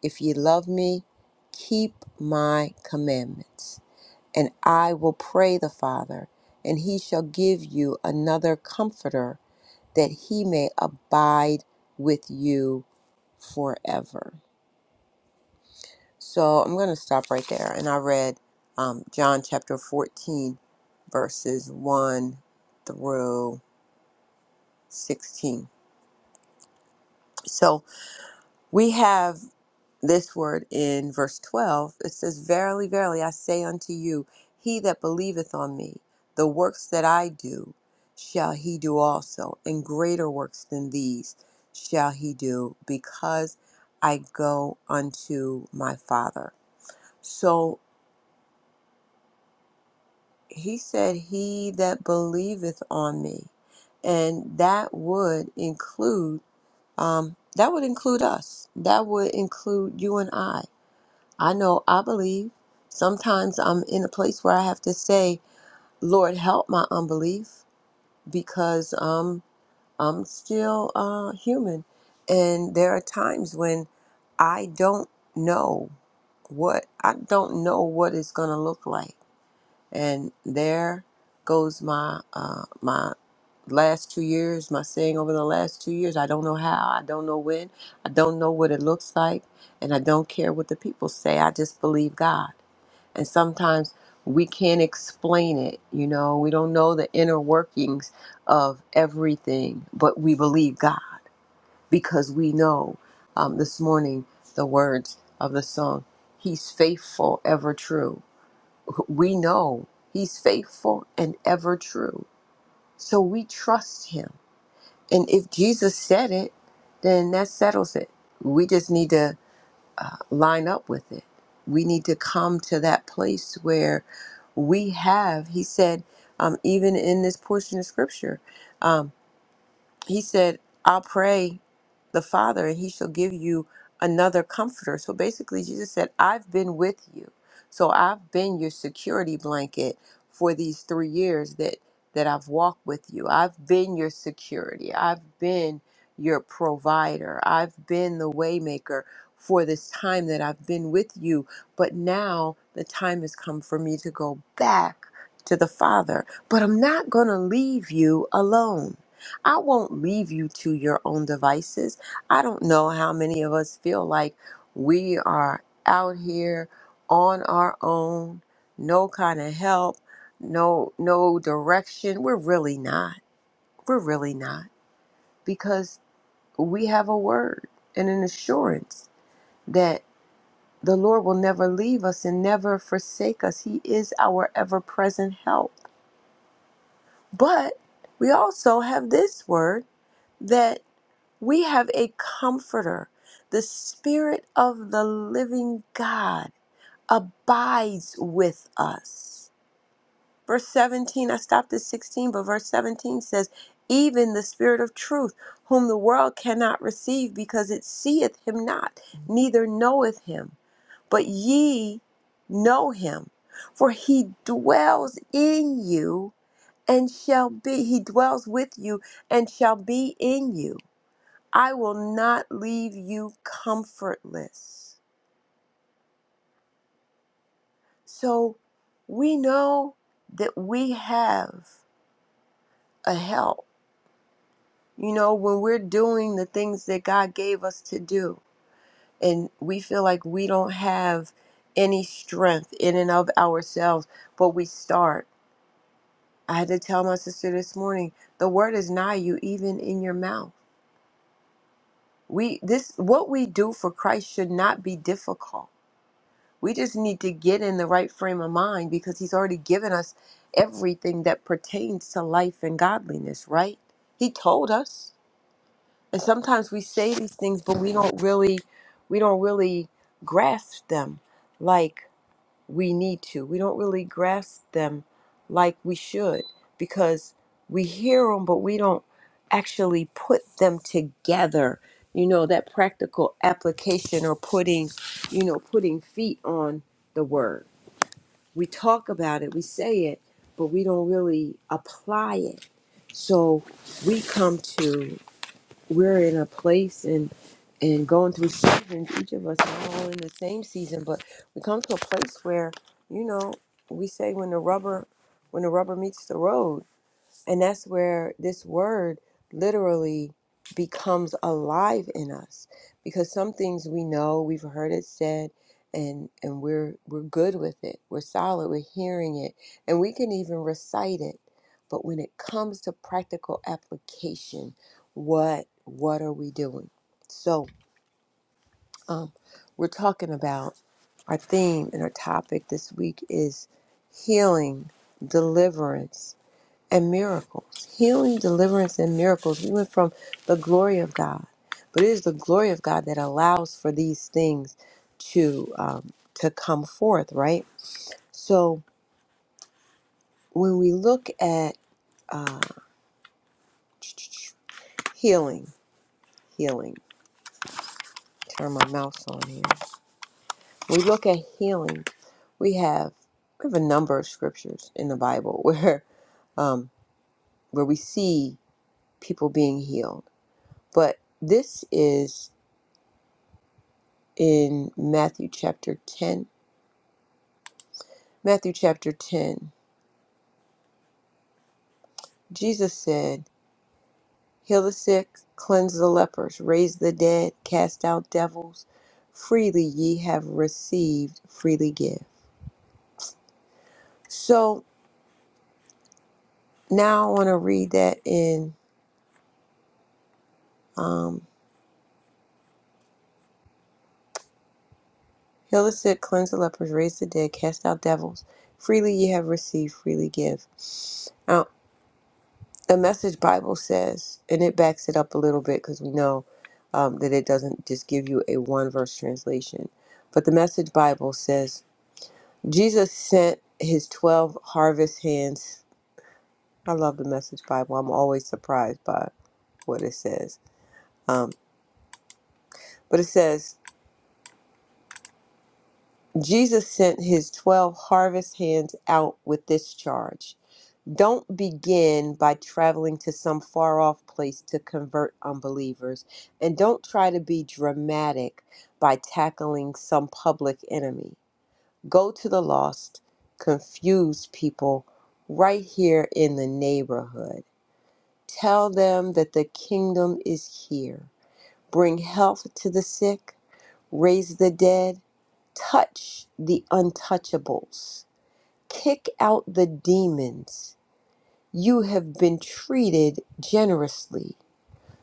If ye love me, keep my commandments, and I will pray the Father, and he shall give you another comforter that he may abide with you forever. So I'm going to stop right there. And I read um, John chapter 14, verses 1 through 16. So we have this word in verse 12 it says verily verily i say unto you he that believeth on me the works that i do shall he do also and greater works than these shall he do because i go unto my father so he said he that believeth on me and that would include um, that would include us that would include you and i I know I believe. Sometimes I'm in a place where I have to say, Lord, help my unbelief because um, I'm still uh, human. And there are times when I don't know what I don't know what it's gonna look like. And there goes my uh, my last two years, my saying over the last two years. I don't know how, I don't know when, I don't know what it looks like, and I don't care what the people say. I just believe God and sometimes we can't explain it you know we don't know the inner workings of everything but we believe god because we know um, this morning the words of the song he's faithful ever true we know he's faithful and ever true so we trust him and if jesus said it then that settles it we just need to uh, line up with it. We need to come to that place where we have, he said, um, even in this portion of scripture. um, he said, I'll pray the Father and he shall give you another comforter. So basically, Jesus said, I've been with you. So I've been your security blanket for these three years that, that I've walked with you. I've been your security. I've been your provider. I've been the waymaker for this time that I've been with you. But now the time has come for me to go back to the Father. But I'm not going to leave you alone. I won't leave you to your own devices. I don't know how many of us feel like we are out here on our own, no kind of help, no no direction. We're really not. We're really not because we have a word and an assurance that the Lord will never leave us and never forsake us. He is our ever-present help. But we also have this word that We have a comforter. The Spirit of the living God abides with us. Verse 17, I stopped at 16, but verse 17 says, Even the Spirit of truth, whom the world cannot receive because it seeth him not, neither knoweth him. But ye know him, for he dwells in you and shall be, he dwells with you and shall be in you. I will not leave you comfortless. So we know that we have a help. You know, when we're doing the things that God gave us to do, and we feel like we don't have any strength in and of ourselves, but we start. I had to tell my sister this morning, the word is nigh you, even in your mouth. We this what we do for Christ should not be difficult We just need to get in the right frame of mind because He's already given us everything that pertains to life and godliness, right? He told us. And sometimes we say these things, but we don't really, we don't really grasp them. Like we need to. We don't really grasp them like we should because we hear them, but we don't actually put them together. You know, that practical application or putting, you know, putting feet on the word. We talk about it, we say it, but we don't really apply it. So we come to we're in a place and and going through seasons. Each of us are all in the same season, but we come to a place where you know we say when the rubber when the rubber meets the road, and that's where this word literally becomes alive in us because some things we know, we've heard it said and and we're we're good with it. We're solid, we're hearing it, and we can even recite it. But when it comes to practical application, what what are we doing? So, um we're talking about our theme and our topic this week is healing, deliverance, and miracles, healing, deliverance, and miracles. We went from the glory of God, but it is the glory of God that allows for these things to um, to come forth, right? So when we look at uh, healing, healing, turn my mouse on here. We look at healing. We have we have a number of scriptures in the Bible where um, where we see people being healed, but this is in Matthew chapter 10. Matthew chapter 10, Jesus said, Heal the sick, cleanse the lepers, raise the dead, cast out devils. Freely ye have received, freely give. So now I want to read that in um, Heal the sick, cleanse the lepers, raise the dead, cast out devils. Freely ye have received, freely give. the message bible says and it backs it up a little bit because we know um, that it doesn't just give you a one verse translation but the message bible says jesus sent his 12 harvest hands i love the message bible i'm always surprised by what it says um, but it says jesus sent his 12 harvest hands out with this charge Don't begin by traveling to some far off place to convert unbelievers, and don't try to be dramatic by tackling some public enemy. Go to the lost, confused people right here in the neighborhood. Tell them that the kingdom is here. Bring health to the sick, raise the dead, touch the untouchables, kick out the demons you have been treated generously,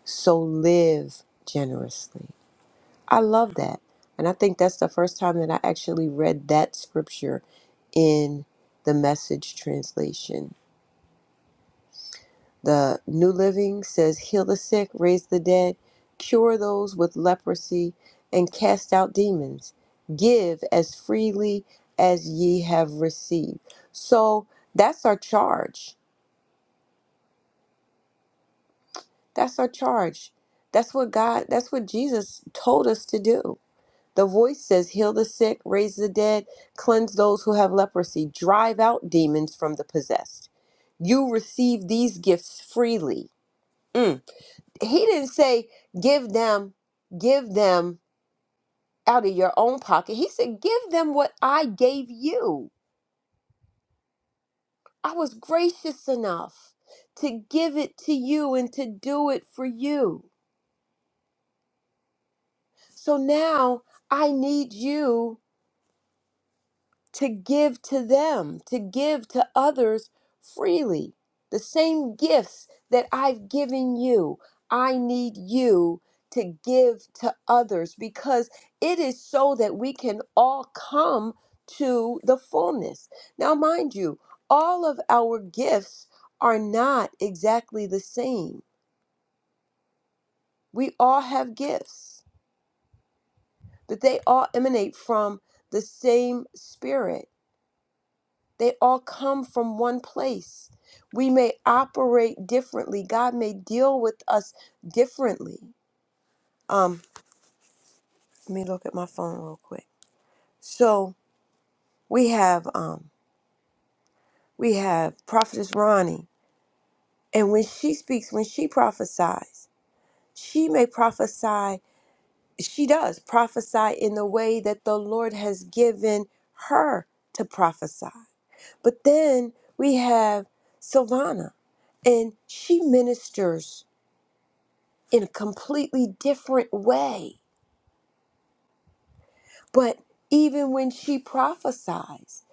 so live generously. I love that. And I think that's the first time that I actually read that scripture in the message translation. The New Living says, Heal the sick, raise the dead, cure those with leprosy, and cast out demons. Give as freely as ye have received. So that's our charge That's our charge. That's what God, that's what Jesus told us to do. The voice says, Heal the sick, raise the dead, cleanse those who have leprosy, drive out demons from the possessed. You receive these gifts freely. Mm. He didn't say, Give them, give them out of your own pocket. He said, Give them what I gave you. I was gracious enough to give it to you and to do it for you. So now I need you to give to them, to give to others freely. The same gifts that I've given you, I need you to give to others because it is so that we can all come to the fullness. Now, mind you, all of our gifts are not exactly the same. We all have gifts, but they all emanate from the same spirit They all come from one place. We may operate differently. God may deal with us differently. Um, let me look at my phone real quick. So we have um, we have prophetess Ronnie, and when she speaks, when she prophesies, she may prophesy. She does prophesy in the way that the Lord has given her to prophesy. But then we have Silvana, and she ministers in a completely different way. But even when she prophesies,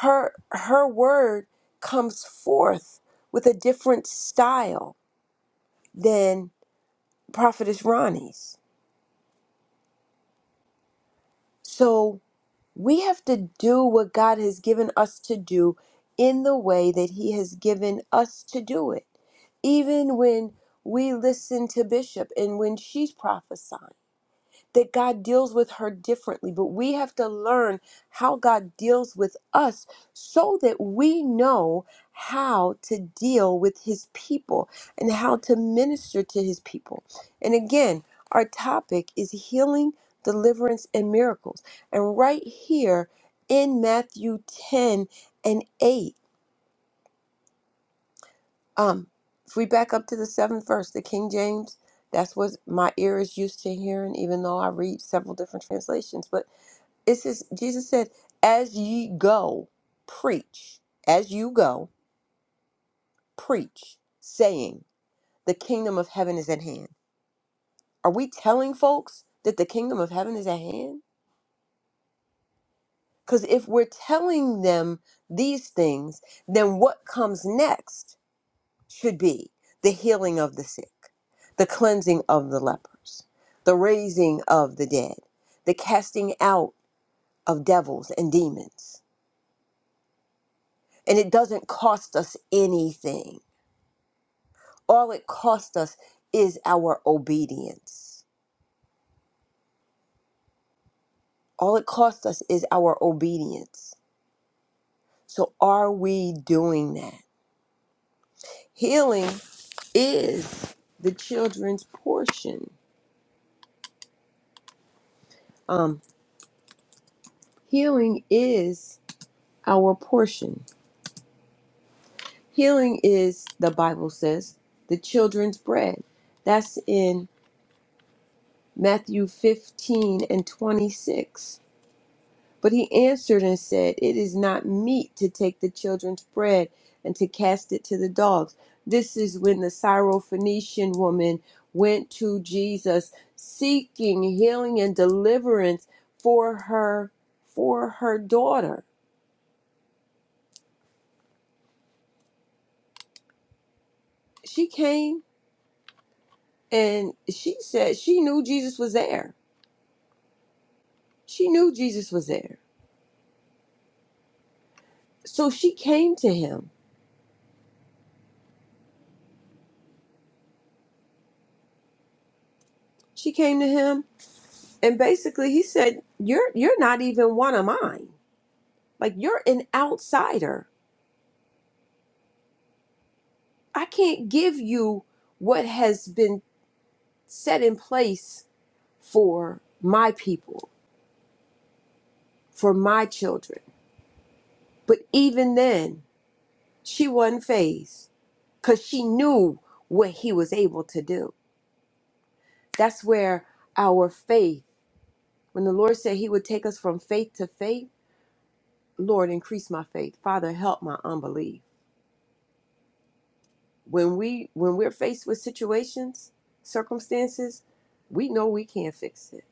her her word comes forth with a different style than prophetess Ronnie's. So we have to do what God has given us to do in the way that he has given us to do it. Even when we listen to Bishop and when she's prophesying that God deals with her differently, but we have to learn how God deals with us so that we know how to deal with his people and how to minister to his people. And again, our topic is healing, deliverance, and miracles. And right here in Matthew 10 and 8, um, if we back up to the seventh verse, the King James, that's what my ear is used to hearing, even though I read several different translations. But it says Jesus said, "As ye go, preach. As you go, preach, saying, the kingdom of heaven is at hand." Are we telling folks that the kingdom of heaven is at hand? Because if we're telling them these things, then what comes next should be the healing of the sick, the cleansing of the lepers, the raising of the dead, the casting out of devils and demons. And it doesn't cost us anything All it costs us is our obedience. All it costs us is our obedience. So, are we doing that? Healing is the children's portion. Um, healing is our portion. Healing is, the Bible says, the children's bread. That's in Matthew 15 and 26. But he answered and said, It is not meet to take the children's bread and to cast it to the dogs. This is when the Syrophoenician woman went to Jesus seeking healing and deliverance for her for her daughter. She came and she said she knew Jesus was there. She knew Jesus was there. So she came to him. She came to him and basically he said, "You're you're not even one of mine." Like you're an outsider. I can't give you what has been set in place for my people, for my children. But even then, she wasn't phased because she knew what he was able to do. That's where our faith, when the Lord said he would take us from faith to faith, Lord, increase my faith. Father, help my unbelief. When we when we're faced with situations, circumstances, we know we can't fix it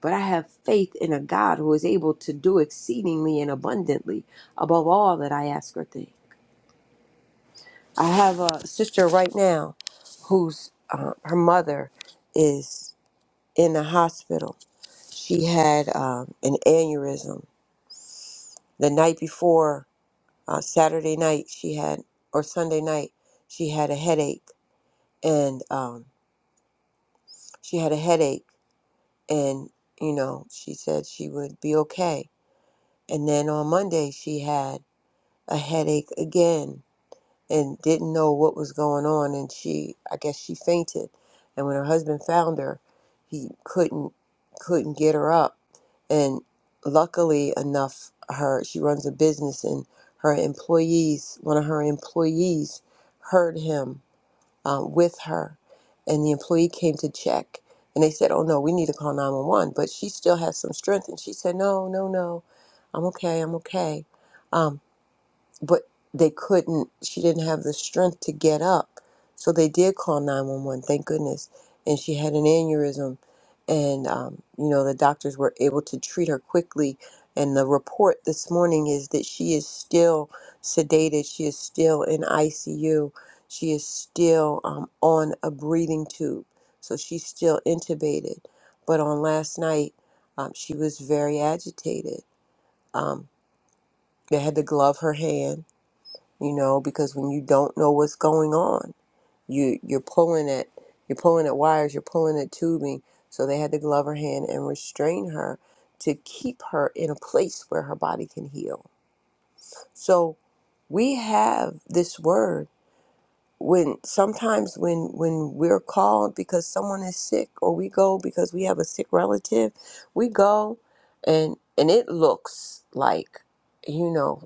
but I have faith in a God who is able to do exceedingly and abundantly above all that I ask or think. I have a sister right now whose uh, her mother is in the hospital. She had um, an aneurysm the night before uh, Saturday night. She had or Sunday night she had a headache and um, she had a headache and you know she said she would be okay. And then on Monday she had a headache again and didn't know what was going on and she I guess she fainted and when her husband found her he couldn't couldn't get her up and luckily enough her she runs a business and her employees one of her employees heard him um, with her and the employee came to check and they said oh no we need to call 911." but she still has some strength and she said no no no I'm okay I'm okay Um, but they couldn't she didn't have the strength to get up so they did call 911 thank goodness and she had an aneurysm and um, you know the doctors were able to treat her quickly and the report this morning is that she is still sedated she is still in icu she is still um, on a breathing tube so she's still intubated but on last night um, she was very agitated um, they had to glove her hand you know because when you don't know what's going on you you're pulling at you're pulling at wires you're pulling at tubing so they had to glove her hand and restrain her to keep her in a place where her body can heal so we have this word when sometimes when when we're called because someone is sick or we go because we have a sick relative we go and and it looks like you know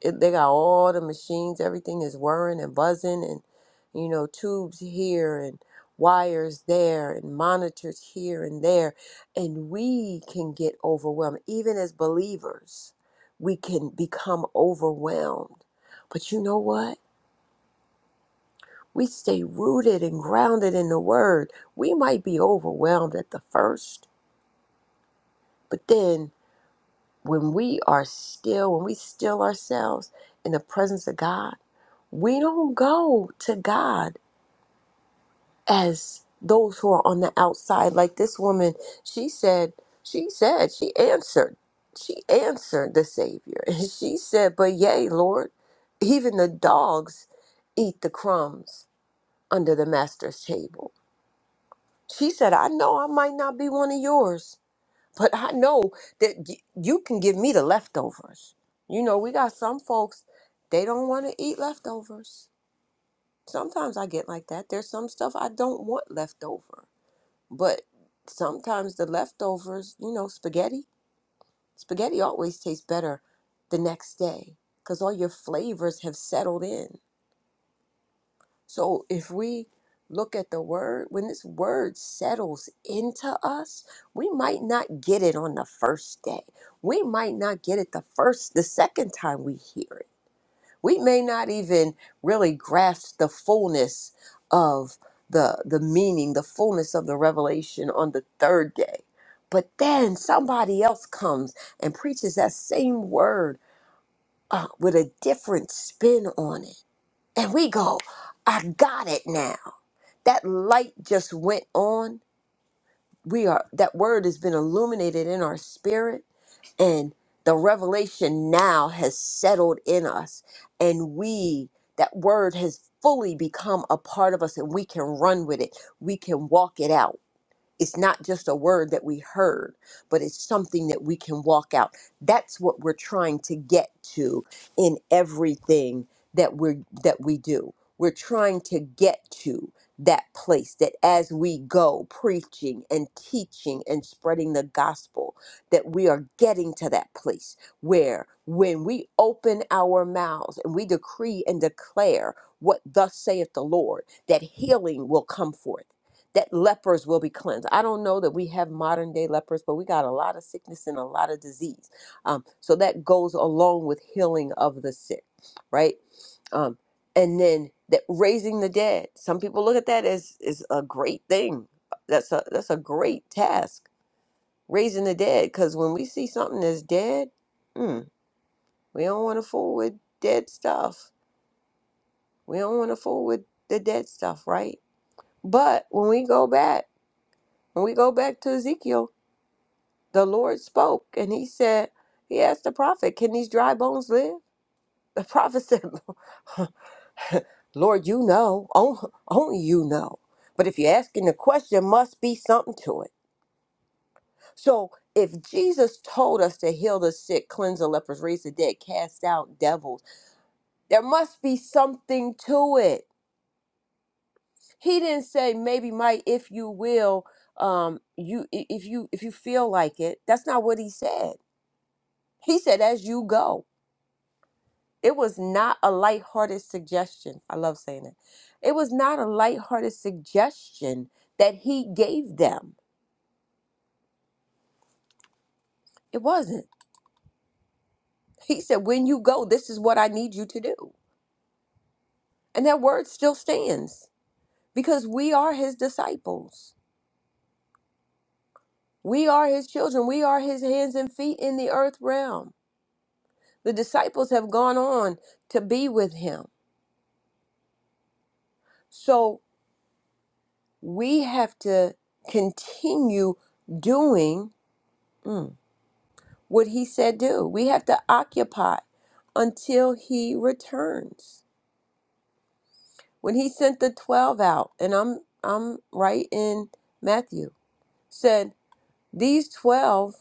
it, they got all the machines everything is whirring and buzzing and you know tubes here and wires there and monitors here and there and we can get overwhelmed even as believers we can become overwhelmed but you know what we stay rooted and grounded in the word we might be overwhelmed at the first but then when we are still, when we still ourselves in the presence of God, we don't go to God as those who are on the outside. Like this woman, she said, she said, she answered, she answered the Savior. And she said, But yea, Lord, even the dogs eat the crumbs under the master's table. She said, I know I might not be one of yours, but I know that y- you can give me the leftovers. You know, we got some folks, they don't want to eat leftovers. Sometimes I get like that. There's some stuff I don't want left over. But sometimes the leftovers, you know, spaghetti, spaghetti always tastes better the next day because all your flavors have settled in. So if we look at the word, when this word settles into us, we might not get it on the first day. We might not get it the first, the second time we hear it. We may not even really grasp the fullness of the the meaning, the fullness of the revelation on the third day. But then somebody else comes and preaches that same word uh, with a different spin on it. And we go, I got it now that light just went on we are that word has been illuminated in our spirit and the revelation now has settled in us and we that word has fully become a part of us and we can run with it we can walk it out it's not just a word that we heard, but it's something that we can walk out. That's what we're trying to get to in everything that we are that we do. We're trying to get to that place that as we go preaching and teaching and spreading the gospel that we are getting to that place where when we open our mouths and we decree and declare what thus saith the Lord that healing will come forth that lepers will be cleansed. I don't know that we have modern day lepers, but we got a lot of sickness and a lot of disease. Um, so that goes along with healing of the sick, right? Um, and then that raising the dead. Some people look at that as is a great thing. That's a that's a great task, raising the dead. Because when we see something that's dead, mm, we don't want to fool with dead stuff. We don't want to fool with the dead stuff, right? But when we go back, when we go back to Ezekiel, the Lord spoke and he said, He asked the prophet, Can these dry bones live? The prophet said, Lord, you know, on- only you know. But if you're asking the question, must be something to it. So if Jesus told us to heal the sick, cleanse the lepers, raise the dead, cast out devils, there must be something to it. He didn't say maybe might if you will, um, you i- if you if you feel like it. That's not what he said. He said as you go. It was not a lighthearted suggestion. I love saying it. It was not a lighthearted suggestion that he gave them. It wasn't. He said, When you go, this is what I need you to do. And that word still stands because we are his disciples. We are his children. We are his hands and feet in the earth realm. The disciples have gone on to be with him. So we have to continue doing. Mm. what he said do. We have to occupy until he returns. When he sent the 12 out, and I'm I'm right in Matthew, said these 12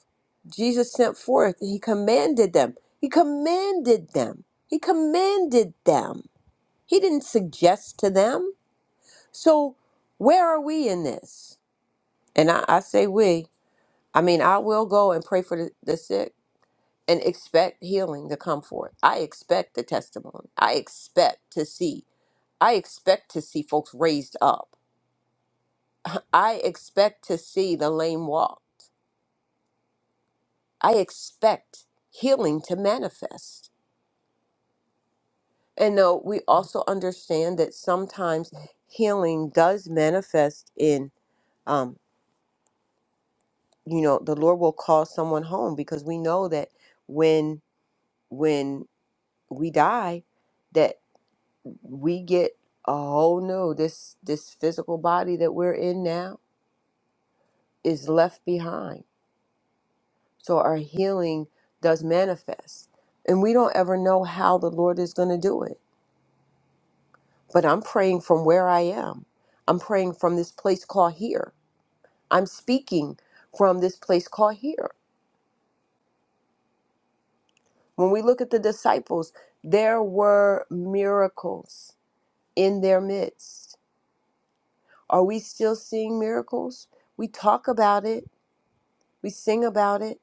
Jesus sent forth and he commanded them. He commanded them. He commanded them. He didn't suggest to them. So where are we in this? And I, I say we. I mean, I will go and pray for the, the sick and expect healing to come forth. I expect the testimony. I expect to see. I expect to see folks raised up. I expect to see the lame walked. I expect healing to manifest. And no, we also understand that sometimes healing does manifest in, um, you know, the Lord will call someone home because we know that when when we die, we get oh no this this physical body that we're in now is left behind so our healing does manifest and we don't ever know how the lord is going to do it but i'm praying from where i am i'm praying from this place called here i'm speaking from this place called here when we look at the disciples there were miracles in their midst are we still seeing miracles we talk about it we sing about it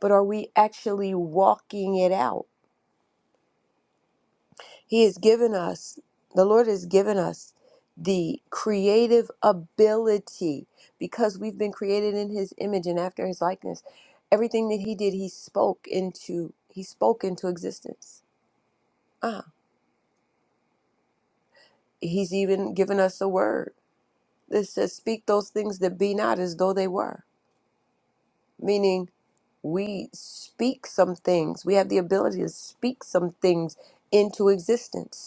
but are we actually walking it out? He has given us, the Lord has given us the creative ability because we've been created in his image and after his likeness. Everything that he did, he spoke into he spoke into existence. Ah, he's even given us a word that says speak those things that be not as though they were, meaning we speak some things. We have the ability to speak some things into existence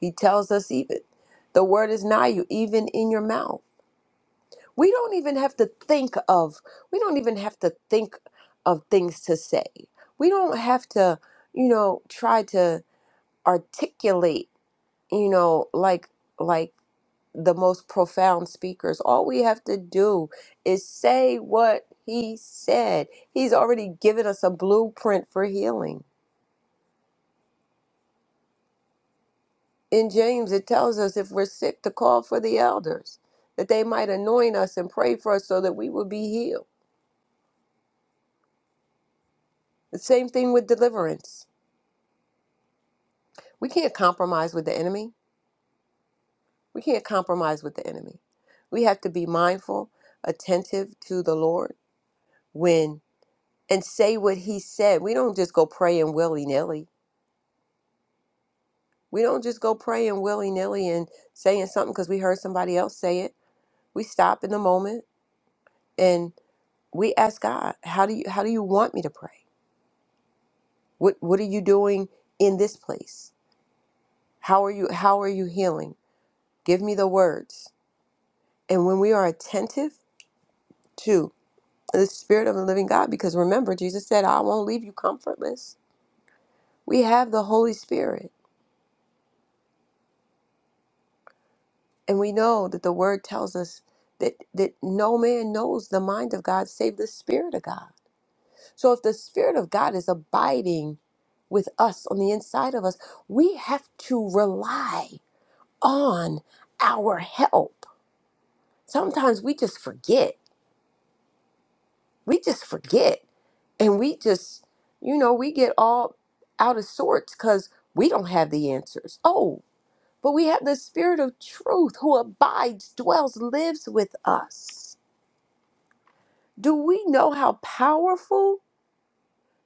He tells us even the word is nigh you, even in your mouth. We don't even have to think of, we don't even have to think of things to say. We don't have to, you know, try to articulate, you know, like like the most profound speakers. All we have to do is say what he said. He's already given us a blueprint for healing. In James, it tells us if we're sick to call for the elders, that they might anoint us and pray for us so that we would be healed. The same thing with deliverance. We can't compromise with the enemy. We can't compromise with the enemy. We have to be mindful, attentive to the Lord when and say what he said. We don't just go praying willy nilly. We don't just go praying willy nilly and saying something because we heard somebody else say it. We stop in the moment and we ask God, how do you how do you want me to pray? What what are you doing in this place? How are you how are you healing? Give me the words. And when we are attentive to the spirit of the living God because remember Jesus said, "I won't leave you comfortless." We have the Holy Spirit, and we know that the word tells us that that no man knows the mind of God save the spirit of God. So if the spirit of God is abiding with us on the inside of us, we have to rely on our help sometimes we just forget. We just forget. And we just, you know, we get all out of sorts because we don't have the answers. Oh, but we have the Spirit of truth who abides, dwells, lives with us. Do we know how powerful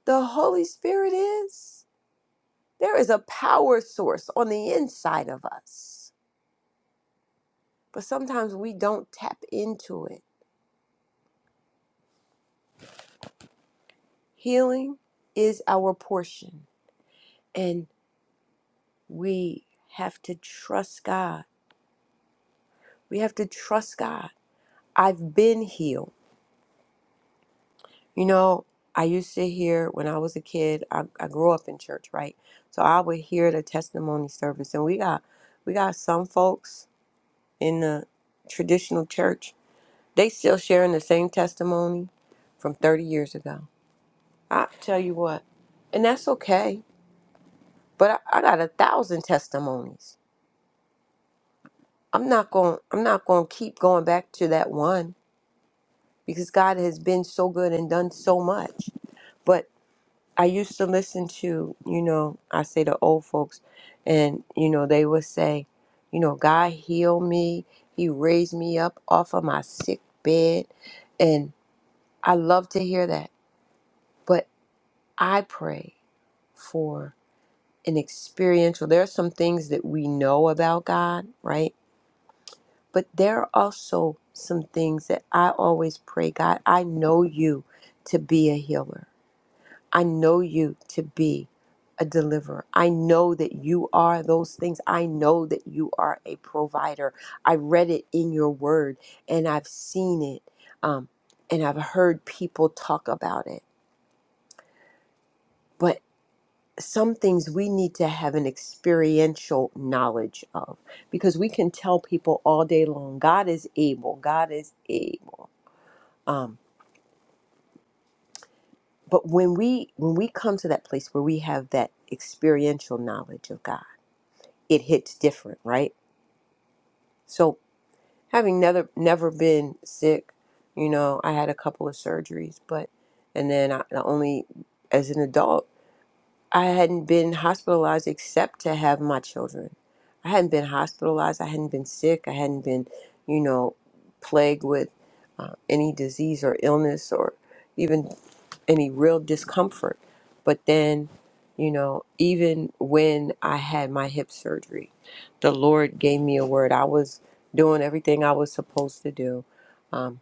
the Holy Spirit is? There is a power source on the inside of us, but sometimes we don't tap into it. Healing is our portion. and. we have to trust God. We have to trust God. I've been healed. You know, I used to hear when I was a kid, I, I grew up in church, right? So I would hear the testimony service and we got we got some folks in the traditional church. They still sharing the same testimony from 30 years ago. I tell you what, and that's okay. But I, I got a thousand testimonies. I'm not going I'm not going to keep going back to that one because God has been so good and done so much. But I used to listen to, you know, I say the old folks, and, you know, they would say, you know, God healed me. He raised me up off of my sick bed. And I love to hear that. But I pray for an experiential. There are some things that we know about God, right? But there are also some things that I always pray, God, I know you to be a healer. I know you to be a deliverer. I know that you are those things. I know that you are a provider. I read it in your word and I've seen it um, and I've heard people talk about it. But some things we need to have an experiential knowledge of because we can tell people all day long God is able, God is able. Um, but when we when we come to that place where we have that experiential knowledge of God, it hits different, right? So having never never been sick, you know, I had a couple of surgeries, but and then I, the only as an adult, I hadn't been hospitalized except to have my children. I hadn't been hospitalized. I hadn't been sick. I hadn't been, you know, plagued with uh, any disease or illness or even any real discomfort. But then, you know, even when I had my hip surgery, the Lord gave me a word. I was doing everything I was supposed to do, um,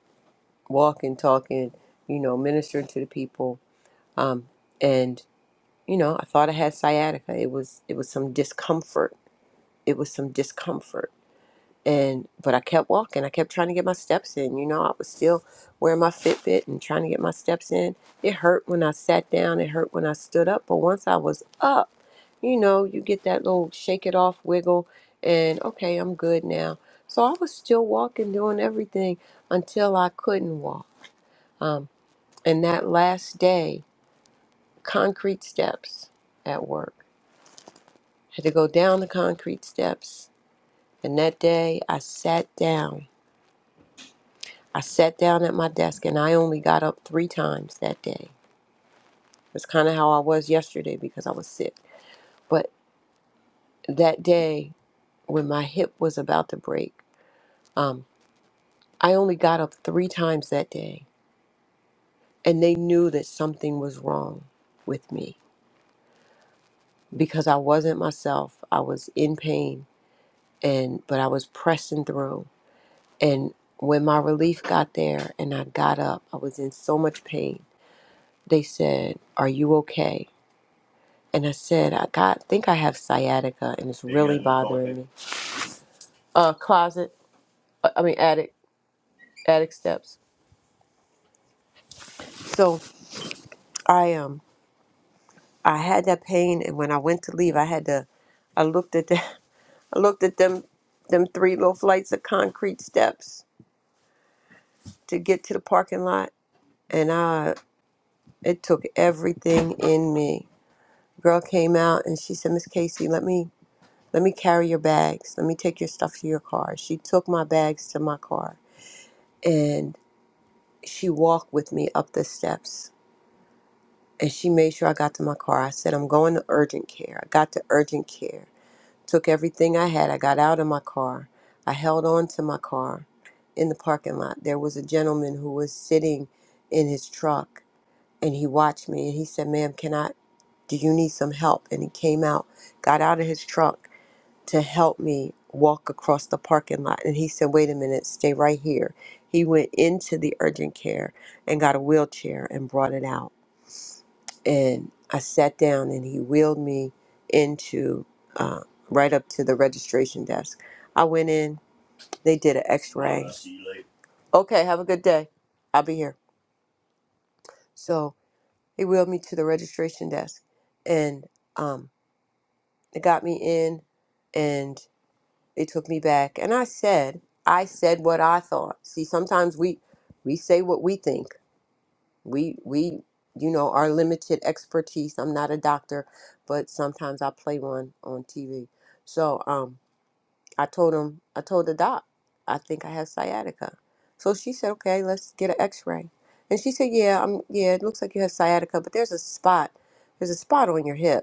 walking, talking, you know, ministering to the people, um, and you know, I thought I had sciatica. It was it was some discomfort. It was some discomfort and but I kept walking. I kept trying to get my steps in. You know, I was still wearing my Fitbit and trying to get my steps in. It hurt when I sat down. It hurt when I stood up. But once I was up, you know, you get that little shake it off wiggle, and okay, I'm good now. So I was still walking, doing everything until I couldn't walk. Um, and that last day, concrete steps at work. Had to go down the concrete steps. And that day, I sat down I sat down at my desk and I only got up three times that day. That's kind of how I was yesterday because I was sick. But that day, when my hip was about to break, um, I only got up three times that day. And they knew that something was wrong with me because I wasn't myself. I was in pain, and but I was pressing through. And when my relief got there and I got up, I was in so much pain. They said, Are you okay? and I said, I got, think I have sciatica, and it's really Amen. bothering Closet. me. Uh, closet. uh, I mean, attic. Attic steps. So I um, I had that pain, and when I went to leave, I had to. I looked at the, I looked at them, them three little flights of concrete steps to get to the parking lot, and I, it took everything in me. Girl came out and she said, Miss Casey, let me, let me carry your bags. Let me take your stuff to your car. She took my bags to my car and. she walked with me up the steps and she made sure I got to my car. I said, I'm going to urgent care. I got to urgent care, took everything I had. I got out of my car. I held on to my car in the parking lot. There was a gentleman who was sitting in his truck and he watched me and he said, Ma'am, can I, do you need some help? And he came out, got out of his truck to help me walk across the parking lot. And he said, Wait a minute, stay right here. He went into the urgent care and got a wheelchair and brought it out. And I sat down and he wheeled me into uh, right up to the registration desk. I went in, they did an x ray. Okay, have a good day. I'll be here. So he wheeled me to the registration desk and um, they got me in. and. They took me back, and I said, I said what I thought. See, sometimes we we say what we think. We we you know our limited expertise. I'm not a doctor, but sometimes I play one on TV. So um, I told him, I told the doc, I think I have sciatica. So she said, okay, let's get an X-ray. And she said, yeah, I'm yeah, it looks like you have sciatica, but there's a spot, there's a spot on your hip.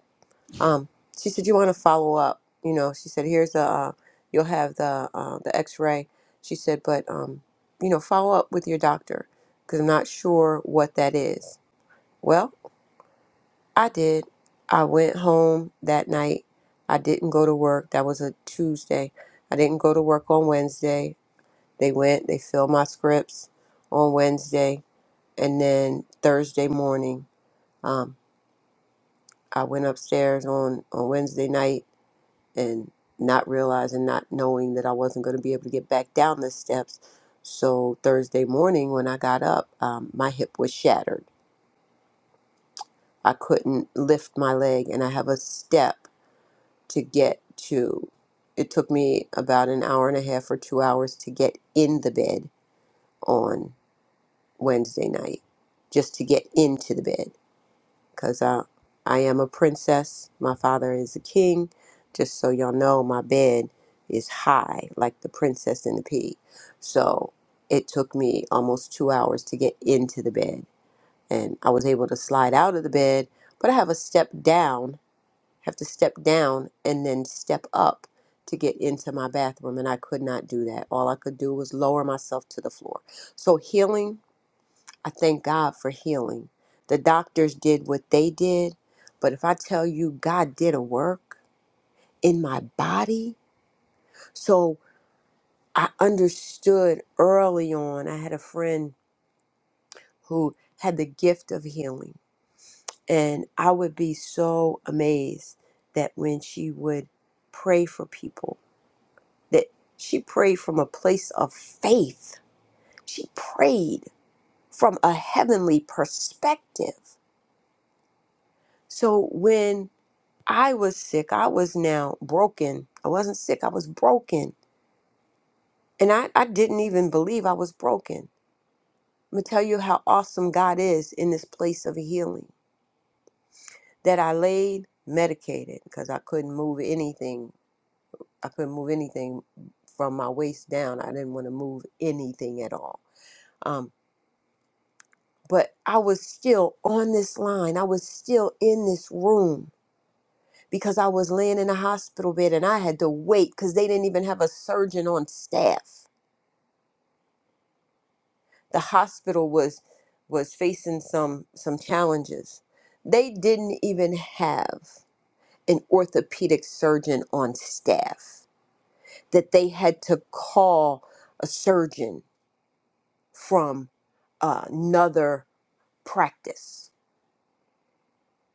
Um, she said, "You want to follow up?" You know, she said, "Here's the, uh, you'll have the uh, the X-ray." She said, "But um, you know, follow up with your doctor because I'm not sure what that is." Well, I did. I went home that night. I didn't go to work. That was a Tuesday. I didn't go to work on Wednesday. They went. They filled my scripts on Wednesday, and then Thursday morning, um, I went upstairs on on Wednesday night and not realizing, not knowing that I wasn't going to be able to get back down the steps. So Thursday morning, when I got up, um, my hip was shattered. I couldn't lift my leg, and I have a step to get to. It took me about an hour and a half or two hours to get in the bed on Wednesday night, just to get into the bed. because I, I am a princess. My father is a king. Just so y'all know, my bed is high, like the princess and the pea. So it took me almost two hours to get into the bed. And I was able to slide out of the bed, but I have a step down, have to step down and then step up to get into my bathroom. And I could not do that. All I could do was lower myself to the floor. So healing I thank God for healing. The doctors did what they did, but if I tell you God did a work in my body, so I understood early on. I had a friend who had the gift of healing, and I would be so amazed that when she would pray for people, that she prayed from a place of faith. She prayed from a heavenly perspective. So when I was sick. I was now broken. I wasn't sick. I was broken. And I, I didn't even believe I was broken. I'm going to tell you how awesome God is in this place of healing that I laid medicated because I couldn't move anything. I couldn't move anything from my waist down. I didn't want to move anything at all. Um, but I was still on this line. I was still in this room because I was laying in a hospital bed and I had to wait because they didn't even have a surgeon on staff. the hospital was was facing some some challenges. They didn't even have an orthopedic surgeon on staff that they had to call a surgeon from uh, another practice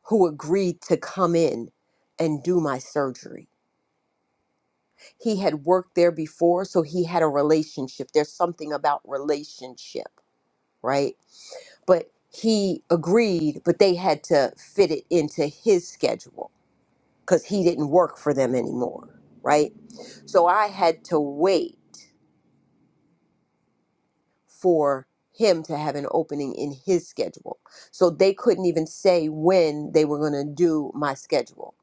who agreed to come in and do my surgery. He had worked there before, so he had a relationship. There's something about relationship right? But he agreed, but they had to fit it into his schedule because he didn't work for them anymore, right? So I had to wait for him to have an opening in his schedule. So they couldn't even say when they were going to do my schedule,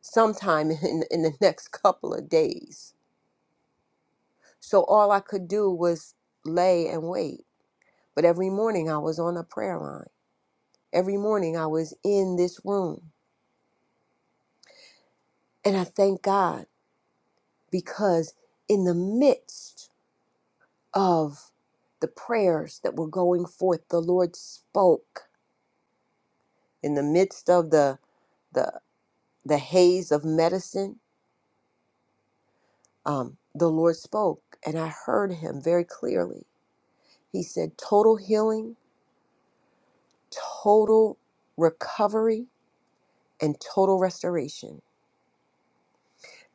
sometime in, in the next couple of days. So all I could do was lay and wait. But every morning I was on a prayer line. Every morning I was in this room. And I thank God because in the midst of the prayers that were going forth, the Lord spoke. In the midst of the the the haze of medicine, um, the Lord spoke, and I heard Him very clearly. He said, "Total healing, total recovery, and total restoration."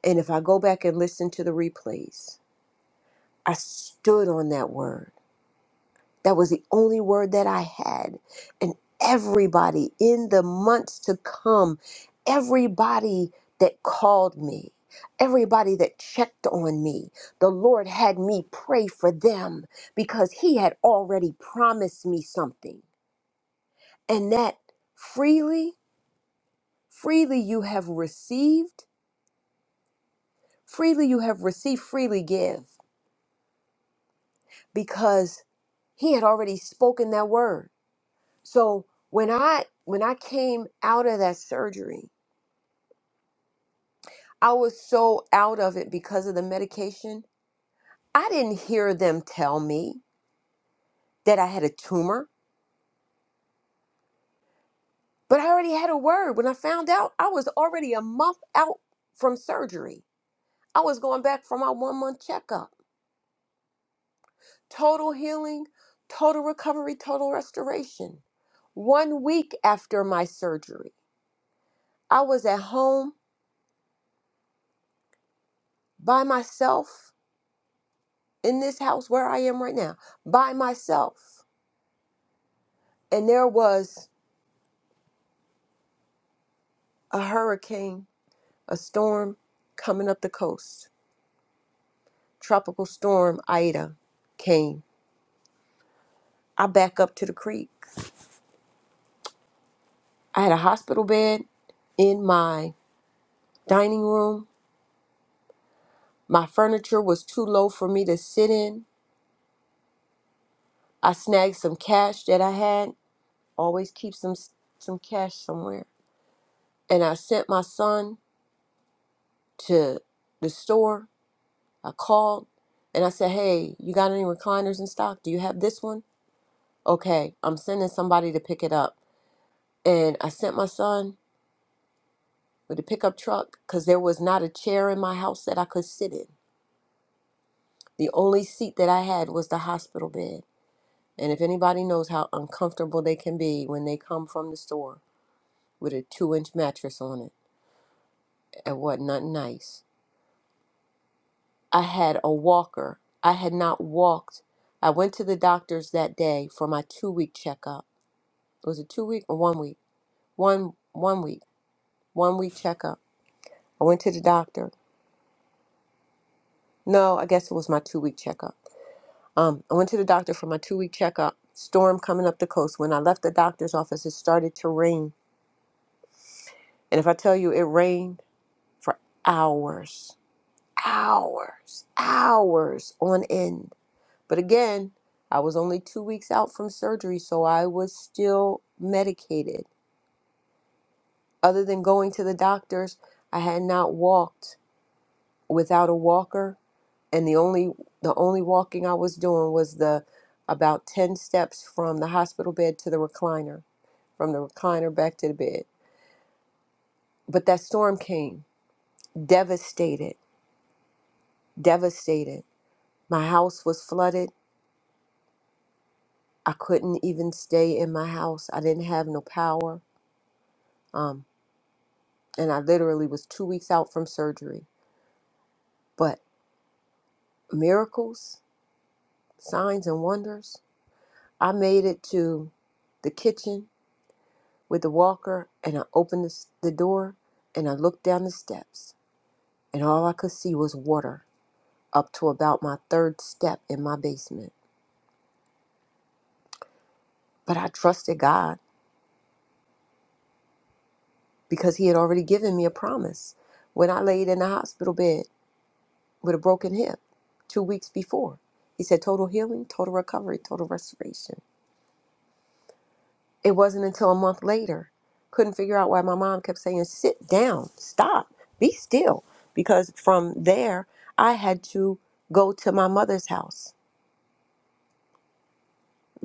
And if I go back and listen to the replays, I stood on that word. That was the only word that I had. And everybody in the months to come, everybody that called me, everybody that checked on me, the Lord had me pray for them because He had already promised me something. And that freely, freely you have received, freely you have received, freely give because He had already spoken that word. So when I when I came out of that surgery, I was so out of it because of the medication. I didn't hear them tell me that I had a tumor, but I already had a word. When I found out, I was already a month out from surgery. I was going back for my one month checkup. Total healing, total recovery, total restoration. One week after my surgery, I was at home by myself in this house where I am right now by myself. And there was a hurricane, a storm coming up the coast. Tropical storm Ida came. I back up to the creek. I had a hospital bed in my dining room. My furniture was too low for me to sit in. I snagged some cash that I had. Always keep some some cash somewhere. And I sent my son to the store I called and I said, Hey, you got any recliners in stock? Do you have this one? Okay, I'm sending somebody to pick it up. And I sent my son with a pickup truck because there was not a chair in my house that I could sit in. The only seat that I had was the hospital bed. And if anybody knows how uncomfortable they can be when they come from the store with a two inch mattress on it and what not nice. I had a walker. I had not walked. I went to the doctor's that day for my two week checkup. was it two week or one week? One one week, one week checkup. I went to the doctor. No, I guess it was my two week checkup. Um, I went to the doctor for my two week checkup. Storm coming up the coast. When I left the doctor's office, it started to rain. And if I tell you, it rained for hours, hours, hours on end. But again, I was only two weeks out from surgery, so I was still medicated. Other than going to the doctor's, I had not walked without a walker and the only the only walking I was doing was the about 10 steps from the hospital bed to the recliner, from the recliner back to the bed. But that storm came, devastated, devastated. My house was flooded. I couldn't even stay in my house. I didn't have no power. Um, and I literally was two weeks out from surgery. But miracles, signs, and wonders. I made it to the kitchen with the walker and I opened the, s- the door and I looked down the steps and all I could see was water up to about my third step in my basement. But I trusted God because He had already given me a promise when I laid in the hospital bed with a broken hip two weeks before. He said, Total healing, total recovery, total restoration. It wasn't until a month later. Couldn't figure out why my mom kept saying, sit down, stop, be still. Because from there, I had to go to my mother's house.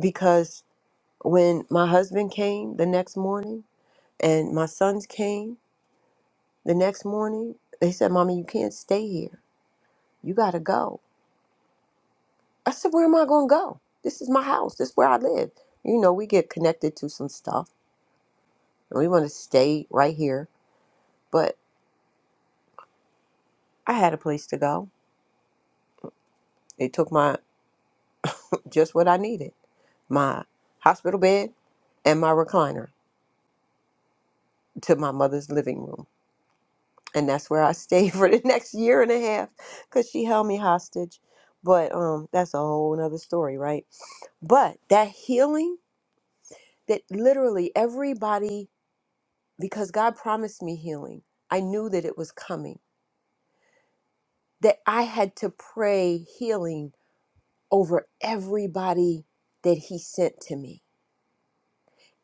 Because when my husband came the next morning and my sons came the next morning, they said, Mommy, you can't stay here. You got to go. I said, Where am I going to go? This is my house. This is where I live. You know, we get connected to some stuff and we want to stay right here. But I had a place to go. They took my just what I needed my hospital bed and my recliner to my mother's living room. And that's where I stayed for the next year and a half because she held me hostage. But um, that's a whole nother story, right? But that healing that literally everybody, because God promised me healing, I knew that it was coming, that I had to pray healing over everybody that He sent to me,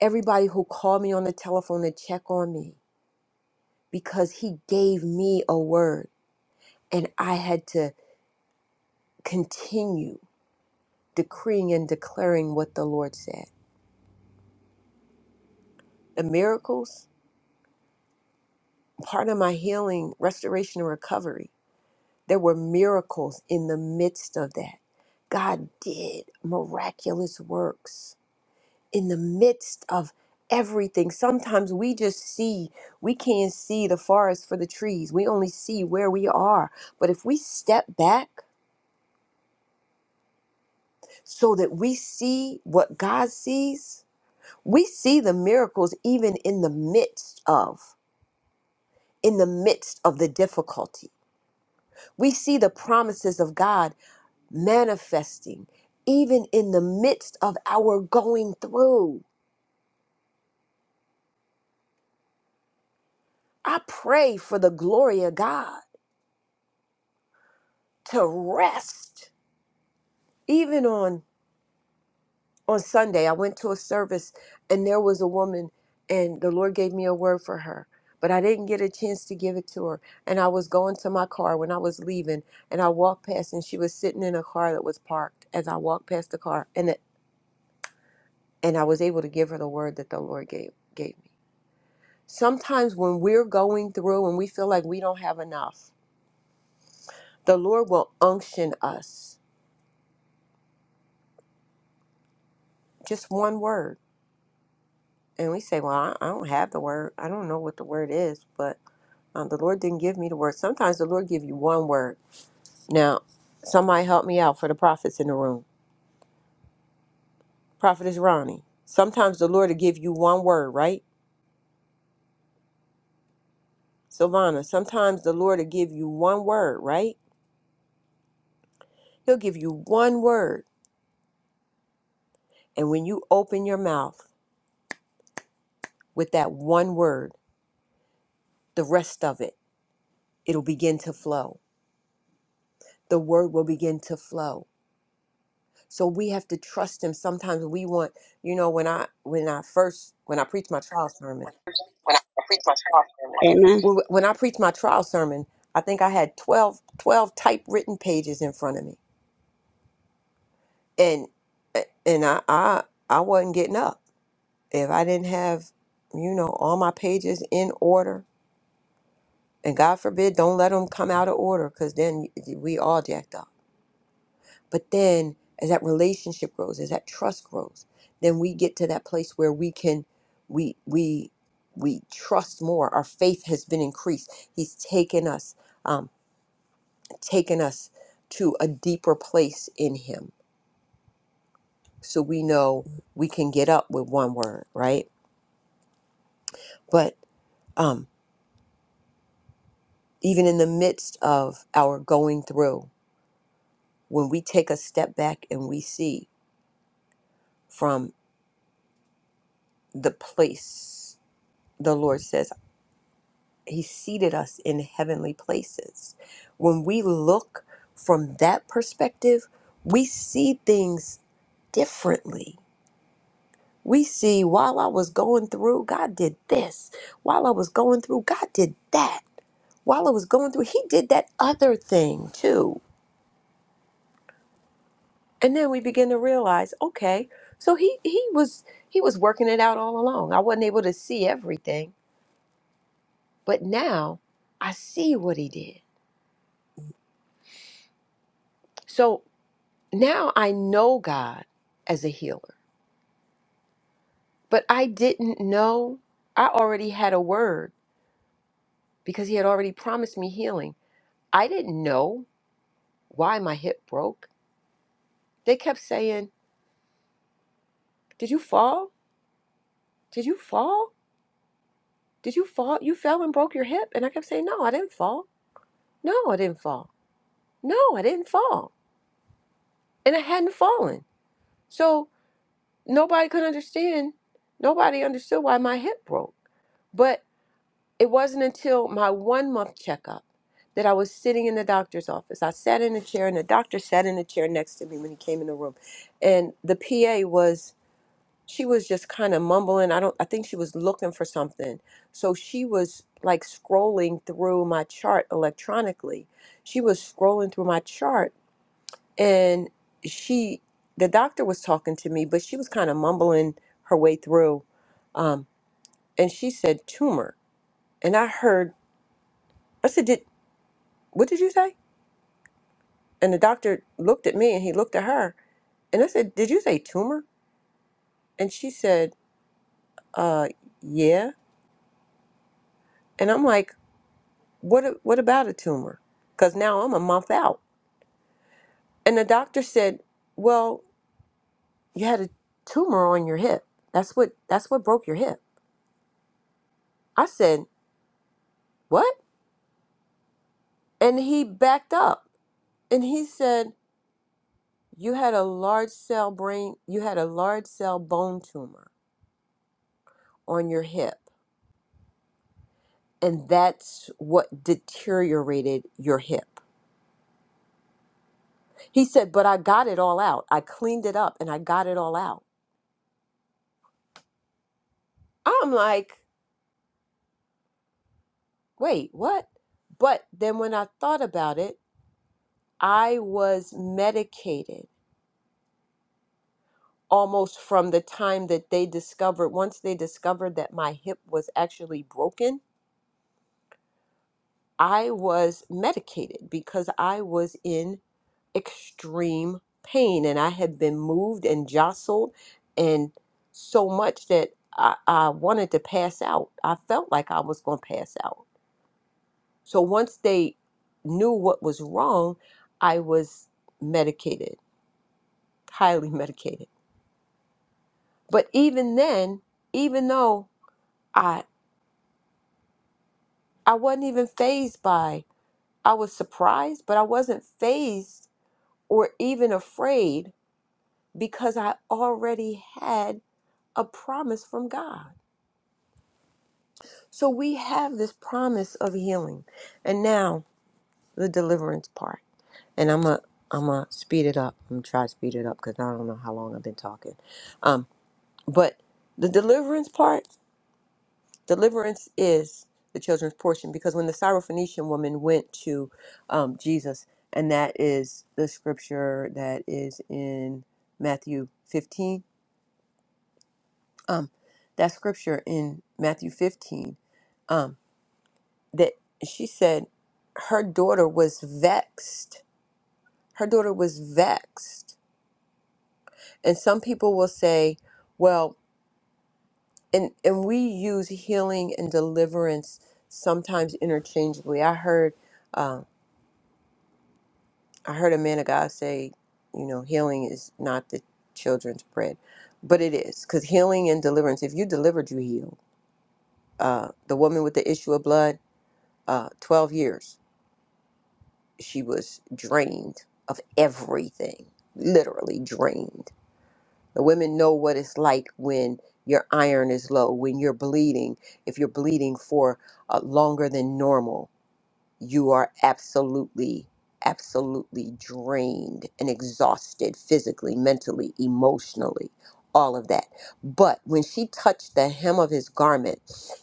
everybody who called me on the telephone to check on me because he gave me a word and I had to continue decreeing and declaring what the Lord said. The miracles, part of my healing, restoration, and recovery, there were miracles in the midst of that. God did miraculous works in the midst of everything. Sometimes we just see, we can't see the forest for the trees. We only see where we are. But if we step back so that we see what God sees. We see the miracles even in the midst of in the midst of the difficulty. We see the promises of God manifesting even in the midst of our going through. I pray for the glory of God to rest even on on Sunday, I went to a service and there was a woman, and the Lord gave me a word for her, but I didn't get a chance to give it to her. And I was going to my car when I was leaving, and I walked past, and she was sitting in a car that was parked. As I walked past the car, and it, and I was able to give her the word that the Lord gave gave me. Sometimes when we're going through and we feel like we don't have enough, the Lord will unction us. Just one word. And we say, Well, I, I don't have the word. I don't know what the word is, but." Um, the Lord didn't give me the word. Sometimes the Lord give you one word. Now, somebody help me out for the prophets in the room. Prophetess Ronnie. Sometimes the Lord will give you one word, right? Silvana? sometimes the Lord will give you one word, right? He'll give you one word. And when you open your mouth with that one word, the rest of it, it'll begin to flow. The word will begin to flow. So we have to trust him. Sometimes we want, you know, when I when I first when I preach my trial sermon,
when I preach my sermon. Amen.
Well, Wh- When I preached my trial sermon, I think I had 12, 12 typewritten pages in front of me, and and I, I I wasn't getting up if I didn't have you know all my pages in order. And God forbid, don't let them come out of order, because then we all jacked up. But then, as that relationship grows, as that trust grows, then we get to that place where we can, we we we trust more. Our faith has been increased. He's taken us. um, taken us to a deeper place in him so we know we can get up with one word right but um even in the midst of our going through when we take a step back and we see from the place the lord says he seated us in heavenly places when we look from that perspective we see things differently We see while I was going through, God did this. While I was going through, God did that. While I was going through, He did that other thing too. And then we begin to realize, okay, so he he was he was working it out all along. I wasn't able to see everything, but now I see what he did. So now I know God as a healer. But I didn't know I already had a word because he had already promised me healing. I didn't know why my hip broke. They kept saying, Did you fall? Did you fall? Did you fall? You fell and broke your hip? And I kept saying, No, I didn't fall. No, I didn't fall. No, I didn't fall. And I hadn't fallen. So nobody could understand. Nobody understood why my hip broke. But it wasn't until my one month checkup that I was sitting in the doctor's office. I sat in a chair, and the doctor sat in a chair next to me when he came in the room. And the PA was she was just kind of mumbling. I don't I think she was looking for something. So she was like scrolling through my chart electronically. She was scrolling through my chart and she the doctor was talking to me, but she was kind of mumbling her way through. Um, and she said tumor. And I heard I said, Did what did you say? And the doctor looked at me and he looked at her and I said, Did you say tumor? And she said, Uh yeah. And I'm like, What a- what about a tumor? Because now I'm a month out, and the doctor said, "Well, you had a tumor on your hip. That's what that's what broke your hip." I said, "What?" And he backed up, and he said, "You had a large cell brain. You had a large cell bone tumor on your hip, and that's what deteriorated your hip." He said, "But I got it all out. I cleaned it up, and I got it all out." I'm like. wait, what? But then when I thought about it, I was medicated almost from the time that they discovered, once they discovered that my hip was actually broken, I was medicated because I was in extreme pain and I had been moved and jostled and so much that I, I wanted to pass out. I felt like I was going to pass out. So once they knew what was wrong, I was medicated, highly medicated. But even then, even though I I wasn't even phased by I was surprised, but I wasn't phased or even afraid because I already had a promise from God. So we have this promise of healing. And now the deliverance part. And I'm a am a speed it up. I'm gonna try to speed it up because I don't know how long I've been talking. Um, But the deliverance part, deliverance is the children's portion because when the Syrophoenician woman went to um, Jesus, and that is the scripture that is in Matthew 15, um, that scripture in Matthew 15, um, that she said her daughter was vexed. Her daughter was vexed. And some people will say, well, and and we use healing and deliverance sometimes interchangeably. I heard uh, I heard a man of God say, you know, healing is not the children's bread, but it is because healing and deliverance. If you delivered, you healed. Uh, the woman with the issue of blood, uh, twelve years, she was drained of everything, literally drained. The women know what it's like when your iron is low, when you're bleeding, if you're bleeding for uh, longer than normal you are absolutely, absolutely drained and exhausted physically, mentally, emotionally, all of that. But when she touched the hem of his garment,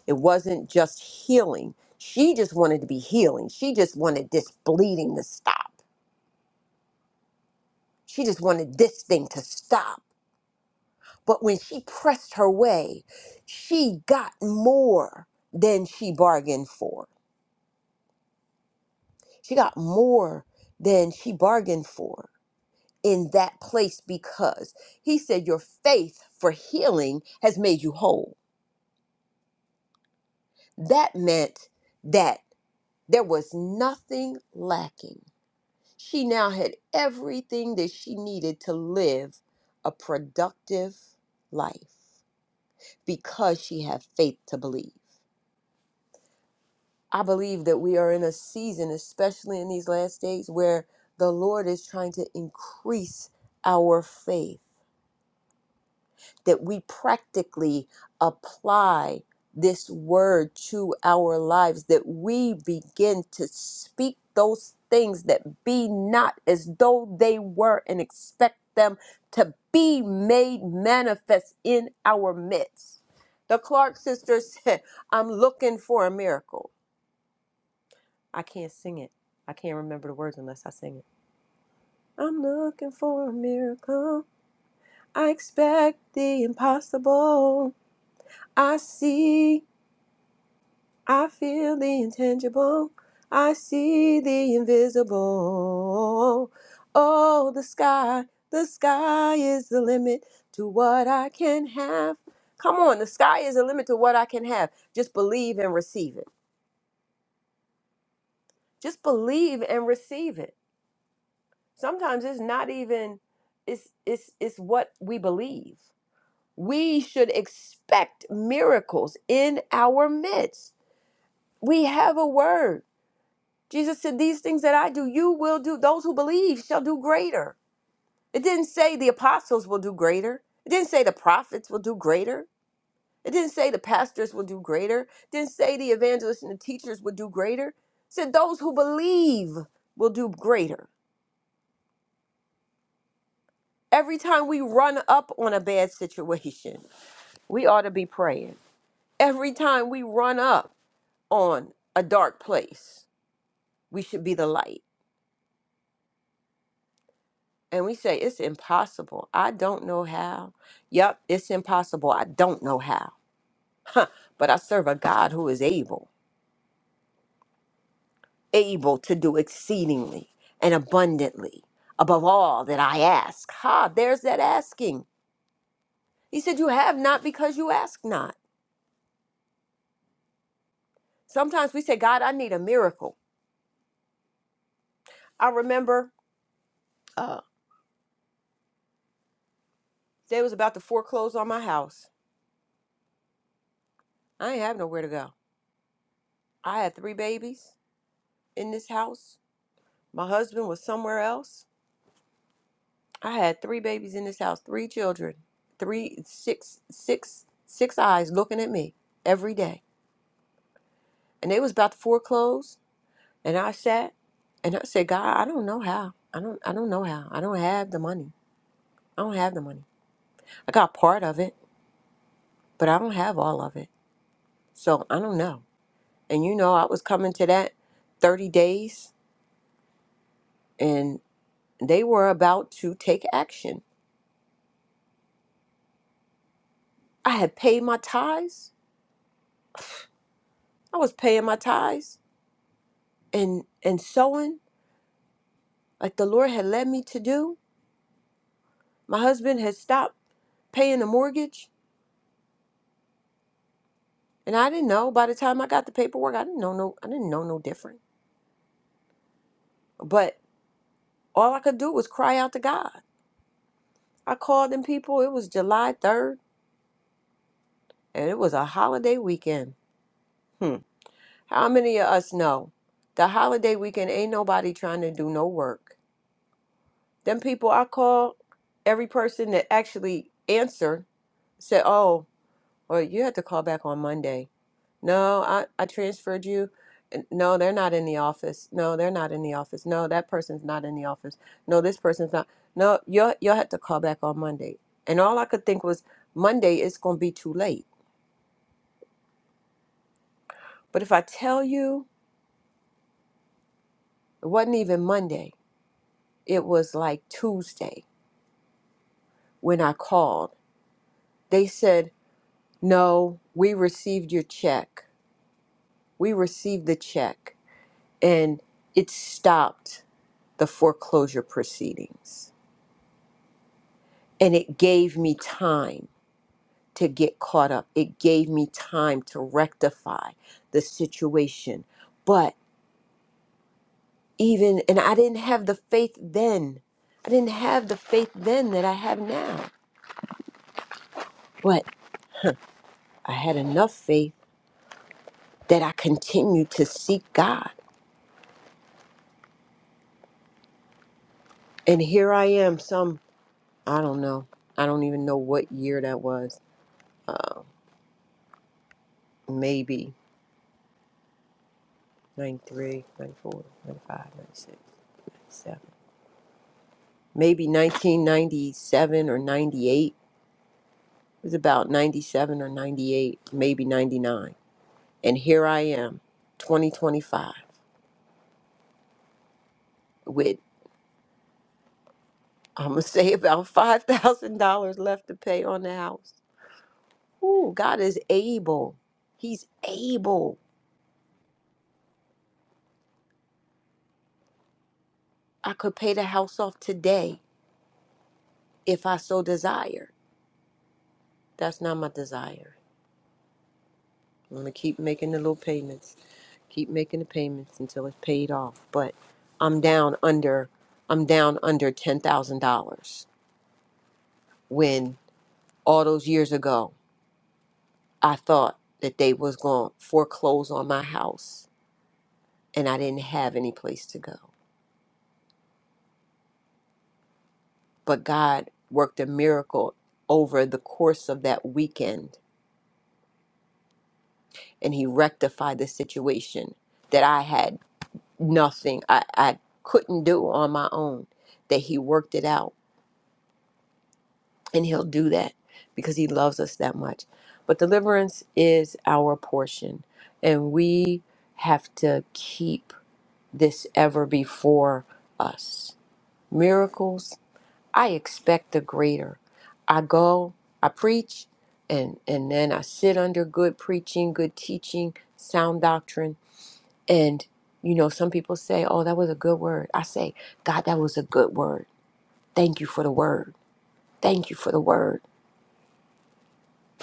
it wasn't just healing. She just wanted to be healing. She just wanted this bleeding to stop. She just wanted this thing to stop. But when she pressed her way, she got more than she bargained for. She got more than she bargained for in that place because he said your faith for healing has made you whole. That meant that there was nothing lacking. She now had everything that she needed to live a productive life because she had faith to believe. I believe that we are in a season, especially in these last days, where the Lord is trying to increase our faith that we practically apply this word to our lives, that we begin to speak those things that be not as though they were and expect them to be made manifest in our midst. The Clark sisters said, I'm looking for a miracle. I can't sing it. I can't remember the words unless I sing it. I'm looking for a miracle. I expect the impossible. I see I feel the intangible. I see the invisible. Oh, the sky, the sky is the limit to what I can have. Come on, the sky is the limit to what I can have. Just believe and receive it. Just believe and receive it. Sometimes it's not even it's it's it's what we believe. We should expect miracles in our midst. We have a word. Jesus said, These things that I do, you will do. Those who believe shall do greater. It didn't say the apostles will do greater. It didn't say the prophets will do greater. It didn't say the pastors will do greater. It didn't say the evangelists and the teachers will do greater. It said those who believe will do greater. Every time we run up on a bad situation, we ought to be praying. Every time we run up on a dark place, we should be the light. and we say it's impossible. I don't know how. Yep, it's impossible. I don't know how. But I serve a God who is able, able to do exceedingly and abundantly above all that I ask. Ha, there's that asking. He said, You have not because you ask not. Sometimes we say, God, I need a miracle. I remember uh, they was about to foreclose on my house. I ain't have nowhere to go. I had three babies in this house. My husband was somewhere else I had three babies in this house, three children, three, six, six, six eyes looking at me every day. And they was about to foreclose, and I sat and I said, God, I don't know how. I don't, I don't know how. I don't have the money. I don't have the money. I got part of it, but I don't have all of it. So I don't know. And you know, I was coming to that 30 days, and they were about to take action. I had paid my tithes. I was paying my tithes and and sewing like the Lord had led me to do. My husband had stopped paying the mortgage, and I didn't know. By the time I got the paperwork, I didn't know no, I didn't know no different. But all I could do was cry out to God. I called them people. It was July third, and it was a holiday weekend. Hmm. How many of us know the holiday weekend ain't nobody trying to do no work? Them people I called, every person that actually answered said, "Oh, well, you have to call back on Monday." No, I, I transferred you. And, No, they're not in the office. No, they're not in the office. No, that person's not in the office. No, this person's not. No, you'll, you'll have to call back on Monday. And all I could think was, Monday it's going to be too late. But if I tell you, it wasn't even Monday, it was like Tuesday when I called. They said, No, we received your check. We received the check. And it stopped the foreclosure proceedings. And it gave me time to get caught up. It gave me time to rectify the situation. But even, and I didn't have the faith then. I didn't have the faith then that I have now. But I had enough faith that I continued to seek God. And here I am, some, I don't know, I don't even know what year that was. Uh, maybe 93, 94, ninety-five, ninety-six, ninety-seven. maybe 1997 or 98. It was about 97 or 98, maybe 99. And here I am, 2025, with I'm gonna say about five thousand dollars left to pay on the house. Ooh, God is able. He's able. I could pay the house off today if I so desire. That's not my desire. I'm gonna keep making the little payments. keep making the payments until it's paid off. But I'm down under I'm down under ten thousand dollars when all those years ago I thought that they was gonna foreclose on my house and I didn't have any place to go. But God worked a miracle over the course of that weekend and he rectified the situation that I had nothing I, I couldn't do on my own. That he worked it out And he'll do that because he loves us that much. But deliverance is our portion. And we have to keep this ever before us. Miracles, I expect the greater. I go, I preach, and, and then I sit under good preaching, good teaching, sound doctrine. And, you know, some people say, oh, that was a good word. I say, God, that was a good word. Thank you for the word. Thank you for the word.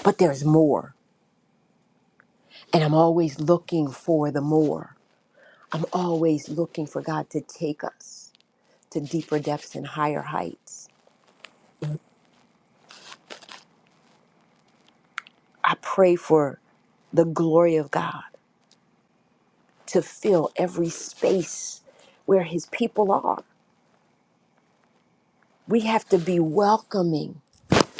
But there's more. And I'm always looking for the more. I'm always looking for God to take us to deeper depths and higher heights. I pray for the glory of God to fill every space where His people are. We have to be welcoming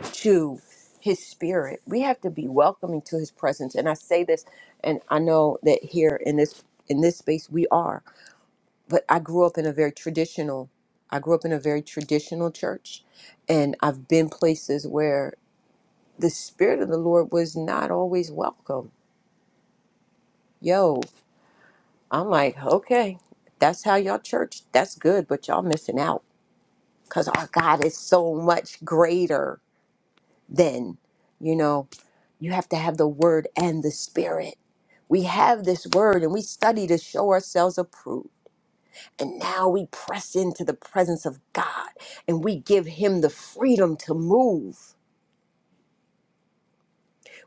to His Spirit, we have to be welcoming to His presence. And I say this, and I know that here in this in this space we are. but I grew up in a very traditional I grew up in a very traditional church and I've been places where the spirit of the Lord was not always welcome. Yo, I'm like, okay, that's how y'all church, that's good, but y'all missing out cuz our God is so much greater than, you know, you have to have the word and the spirit. We have this word and we study to show ourselves approved And now we press into the presence of God and we give Him the freedom to move.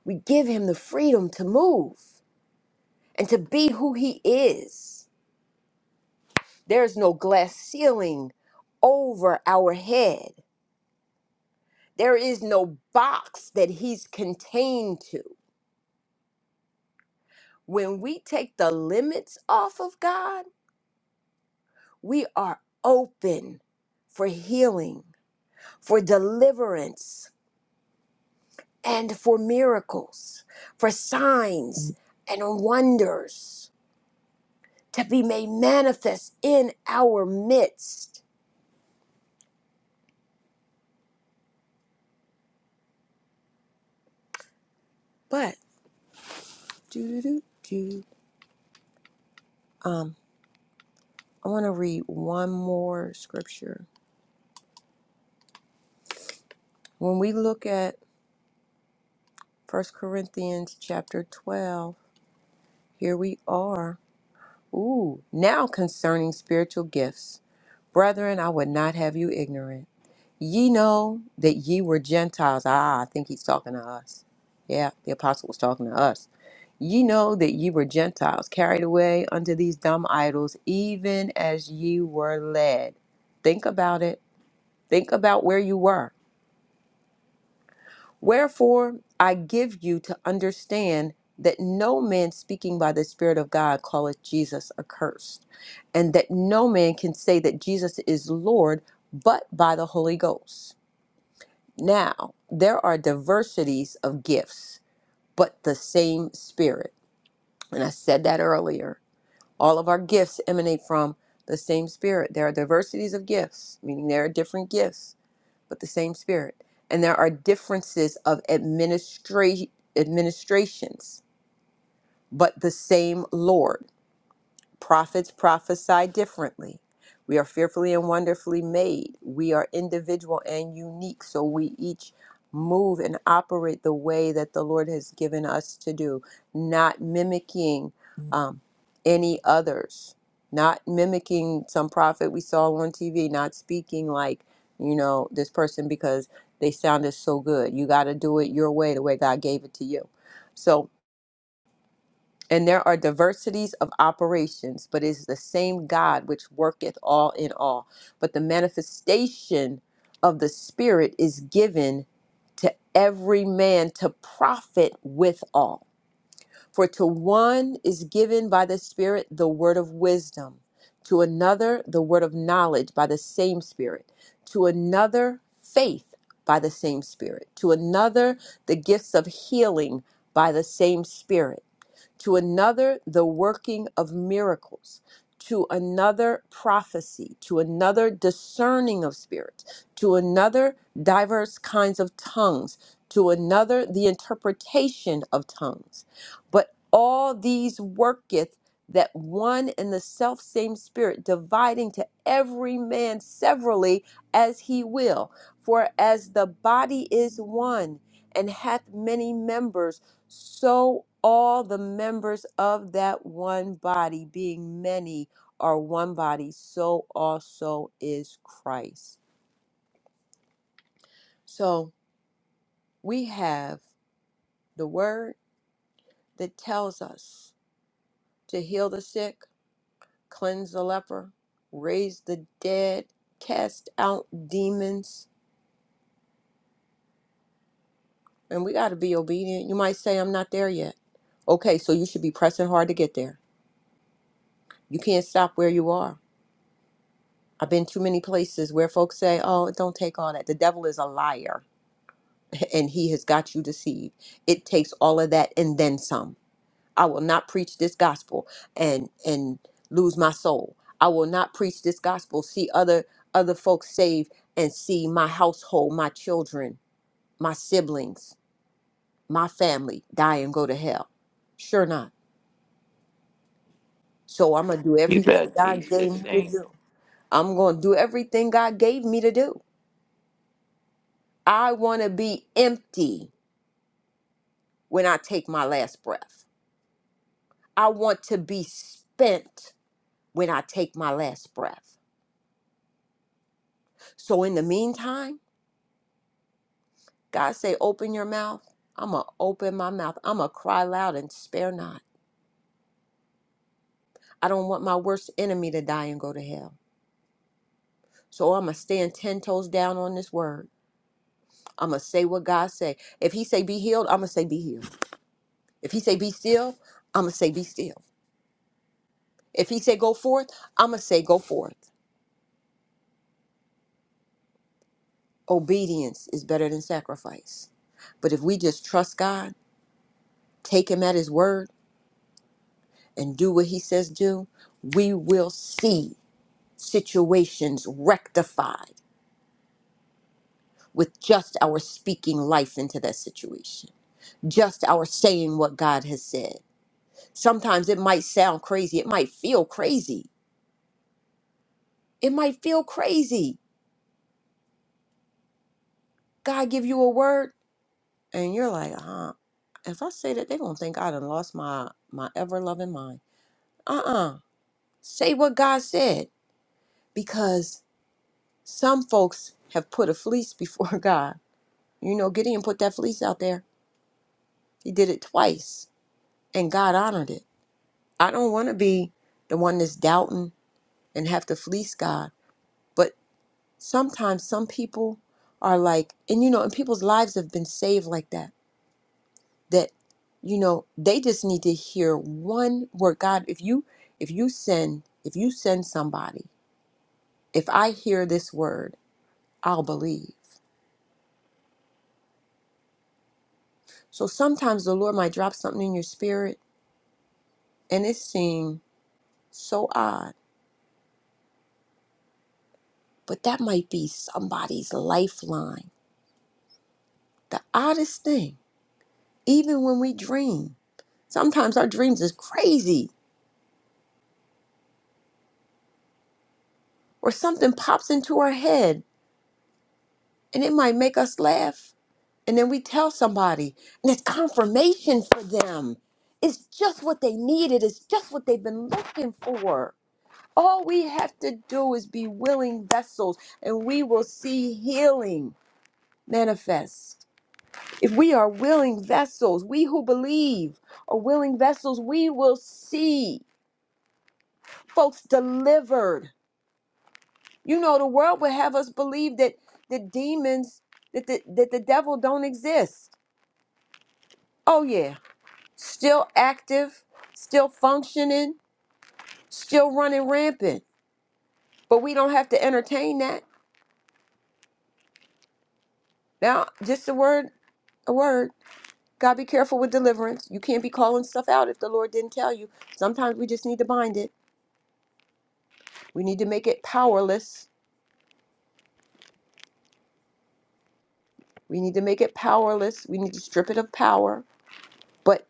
We give Him the freedom to move and to be who He is. There's no glass ceiling over our head, there is no box that He's contained to. When we take the limits off of God, we are open for healing, for deliverance and for miracles, for signs and wonders to be made manifest in our midst. But do do do Um, I want to read one more scripture. When we look at First Corinthians chapter 12, here we are. Ooh, now concerning spiritual gifts. Brethren, I would not have you ignorant. Ye know that ye were Gentiles. Ah, I think he's talking to us. Yeah, the apostle was talking to us. Ye know that ye were Gentiles, carried away unto these dumb idols, even as ye were led. Think about it. Think about where you were. Wherefore I give you to understand that no man speaking by the Spirit of God calleth Jesus accursed, and that no man can say that Jesus is Lord but by the Holy Ghost. Now, there are diversities of gifts, but the same spirit. And I said that earlier. All of our gifts emanate from the same spirit. There are diversities of gifts, meaning there are different gifts, but the same spirit. And there are differences of administra- administrations, but the same Lord. Prophets prophesy differently. We are fearfully and wonderfully made. We are individual and unique, so we each move and operate the way that the Lord has given us to do, not mimicking um, any others, not mimicking some prophet we saw on TV, not speaking like, you know, this person because they sounded so good. You got to do it your way, the way God gave it to you. So, and there are diversities of operations, but it is the same God which worketh all in all. But the manifestation of the Spirit is given to every man to profit with all. For to one is given by the Spirit the word of wisdom, to another the word of knowledge by the same Spirit, to another faith by the same Spirit, to another the gifts of healing by the same Spirit to another the working of miracles, to another prophecy, to another discerning of spirits, to another diverse kinds of tongues, to another the interpretation of tongues. But all these worketh that one and the self same spirit, dividing to every man severally as he will. For as the body is one and hath many members, so all the members of that one body, being many, are one body, so also is Christ. So we have the word that tells us to heal the sick, cleanse the leper, raise the dead, cast out demons. And we got to be obedient. You might say, I'm not there yet. Okay, so you should be pressing hard to get there. You can't stop where you are. I've been too many places where folks say, "Oh, don't take all that. The devil is a liar, and he has got you deceived." It takes all of that and then some. I will not preach this gospel and and lose my soul. I will not preach this gospel, see other other folks saved, and see my household, my children, my siblings, my family die and go to hell. Sure not. So I'm gonna do
You
everything
better
God
teach
gave
this
me to
thing.
do. I'm gonna do everything God gave me to do I want to be empty when I take my last breath. I want to be spent when I take my last breath. So in the meantime, God say, open your mouth. I'm going to open my mouth. I'm going to cry loud and spare not. I don't want my worst enemy to die and go to hell. So I'm going to stand 10 toes down on this word. I'm going to say what God say. If he say be healed, I'm going to say be healed. If he say be still, I'm going to say be still. If he say go forth, I'm going to say go forth. Obedience is better than sacrifice. But if we just trust God, take Him at His word, and do what He says do, we will see situations rectified with just our speaking life into that situation, just our saying what God has said. Sometimes it might sound crazy, it might feel crazy. It might feel crazy. God give you a word, and you're like, "Uh, if I say that, they're gonna think I done lost my my ever loving mind. Uh-uh. Say what God said because some folks have put a fleece before God. You know, Gideon put that fleece out there. He did it twice and God honored it. I don't want to be the one that's doubting and have to fleece God. But sometimes some people are like, and you know, and people's lives have been saved like that, that, you know, they just need to hear one word. God, if you, if you send, if you send somebody, if I hear this word, I'll believe. So sometimes the Lord might drop something in your spirit and it seems so odd, but that might be somebody's lifeline. The oddest thing, even when we dream, sometimes our dreams is crazy or something pops into our head and it might make us laugh. And then we tell somebody and it's confirmation for them. It's just what they needed, it's just what they've been looking for. All we have to do is be willing vessels and we will see healing manifest. If we are willing vessels, we who believe are willing vessels, we will see folks delivered. You know, the world would have us believe that the demons, that the, that the devil don't exist. Oh, yeah. Still active, still functioning, still running rampant. But we don't have to entertain that. Now, just a word a word. God, be careful with deliverance. You can't be calling stuff out if the Lord didn't tell you. Sometimes we just need to bind it. We need to make it powerless. We need to make it powerless. We need to strip it of power. But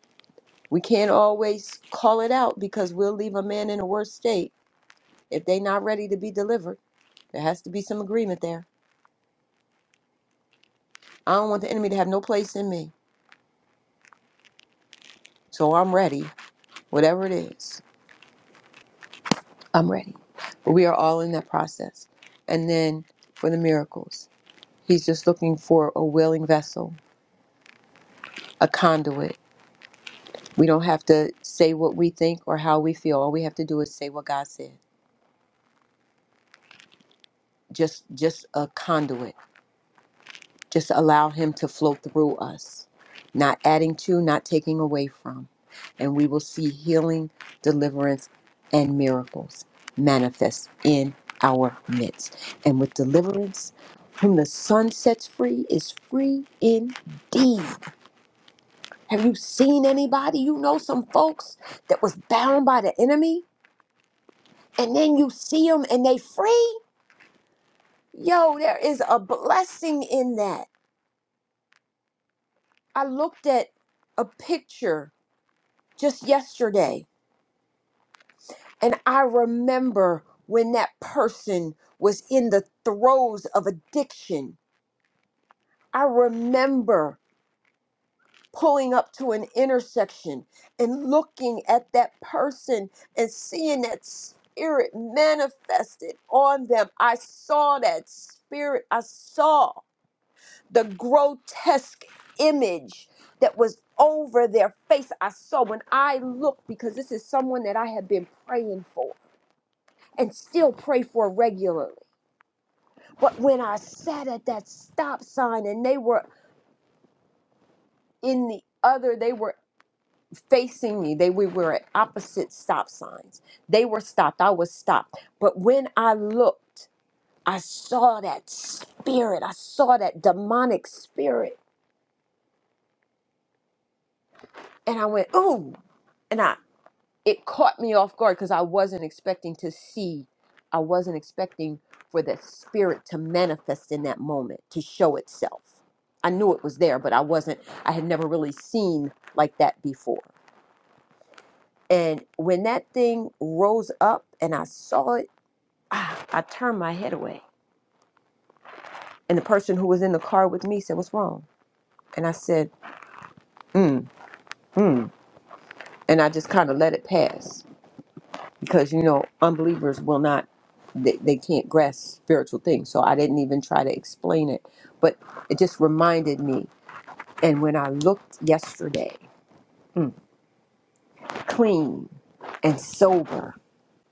we can't always call it out because we'll leave a man in a worse state if they not ready to be delivered. There has to be some agreement there. I don't want the enemy to have no place in me. So I'm ready. Whatever it is, I'm ready. But we are all in that process. And then for the miracles, he's just looking for a willing vessel, a conduit. We don't have to say what we think or how we feel. All we have to do is say what God said just just a conduit just allow him to flow through us not adding to not taking away from and we will see healing deliverance and miracles manifest in our midst and with deliverance whom the sun sets free is free indeed have you seen anybody you know some folks that was bound by the enemy and then you see them and they free yo there is a blessing in that I looked at a picture just yesterday and I remember when that person was in the throes of addiction. I remember pulling up to an intersection and looking at that person and seeing that spirit manifested on them. I saw that spirit. I saw. the grotesque image that was over their face. I saw when I looked because this is someone that I had been praying for and still pray for regularly. But when I sat at that stop sign and they were in the other, they were facing me. They we were at opposite stop signs. They were stopped. I was stopped. But when I looked, I saw that spirit. I saw that demonic spirit. And I went, ooh, and I. it caught me off guard because I wasn't expecting to see, I wasn't expecting for that spirit to manifest in that moment, to show itself. I knew it was there, but I wasn't, I had never really seen like that before. And when that thing rose up and I saw it, ah, I turned my head away. And the person who was in the car with me said, What's wrong? And I said, Mm, mm. And I just kind of let it pass. because you know unbelievers will not they, they can't grasp spiritual things so i didn't even try to explain it but it just reminded me and when i looked yesterday mm, clean and sober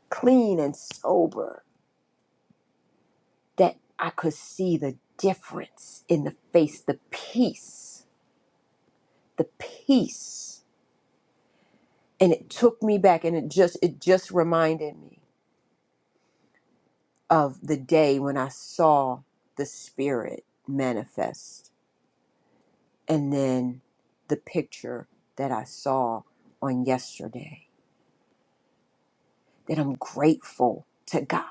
clean and sober that i could see the difference in the face the peace the peace and it took me back and it just it just reminded me of the day when i saw the spirit manifest and then the picture that I saw on yesterday that I'm grateful to God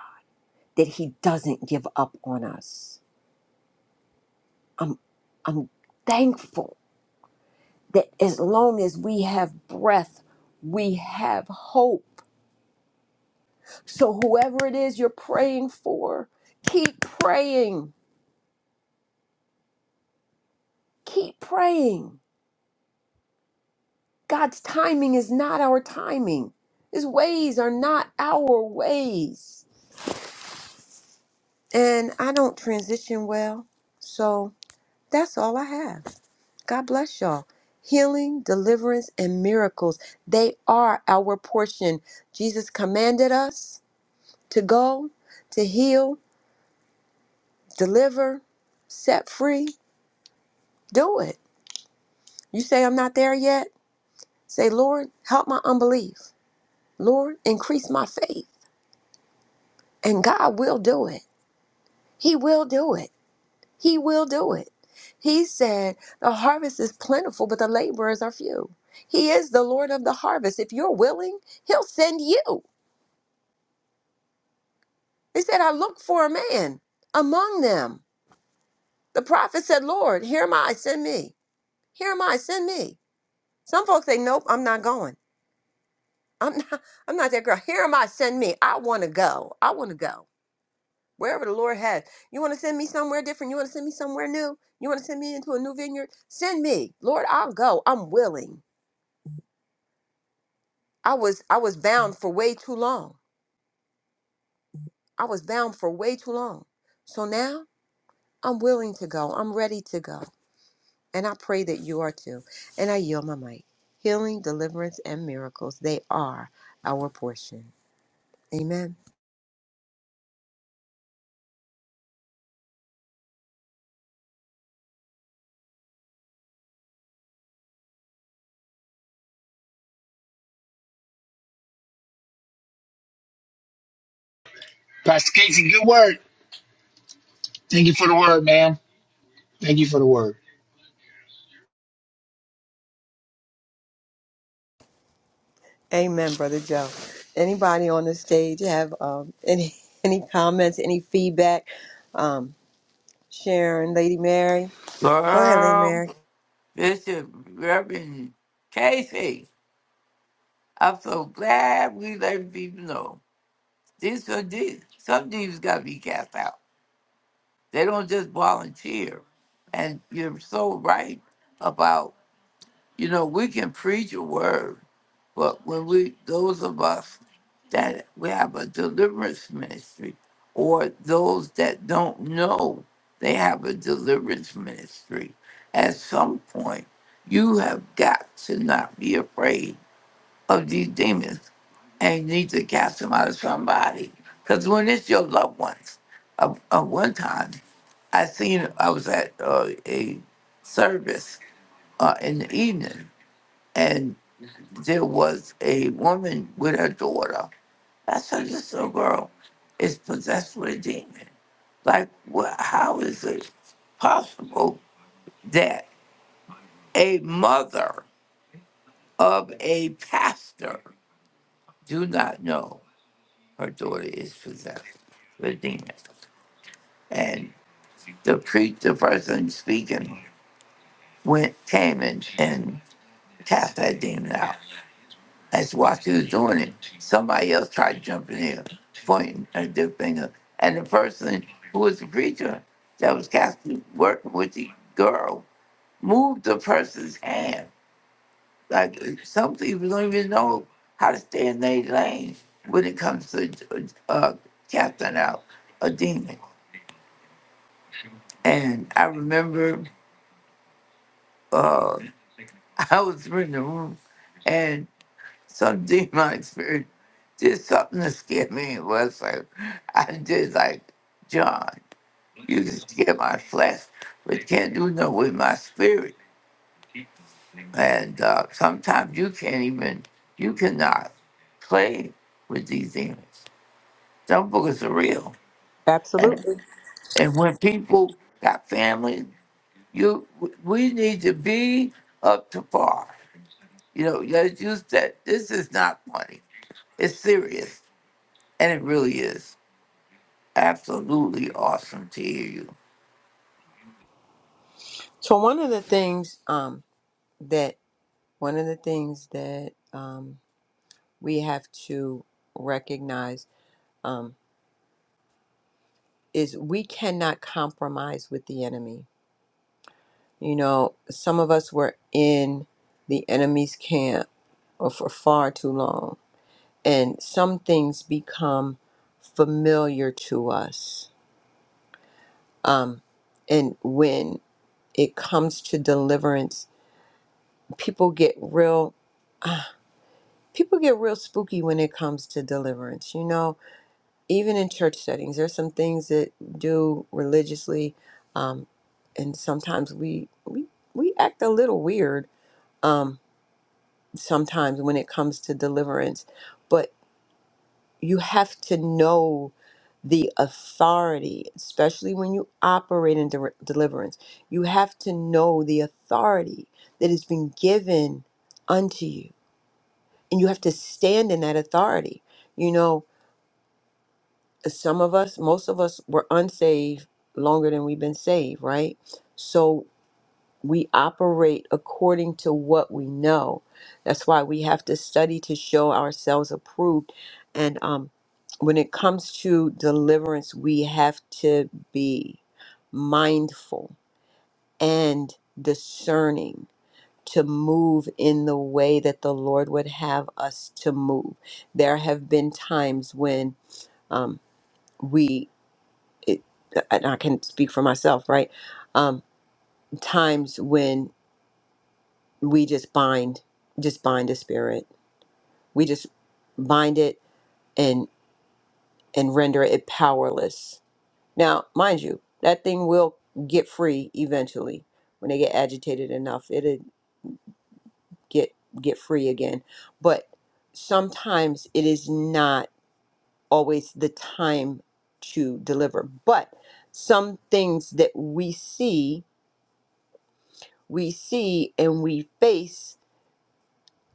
that he doesn't give up on us. I'm I'm thankful that as long as we have breath, we have hope. So whoever it is you're praying for, keep praying. Keep praying. God's timing is not our timing. His ways are not our ways. and I don't transition well. So that's all I have. God bless y'all. Healing, deliverance, and miracles, they are our portion. Jesus commanded us to go, to heal, deliver, set free. Do it. You say, I'm not there yet? Say, Lord, help my unbelief. Lord, increase my faith. And God will do it. He will do it. He will do it. He said, The harvest is plentiful, but the laborers are few. He is the Lord of the harvest. If you're willing, He'll send you. He said, I look for a man among them. The prophet said, Lord, here am I, send me. Here am I, send me. Some folks say, Nope, I'm not going. I'm not, I'm not that girl. Here am I, send me. I want to go. I want to go. Wherever the Lord has. You want to send me somewhere different? You want to send me somewhere new? You want to send me into a new vineyard? Send me. Lord, I'll go. I'm willing. I was I was bound for way too long. I was bound for way too long. So now I'm willing to go. I'm ready to go. And I pray that you are too. And I yield my mic. Healing, deliverance, and miracles, they are our portion. Amen.
Pastor Casey, good word. Thank you for the word, man. Thank you for the word.
Amen, Brother Joe. Anybody on the stage have um, any any comments, any feedback? Um, Sharon, Lady Mary. Go ahead, Lady
Girl,
Mary.
this is Reverend Casey. I'm so glad we let people know. These are these. Some demons got to be cast out. They don't just volunteer. And you're so right about, you know, we can preach a word, But when we, those of us that we have a deliverance ministry, or those that don't know they have a deliverance ministry, at some point, you have got to not be afraid of these demons and you need to cast them out of somebody. Because when it's your loved ones, uh, uh, one time I seen I was at uh, a service uh, in the evening there was a woman with her daughter. I said, this little girl is possessed with a demon. Like, wha- how is it possible that a mother of a pastor do not know her daughter is possessed with a demon? And the priest, the person speaking, went came and, and cast that demon out. That's why she was doing it. Somebody else tried jumping in, pointing at their finger. And the person who was the preacher that was Catholic working with the girl moved the person's hand. Like some people don't even know how to stay in their lane when it comes to uh, casting out a demon. And I remember uh, I was in the room some demon spirit did something to scare me. It was like I did like John. You can scare my flesh, but you can't do no with my spirit. And uh, sometimes you can't even you cannot play with these demons. Some books are real, and
Absolutely.
and when people got families, you we need to be up to par. You know, let's use that. This is not funny. It's serious And it really is absolutely awesome to hear you.
So one of the things um, that one of the things that um, we have to recognize um, is we cannot compromise with the enemy. You know, some of us were in the enemy's camp for far too long, and some things become familiar to us. Um, and when it comes to deliverance, people get real. uh, people get real spooky when it comes to deliverance. You know, even in church settings, there's some things that do religiously, um, and sometimes we we we act a little weird um, sometimes when it comes to deliverance. But you have to know the authority, especially when you operate in de- deliverance. You have to know the authority that has been given unto you, and you have to stand in that authority. You know, some of us, most of us were unsaved longer than we've been saved, right? So we operate according to what we know. That's why we have to study to show ourselves approved. And um, when it comes to deliverance, we have to be mindful and discerning to move in the way that the Lord would have us to move. There have been times when um, we it, and I can speak for myself, right? Um, times when we just bind, just bind the spirit. We just bind it and and render it powerless. Now, mind you, that thing will get free eventually when they get agitated enough. It'll get get free again. But sometimes it is not always the time to deliver. But some things that we see we see and we face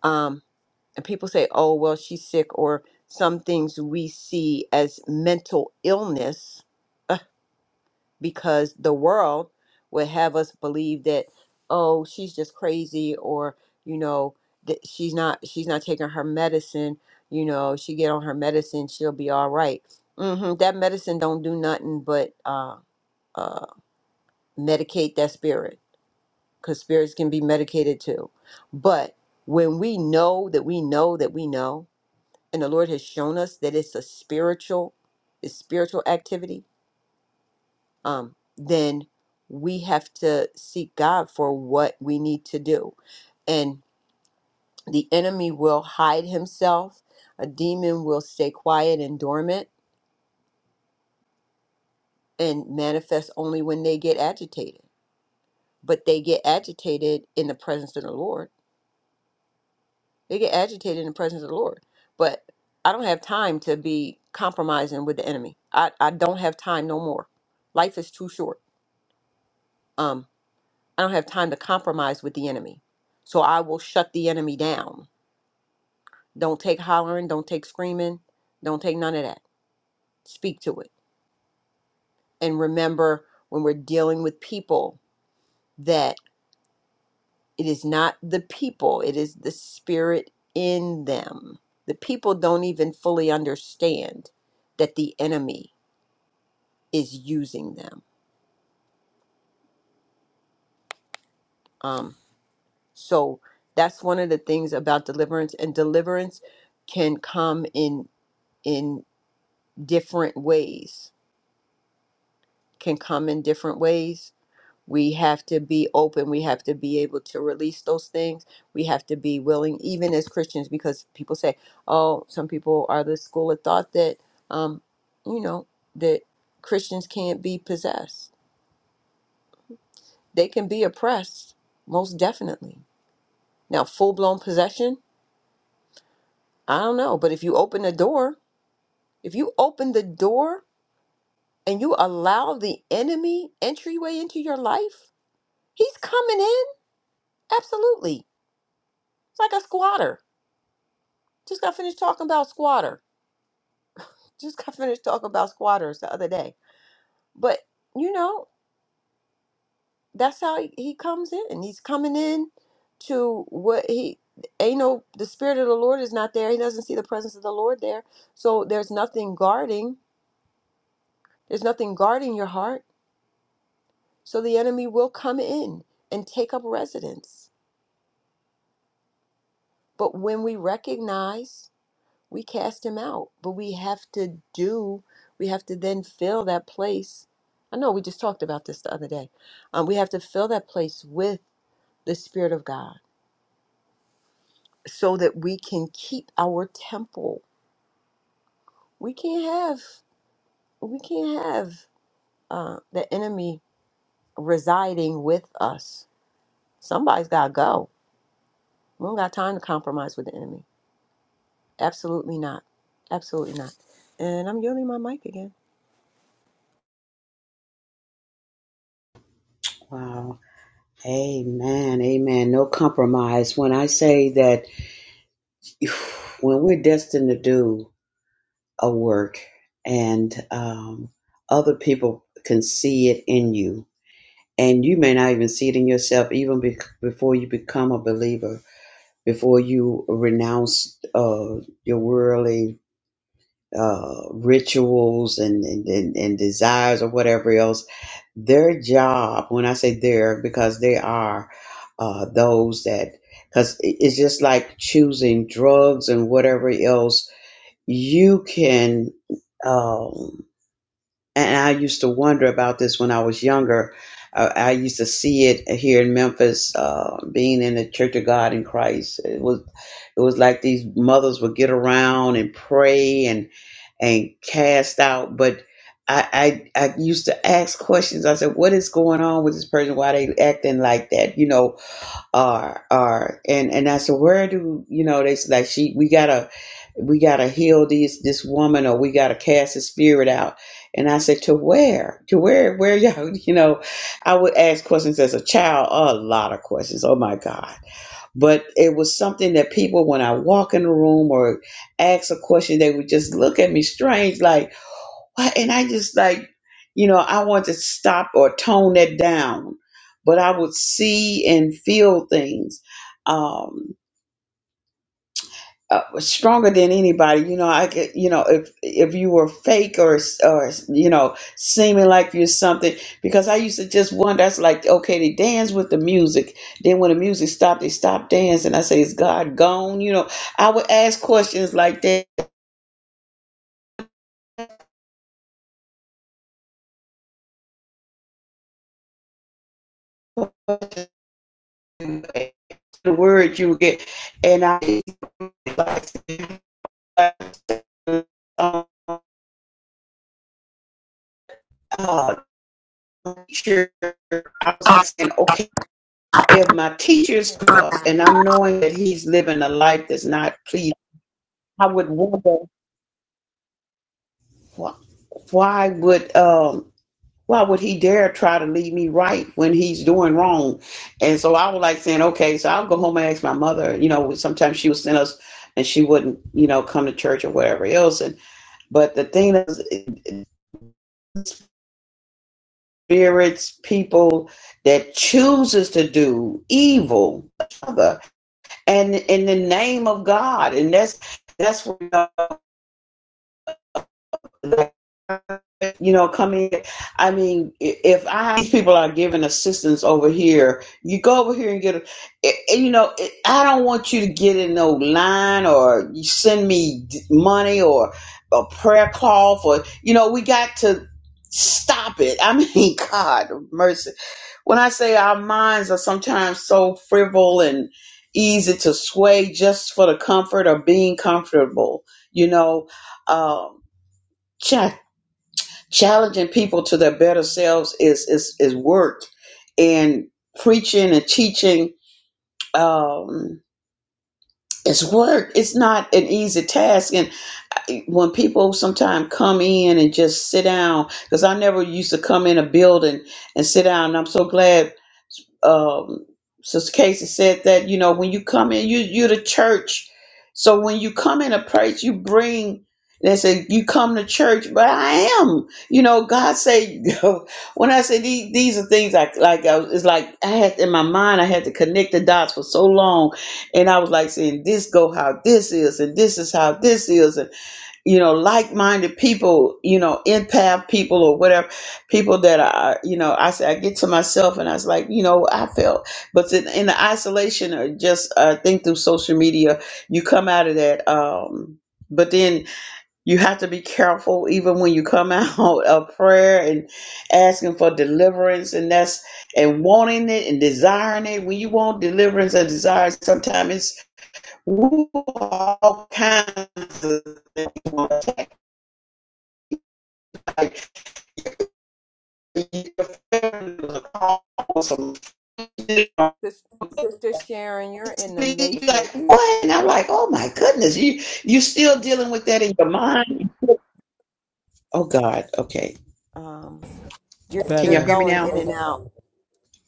um and people say oh well she's sick or some things we see as mental illness uh, because the world would have us believe that oh she's just crazy or you know that she's not she's not taking her medicine you know she get on her medicine she'll be all right. Mhm, that medicine don't do nothing but uh, uh, medicate that spirit because spirits can be medicated too. But when we know that we know that we know, and the Lord has shown us that it's a spiritual, it's spiritual activity, um, then we have to seek God for what we need to do. And the enemy will hide himself. A demon will stay quiet and dormant and manifest only when they get agitated. But they get agitated in the presence of the Lord They get agitated in the presence of the Lord. But I don't have time to be compromising with the enemy. I, I don't have time no more. Life is too short. Um, I don't have time to compromise with the enemy. So I will shut the enemy down. Don't take hollering, don't take screaming, don't take none of that. Speak to it. And remember when we're dealing with people that it is not the people, it is the spirit in them. The people don't even fully understand that the enemy is using them. Um, so that's one of the things about deliverance, and deliverance can come in in different ways. Can come in different ways. We have to be open. We have to be able to release those things. We have to be willing, even as Christians, because people say, "Oh, some people are the school of thought that, um, you know, that Christians can't be possessed. They can be oppressed, most definitely. Now, full blown possession." I don't know, but if you open the door, if you open the door and you allow the enemy entryway into your life, he's coming in. Absolutely. It's like a squatter. Just got finished talking about squatter. Just got finished talking about squatters the other day. But, you know, that's how he, he comes in. He's coming in to what he ain't no, the spirit of the Lord is not there. He doesn't see the presence of the Lord there. So there's nothing guarding. There's nothing guarding your heart So the enemy will come in and take up residence. But when we recognize, we cast him out. But we have to do, we have to then fill that place. I know we just talked about this the other day. Um, we have to fill that place with the Spirit of God so that we can keep our temple. We can't have, we can't have uh, the enemy residing with us. Somebody's got to go. We don't got time to compromise with the enemy. Absolutely not. Absolutely not. And I'm yielding my mic again.
Wow. Amen. Amen. No compromise. When I say that when we're destined to do a work and um, other people can see it in you, and you may not even see it in yourself, even be- before you become a believer, before you renounce uh, your worldly uh, rituals and, and, and, and desire, whatever else, their job, When I say. they are uh, those that because it's just like choosing drugs and whatever else you can um, and i used to wonder about this when i was younger uh, i used to see it here in memphis uh, being in the church in christ it was it was like these mothers would get around and pray and and cast out but I, I I used to ask questions. I said, "What is going on with this person? Why they acting like that?" You know, are are and and I said, where do you know they s- like she we gotta we gotta heal these this woman or we gotta cast the spirit out. And I said, to where? To where where y'all you know, I would ask questions as a child, a lot of questions. Oh my God. But it was something that people when I walk in the room or ask a question, they would just look at me strange like why- And I just like, you know, I want to stop or tone it down, but I would see and feel things. um, uh, stronger than anybody. You know, I could, you know, if if you were fake or or you know, seeming like you're something, because I used to just wonder. That's like, okay, they dance with the music. Then when the music stopped, they stopped dancing. I say, is God gone? You know, I would ask questions like that. The word you would get, and I like, uh, uh, teacher, I was saying, okay, if my
Sister
teacher's grew
Sharon.
up and I'm knowing that he's living a life that's not pleasing, I would wonder wh- why would um why would he dare try to lead me right when he's doing wrong? And so I was like saying, okay, so I'll go home and ask my mother. You know, sometimes she would send us and she wouldn't, you know, come to church or whatever else. And but the thing is, spirits, people that chooses to do evil, and in the name of God, and that's that's what you know coming. I mean, if I these people are giving assistance over here, you go over here and get. A, i- i- you know, i don't want you to get in no line or you send me money or a prayer call for. You know, we got to stop it. I mean, God mercy When I say our minds are sometimes so frivol and easy to sway just for the comfort of being comfortable, you know, um, cha- challenging people to their better selves is is is work, and preaching and teaching um, is work. It's not an easy task, and when people sometimes come in and just sit down because i never used to come in a building and sit down and i'm so glad um, Sister Casey said that you know when you come in, you you're the church. So when you come in a place, you bring. They say you come to church, but I am. You know, God say when I say these, these are things like like I was, it's like I had in my mind I had to connect the dots for so long, and I was like saying this go how this is, and this is how this is, and you know, like-minded people, you know, empath people or whatever, people that are, you know, I say I get to myself and I was like, you know, I felt, but in, in the isolation or just I think through social media, you come out of that. Um, but then you have to be careful, even when you come out of prayer and asking for deliverance, and that's and wanting it and desiring it. When you want deliverance and desire, sometimes it's woo, all kinds of things like
Sis- Sister Sharon, you're in the matrix.
what? And I'm like, oh my goodness, you you still dealing with that in your mind? Oh God, okay.
Um,
It's
you're
Can
you're
y'all
better
hear me
going in
now?
and out.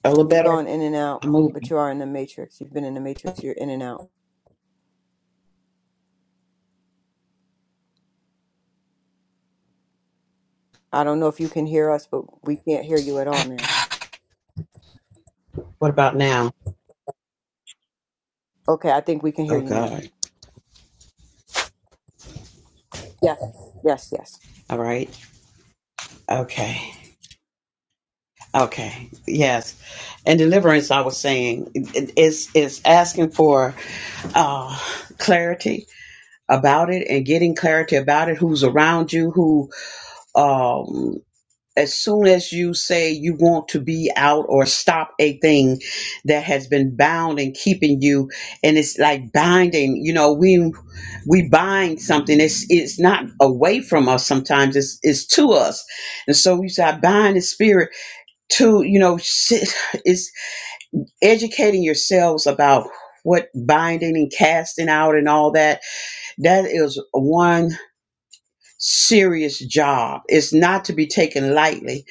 A little
You're
better.
going in and out,
I'm moving.
but you are in the matrix. You've been in the matrix. You're in and out. I don't know if you can hear us, but we can't hear you at all now.
What about now?
Okay, I think we can hear
Oh
you now.
God.
Yes, yes, yes.
All right. Okay. Okay. Yes. And deliverance, I was saying, is is asking for uh, clarity about it and getting clarity about it. Who's around you? Who? um. as soon as you say you want to be out or stop a thing that has been bound and keeping you and it's like binding you know we we bind something it's it's not away from us sometimes it's it's to us and so we say i bind the spirit to you know sit- it's educating yourselves about what binding and casting out and all that that is one serious job it's not to be taken lightly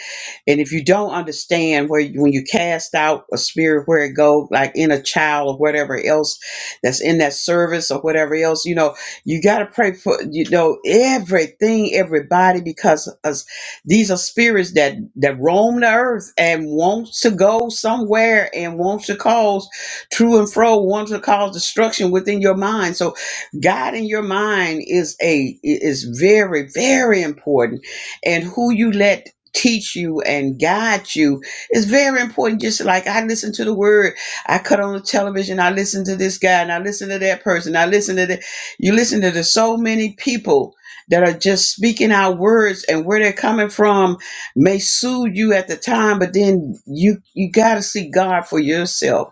and if you don't understand where when you cast out a spirit, where it go, like in a child or whatever else that's in that service or whatever else, you know, you got to pray for you know everything, everybody, because us, these are spirits that that roam the earth and wants to go somewhere and wants to cause true and fro, wants to cause destruction within your mind. So, God in your mind is a is very very important, and who you let teach you and guide you It's very important. Just like I listen to the word, I cut on the television, I listen to this guy, and I listen to that person, I listen to that. You listen to the so many people that are just speaking out words, and where they're coming from may soothe you at the time, but then you you got to see God for yourself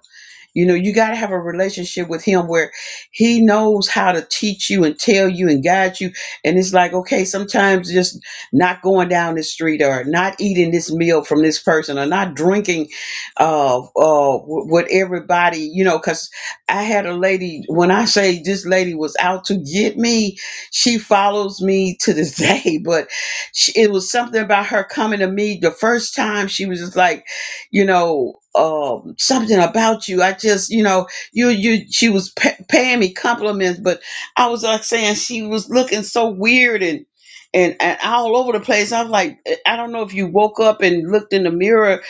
you know, you got to have a relationship with him where he knows how to teach you and tell you and guide you. And it's like, okay, sometimes just not going down the street or not eating this meal from this person or not drinking uh, uh, wh- what everybody, you know, because I had a lady, when I say this lady was out to get me, she follows me to this day. But she, it was something about her coming to me the first time. She was just like, you know um something about you i just you know you you she was pa- paying me compliments but i was like saying she was looking so weird and and, and all over the place i was like i don't know if you woke up and looked in the mirror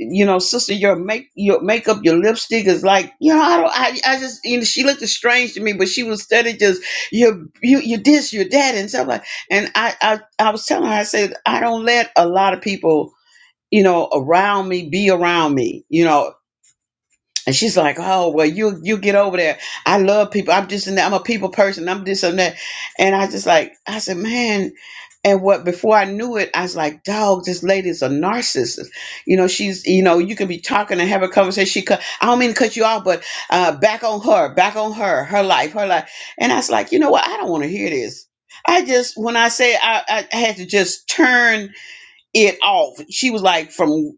you know sister your make your makeup your lipstick is like you know i don't i, I just you know she looked strange to me but she was steady just you you you this your that and stuff like and i i, I was telling her i said i don't let a lot of people you know, around me, be around me, you know. And she's like, oh, well, you you get over there. I love people. I'm just in that. I'm a people person. I'm this and that. And I just like, I said, man. And what before I knew it, I was like, dog, this lady's a narcissist. You know, she's, you know, you can be talking and have a conversation. She cut, I don't mean to cut you off, but uh, back on her, back on her, her life, her life. And I was like, you know what? I don't want to hear this. I just, when I say I, I had to just turn it off. She was like from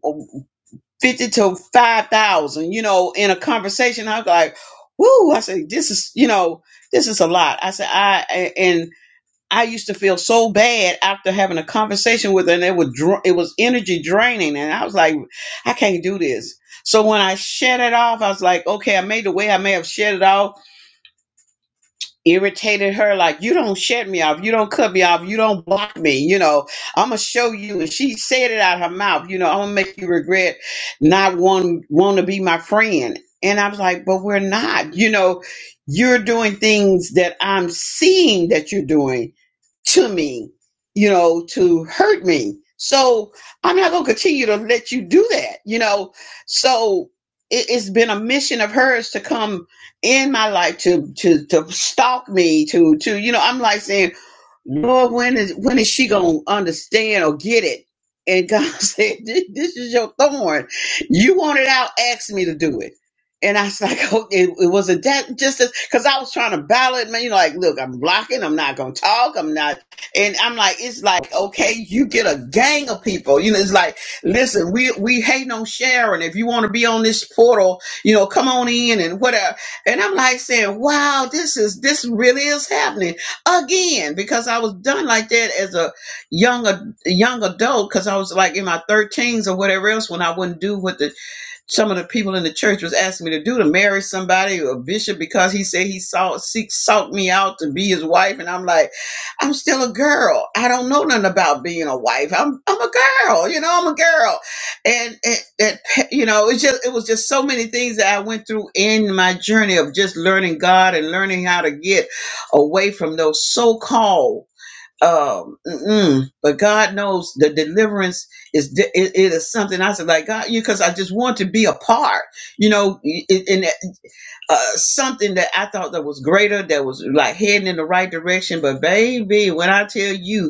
fifty to five thousand, you know, in a conversation. I was like, "Woo!" I said, "This is, you know, this is a lot." I said, "I a- and I used to feel so bad after having a conversation with her, and it was dra- it was energy draining, and I was like, I can't do this." So when I shed it off, I was like, "Okay, I made the way I may have shed it off." irritated her like you don't shut me off you don't cut me off you don't block me you know i'm gonna show you and she said it out of her mouth you know i'm gonna make you regret not want want to be my friend and i was like but we're not you know you're doing things that i'm seeing that you're doing to me, you know, to hurt me. So I'm not going to continue to let you do that, you know. So it, it's been a mission of hers to come in my life to to to stalk me to to you know. I'm like saying Lord, when is when is she gonna understand or get it? And God said, "This this is your thorn. You want it out. Ask me to do it." And I was like, "Oh, it, it wasn't that just because I was trying to battle it, man. You know, like, look, I'm blocking. I'm not gonna talk. I'm not." And I'm like, "It's like, okay, you get a gang of people. You know, it's like, listen, we we hate on Sharon. If you want to be on this portal, you know, come on in and whatever." And I'm like saying, "Wow, this is this really is happening." again because I was done like that as a young a young adult because I was like in my 13s or whatever else when I wouldn't do what the some of the people in the church was asking me to do to marry somebody a bishop because he said he sought seek sought me out to be his wife, and I'm like, I'm still a girl. I don't know nothing about being a wife. I'm I'm a girl, you know. I'm a girl, and and, and you know, it's just it was just so many things that I went through in my journey of just learning God and learning how to get away from those so called um mm-mm. but god knows the deliverance is di- it, it is something i said like god you because i just want to be a part you know i- i- in that, uh something that i thought that was greater that was like heading in the right direction but baby when i tell you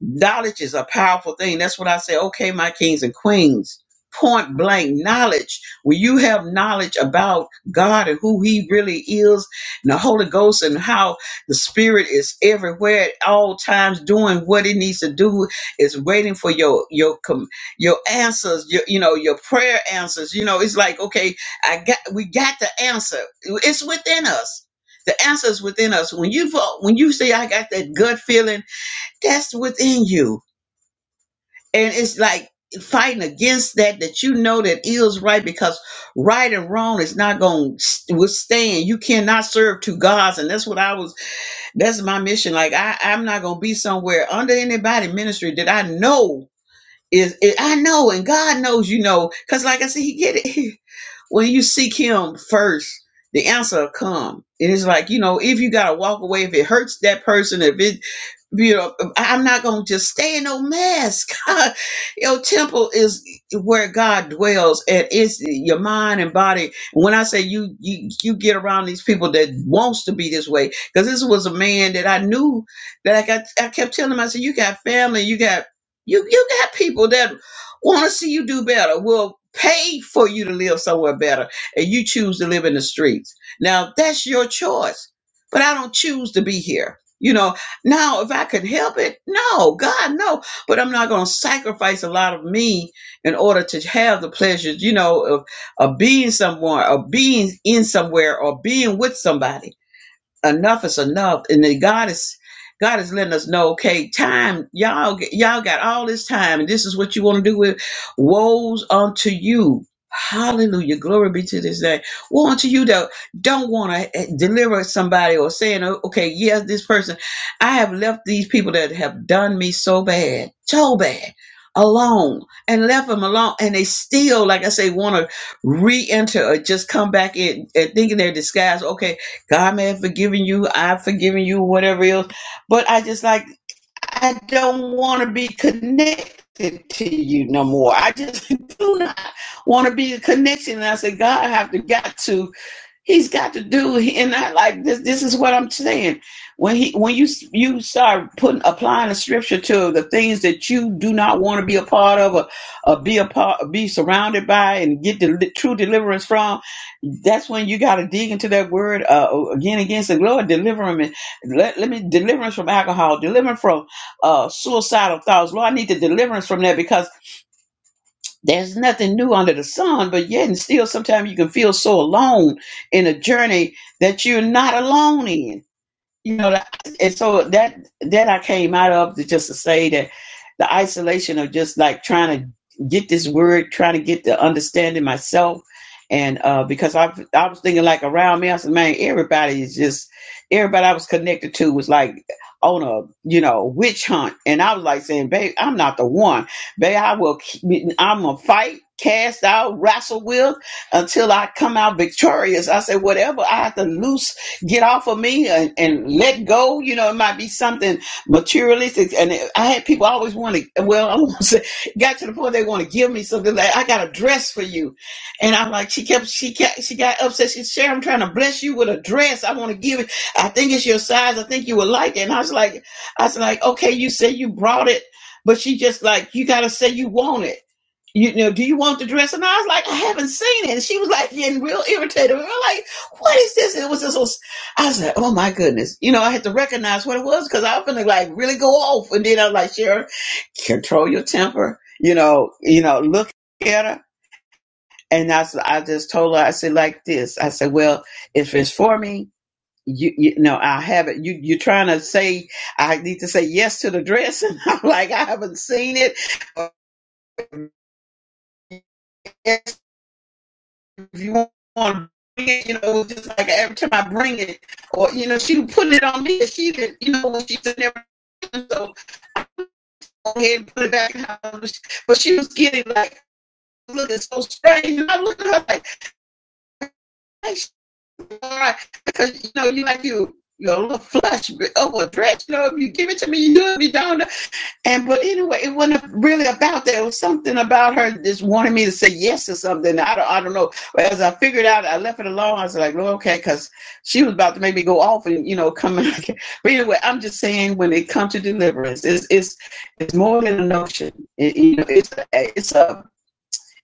Knowledge is a powerful thing. That's what I say. Okay, my kings and queens. Point blank knowledge. When you have knowledge about God and who He really is, and the Holy Ghost, and how the Spirit is everywhere at all times, doing what it needs to do, is waiting for your your com- your answers. Your, you know your prayer answers. You know it's like okay, I got we got the answer. It's within us. The answer is within us. When you vote, when you say I got that gut feeling that's within you. And it's like fighting against that, that you know that is right because right and wrong is not going to withstand. You cannot serve two gods. And that's what I was, that's my mission. Like, I, I'm not going to be somewhere under anybody ministry that I know is, is- I know, and God knows, you know, because like I said, He get it. when you seek Him first, the answer will come. And it's like, you know, if you got to walk away, if it hurts that person, if it you know, I'm not going to just stay in no mask. God, your temple is where God dwells, and it's your mind and body. When I say you, you, you get around these people that wants to be this way, because this was a man that I knew that I got. I kept telling him, I said, "You got family, you got you, you got people that want to see you do better. Will pay for you to live somewhere better, and you choose to live in the streets. Now that's your choice, but I don't choose to be here." You know, now, if I could help it, no, God, no. But I'm not going to sacrifice a lot of me in order to have the pleasures, you know, of, of being somewhere, of being in somewhere, or being with somebody enough is enough and then god is god is letting us know okay time y'all y'all got all this time and this is what you want to do with woes unto you hallelujah glory be to this day woe unto you that don't want to deliver somebody or saying "Oh, okay yes this person i have left these people that have done me so bad so bad alone and left them alone and they still like i say want to re-enter or just come back in and thinking they're disguised okay God may have forgiven you. I've forgiven you, whatever else. But I just like, I don't want to be connected to you no more. I just do not want to be a connection. And I said, God, I have to got to. He's got to do, and I like this. This is what I'm saying. When he, when you you start putting applying the scripture to the things that you do not want to be a part of, or, or be a part, or be surrounded by, and get the true deliverance from, that's when you got to dig into that word uh, again against the Lord, deliver me. Let, let me deliverance from alcohol, deliverance from uh, suicidal thoughts. Lord, I need the deliverance from that because there's nothing new under the sun, but yet and still sometimes you can feel so alone in a journey that you're not alone in you know like, and so that that i came out of to just to say that the isolation of just like trying to get this word trying to get the understanding myself and uh because i i was thinking like around me i said man everybody is just everybody i was connected to was like on a you know witch hunt and i was like saying babe i'm not the one babe i will i am i'm gonna fight cast out wrestle with until i come out victorious i said whatever i have to loose get off of me and, and let go. You know, it might be something materialistic. And it- I had people always want to, well, I won't say, got to the point they want to give me something like, I got a dress for you. And I'm like, she kept, she kept, she got upset. She said, Sharon, I'm trying to bless you with a dress. I want to give it. I think it's your size. I think you would like it. And I was like, I was like, okay, you said you brought it, but she just like, you got to say you want it you know, do you want the dress? And I was like, I haven't seen it. And she was like getting real irritated. We were like, what is this? It was just I was like, oh my goodness. You know, I had to recognize what it was because I was going to like really go off. And then I was like, Sharon, control your temper. You know, you know, look at her. And I "I just told her, I said like this. I said, well, if it's for me, you, you know, I have it. You, you're trying to say, I need to say yes to the dress. And I'm like, I haven't seen it. Or, Yes, if you want to bring it, you know, just like every time I bring it, or, you know, she would put it on me. and She did, you know, when she said everything. So ahead and put it back in her. But she was getting like looking so strange. And I looked at her like, hey, she all right. Because you know, you like you you know, a little flush over a dress. You know, if you give it to me, you do it. If you don't, and but anyway, it wasn't really about that. It was something about her just wanting me to say yes or something. I don't, I don't know. But as I figured out, I left it alone. I was like, well, okay, because she was about to make me go off and you know come. But anyway, I'm just saying when it comes to deliverance, it's it's it's more than a notion. It, you know, it's a, it's a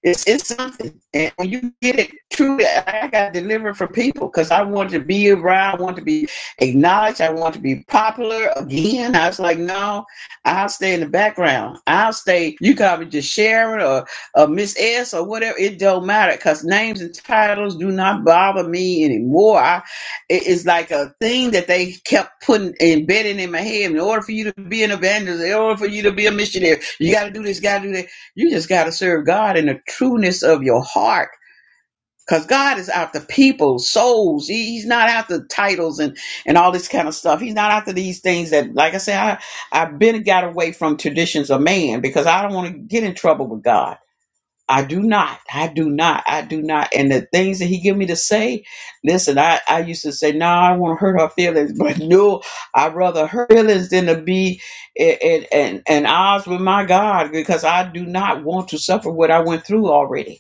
it's it's something, and when you get it, truly, I got delivered from people because I wanted to be around, I wanted to be acknowledged, I wanted to be popular again. I was like, no, I'll stay in the background. I'll stay. You can be just Sharon or, or Miss S or whatever. It don't matter because names and titles do not bother me anymore. I, it- it's like a thing that they kept putting embedding in my head. In order for you to be an evangelist, in order for you to be a missionary, you got to do this, got to do that you just got to serve God in the trueness of your heart. Because God is after people, souls. He- he's not after titles and, and all this kind of stuff. He's not after these things that, like I said, I, I've been got away from traditions of man because I don't want to get in trouble with God. I do not. I do not. I do not. And the things that he give me to say, listen, I, I used to say, no, nah, I don't want to hurt her feelings, but no, I'd rather her feelings than to be in, in, in, in odds with my God because I do not want to suffer what I went through already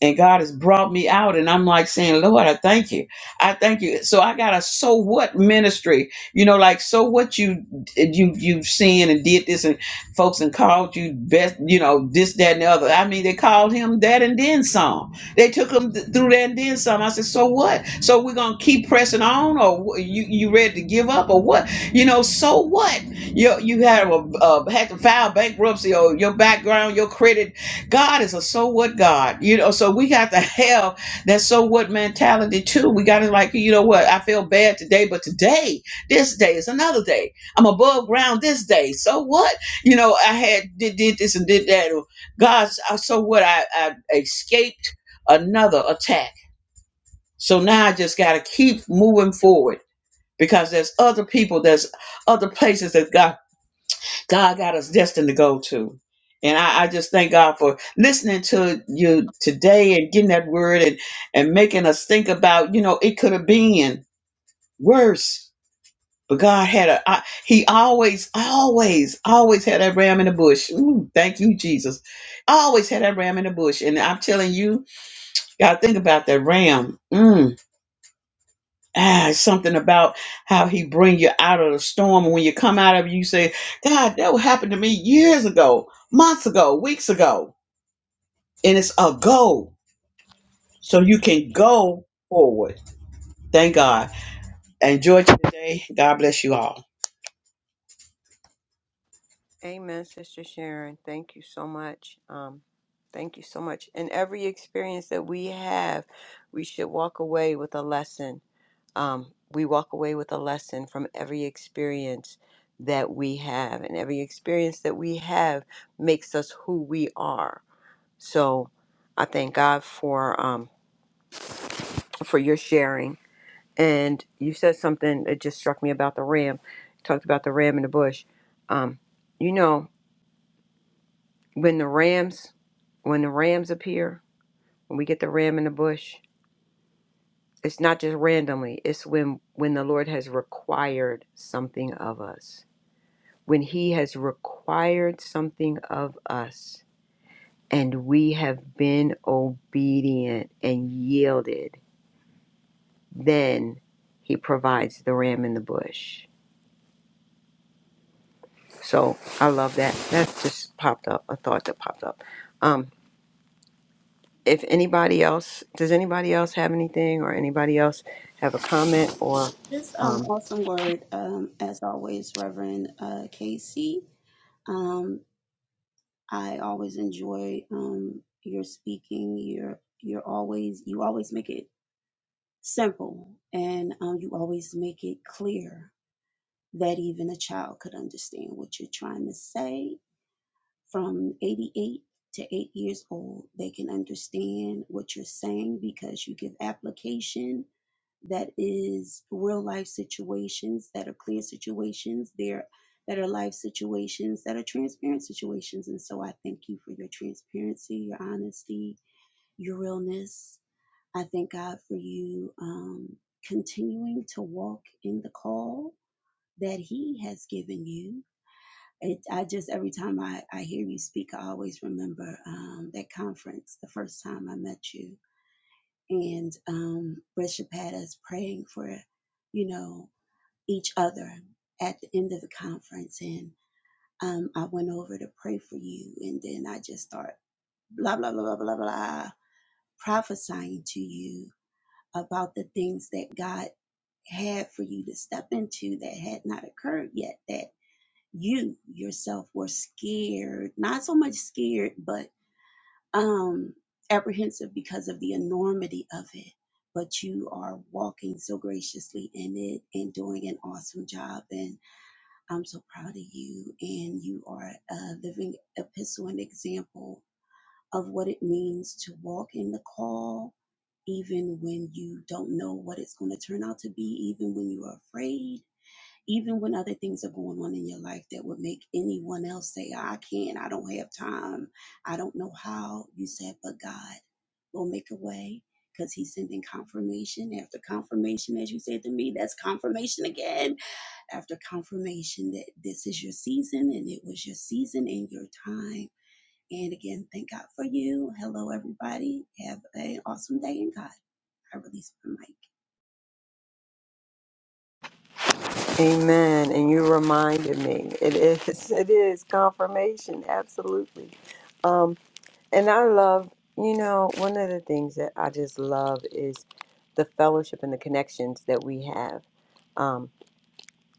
and God has brought me out. And I'm like saying, Lord, I thank you. I thank you. So I got a so what ministry, you know, like so what you you you have seen and did this and folks and called you best, you know, this, that, and the other. I mean, they called him that and then some. They took him th- through that and then some. I said, so what? So we're gonna keep pressing on, or wh- you you ready to give up, or what? You know, so what? You you had a, uh, had to file bankruptcy, or your background, your credit God is a so what God, you know. So we have to have that so what mentality too. We got to like, you know what? I feel bad today, but today, this day is another day. I'm above ground this day. So what? You know, I had did, did this and did that. God's uh, so what? I, I escaped another attack. So now I just got to keep moving forward because there's other people, there's other places that God God got us destined to go to. And I, I just thank God for listening to you today and getting that word and, and making us think about, you know, it could have been worse. But God had a, I, He always, always, always had that ram in the bush. Ooh, thank you, Jesus. Always had that ram in the bush. And I'm telling you, got to think about that ram. Mm ah, it's something about how he bring you out of the storm. And when you come out of it, you say, God, that what happened to me years ago, months ago, weeks ago. And it's a go. So you can go forward. Thank God. Enjoy today. God bless you all.
Amen, Sister Sharon. Thank you so much. Um, thank you so much. In every experience that we have, we should walk away with a lesson um, we walk away with a lesson from every experience that we have, and every experience that we have makes us who we are. So, I thank God for um, for your sharing. And you said something that just struck me about the ram. You talked about the ram in the bush. Um, you know, when the rams when the rams appear, when we get the ram in the bush, it's not just randomly. It's when when the Lord has required something of us when He has required something of us and we have been obedient and yielded, then He provides the ram in the bush. So I love that. That just popped up, a thought that popped up. Um, if anybody else, does anybody else have anything or anybody else have a comment or
This um
um,
awesome word, um, as always, Reverend uh Casey. Um, I always enjoy um your speaking. You're you're always you always make it simple and um you always make it clear that even a child could understand what you're trying to say from 88 to 8 years old. They can understand what you're saying because you give application that is real life situations that are clear situations there that are life situations that are transparent situations and so i thank you for your transparency your honesty your realness i thank god for you um, continuing to walk in the call that he has given you it, I just every time I, I hear you speak, I always remember um, that conference the first time I met you, and um, Bishop had us praying for, you know, each other at the end of the conference, and um, I went over to pray for you, and then I just start blah blah blah blah blah blah prophesying to you about the things that God had for you to step into that had not occurred yet that you yourself were scared, not so much scared, but um, apprehensive because of the enormity of it. But you are walking so graciously in it and doing an awesome job. And I'm so proud of you. And you are a living epistle and example of what it means to walk in the call, even when you don't know what it's going to turn out to be, even when you are afraid even when other things are going on in your life that would make anyone else say, "Oh, I can't, I don't have time, I don't know how, you said, but God will make a way because He's sending confirmation after confirmation, as you said to me, that's confirmation again after confirmation that this is your season and it was your season and your time. And again, thank God for you. Hello, everybody. Have an awesome day in God. I release my mic.
amen? And you reminded me, it is, it is confirmation, absolutely. Um. And I love, you know, one of the things that I just love is the fellowship and the connections that we have. Um,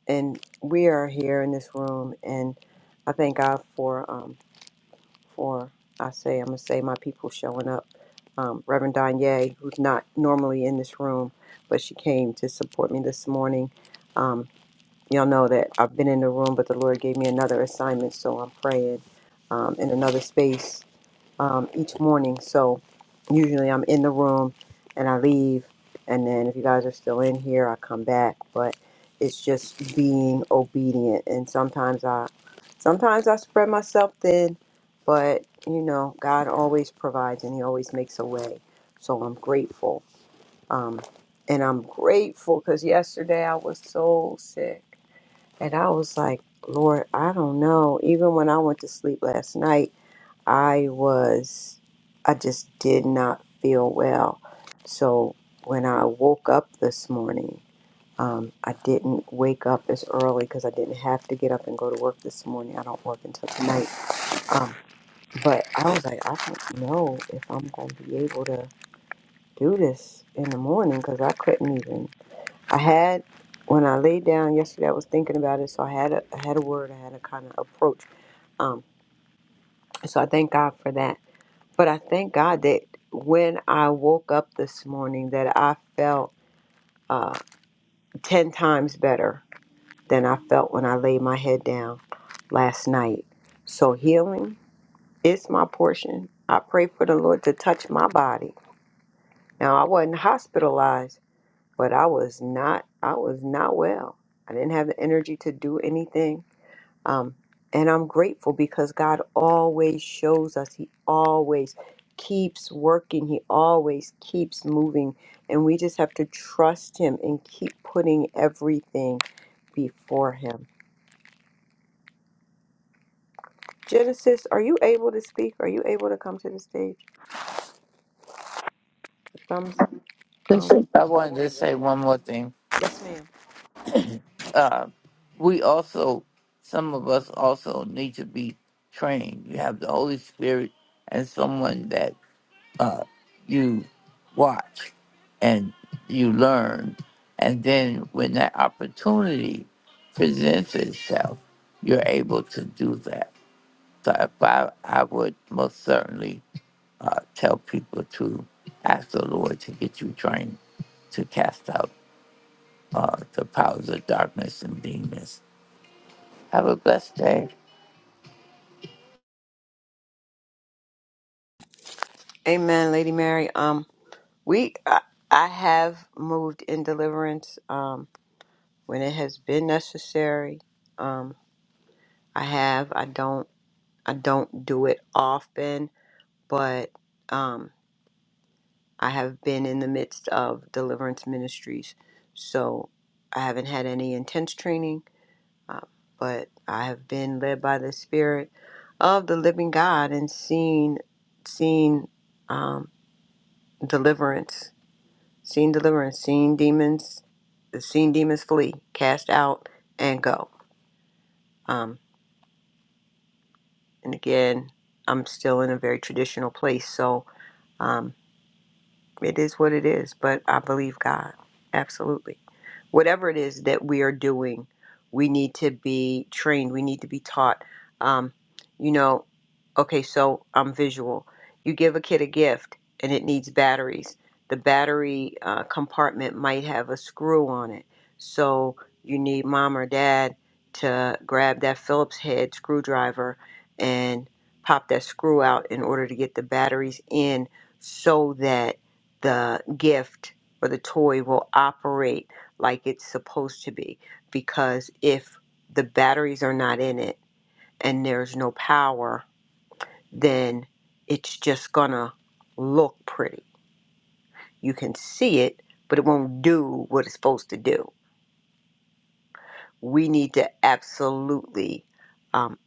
and we are here in this room, and I thank God for, um, for I say, I'm gonna say my people showing up. Um, Reverend Danye, who's not normally in this room, but she came to support me this morning. Um, y'all know that I've been in the room, but the Lord gave me another assignment, so I'm praying um, in another space um, each morning. So usually I'm in the room and I leave. And then if you guys are still in here, I come back. But it's just being obedient. And sometimes I, sometimes I spread myself thin, but you know, God always provides and He always makes a way. So I'm grateful. Um, and I'm grateful because yesterday I was so sick. And I was like, Lord, I don't know. Even when I went to sleep last night, I was, I just did not feel well. So when I woke up this morning, um, I didn't wake up as early because I didn't have to get up and go to work this morning. I don't work until tonight. Um, but I was like, I don't know if I'm going to be able to do this in the morning because I couldn't even. I had, when I laid down yesterday, I was thinking about it. So I had a, I had a word, I had a kind of approach. Um, so I thank God for that But I thank God that when I woke up this morning that I felt uh, 10 times better than I felt when I laid my head down last night. So healing is my portion. I pray for the Lord to touch my body. Now I wasn't hospitalized, but I was not I was not well. I didn't have the energy to do anything. Um, and I'm grateful because God always shows us, He always keeps working, He always keeps moving. And we just have to trust Him and keep putting everything before Him. Genesis, are you able to speak? Are you able to come to the stage? Thumbs um,
Listen, I wanted to say one more thing.
Yes, ma'am.
Uh, we also, some of us also need to be trained. You have the Holy Spirit and someone that uh, you watch and you learn. And then when that opportunity presents itself, you're able to do that. So if I, I would most certainly uh, tell people to ask the Lord to get you trained to cast out uh, the powers of darkness and demons. Have a blessed day.
Amen, Lady Mary. Um, we, I, I have moved in deliverance um, when it has been necessary. Um, I have. I don't. I don't do it often, but um, I have been in the midst of deliverance ministries. So I haven't had any intense training, uh, but I have been led by the Spirit of the living God and seen, seen um, deliverance, seen deliverance, seen demons, seen demons flee, cast out, and go. Um, and again, I'm still in a very traditional place. So. Um, It is what it is, but I believe God. Absolutely. Whatever it is that we are doing, we need to be trained. We need to be taught. Um, you know, okay, so I'm visual. You give a kid a gift and it needs batteries. The battery uh, compartment might have a screw on it. So you need mom or dad to grab that Phillips head screwdriver and pop that screw out in order to get the batteries in so that the gift or the toy will operate like it's supposed to be because if the batteries are not in it and there's no power, then it's just gonna look pretty. You can see it, but it won't do what it's supposed to do. We need to absolutely um,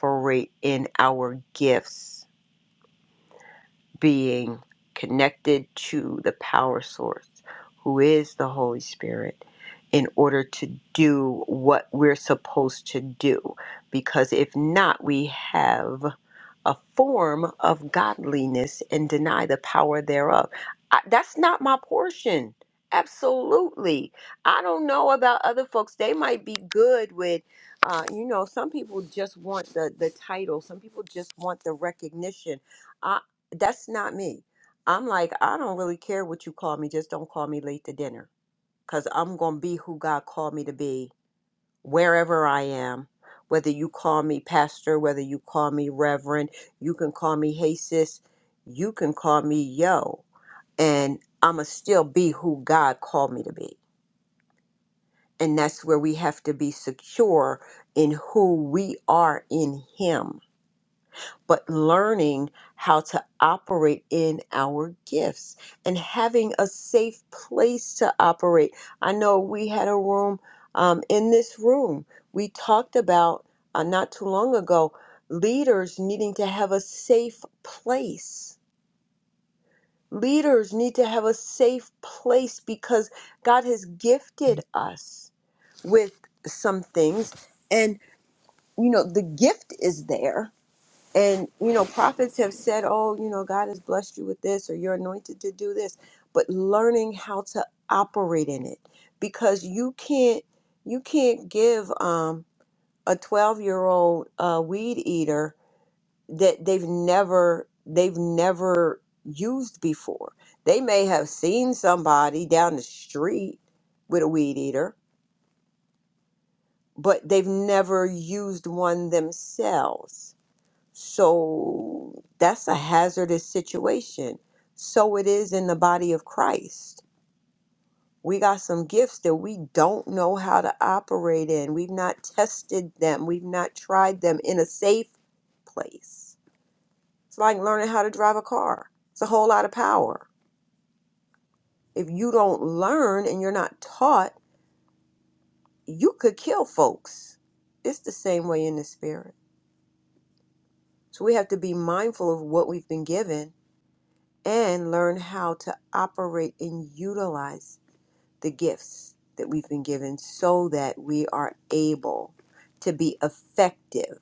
operate in our gifts being connected to the power source, who is the Holy Spirit, in order to do what we're supposed to do. Because if not, we have a form of godliness and deny the power thereof. I, that's not my portion. Absolutely. I don't know about other folks. They might be good with, uh, you know, some people just want the, the title, some people just want the recognition. I, that's not me. I'm like, I don't really care what you call me. Just don't call me late to dinner because I'm going to be who God called me to be wherever I am, whether you call me pastor, whether you call me reverend, you can call me hey sis, you can call me yo, and I'ma still be who God called me to be. And that's where we have to be secure in who we are in Him but learning how to operate in our gifts and having a safe place to operate. I know we had a room um, in this room, we talked about uh, not too long ago leaders needing to have a safe place. Leaders need to have a safe place because God has gifted us with some things. And, you know, the gift is there and, you know, prophets have said, oh, you know, God has blessed you with this or you're anointed to do this, but learning how to operate in it because you can't you can't give um, a 12 year old uh, weed eater that they've never they've never used before. They may have seen somebody down the street with a weed eater, but they've never used one themselves so that's a hazardous situation. So it is in the body of Christ. We got some gifts that we don't know how to operate in. We've not tested them, we've not tried them in a safe place. It's like learning how to drive a car, it's a whole lot of power. If you don't learn and you're not taught, you could kill folks. It's the same way in the spirit. So we have to be mindful of what we've been given and learn how to operate and utilize the gifts that we've been given so that we are able to be effective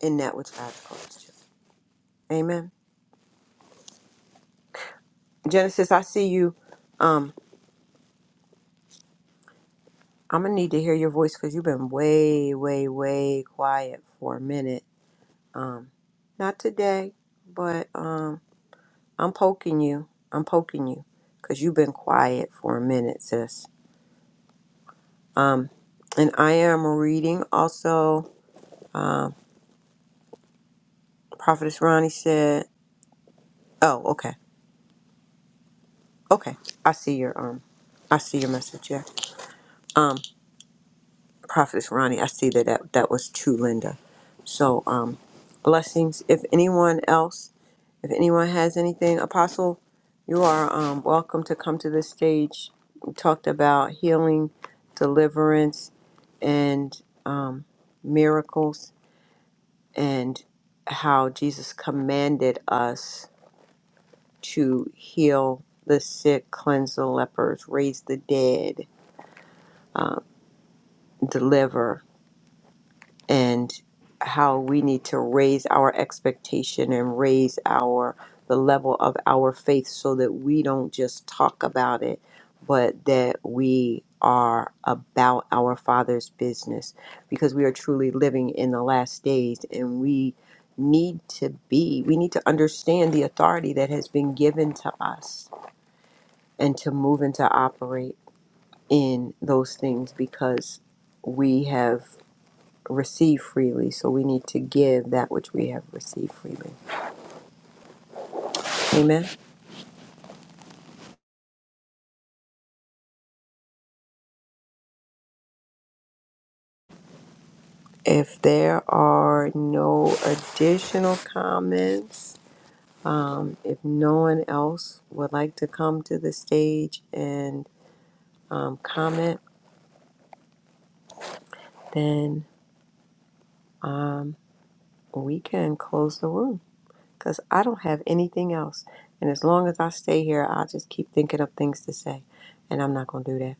in that which God's called us to. Amen. Genesis, I see you. Um, I'm gonna need to hear your voice because you've been way, way, way quiet for a minute. Um, not today, but um, I'm poking you. I'm poking you because you've been quiet for a minute, sis. Um, and I am reading also. Um, Prophetess Ronnie said, "Oh, okay, okay. I see your um, I see your message. Yeah. Um, Prophetess Ronnie, I see that that, that was to Linda. So um, blessings. If anyone else, if anyone has anything, Apostle, you are um welcome to come to this stage. We talked about healing, deliverance, and um, miracles and how Jesus commanded us to heal the sick, cleanse the lepers, raise the dead, uh, deliver. and how we need to raise our expectation and raise our the level of our faith so that we don't just talk about it but that we are about our father's business because we are truly living in the last days and we need to be we need to understand the authority that has been given to us and to move and to operate in those things because we have receive freely, so we need to give that which we have received freely. Amen. If there are no additional comments, um, if no one else would like to come to the stage and um, comment, then um, we can close the room. because I don't have anything else. And as long as I stay here, I'll just keep thinking of things to say. And I'm not going to do that.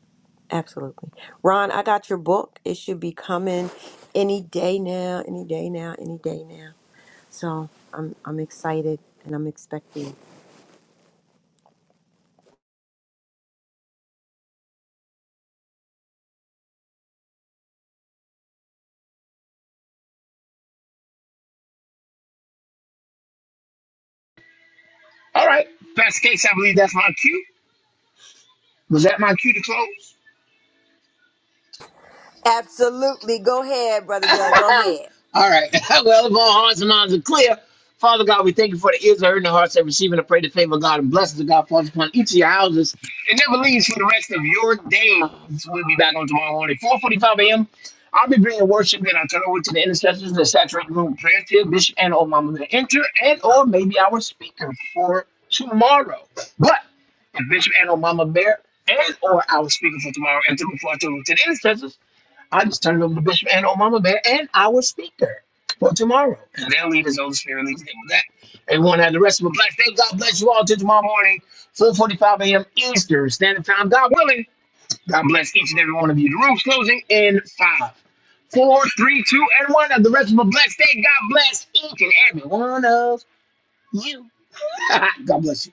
Absolutely. Ron, I got your book. It should be coming any day now, any day now, any day now. So I'm, I'm excited and I'm expecting.
All right, Pastor Casey, I believe that's my cue. Was that my cue to close?
Absolutely. Go ahead, Brother Joey. Go ahead.
All right. well, if all hearts and minds are clear, Father God, we thank you for the ears that heard and the hearts that receiving. I pray the favor of God and blessings of God falls upon each of your houses. It never leaves for the rest of your days. We'll be back on tomorrow morning, 4.45 a.m. I'll be bringing worship, then I'll turn over to the intercessors and the saturated room of prayer field, Bishop and or Mama to enter and or maybe our speaker for tomorrow. But if Bishop and or Mama Bear and or our speaker for tomorrow enter before I turn over to the intercessors, I just turned it over to Bishop and Mama Bear and our speaker for tomorrow. And they'll lead us over spirit leads them with that. Everyone have the rest of a blessed day. God bless you all till tomorrow morning, 4.45 a.m. Eastern Standard Time. God willing, God bless each and every one of you. The room's closing in five, four, three, two, and one. Have the rest of a blessed day. God bless each and every one of you. God bless you.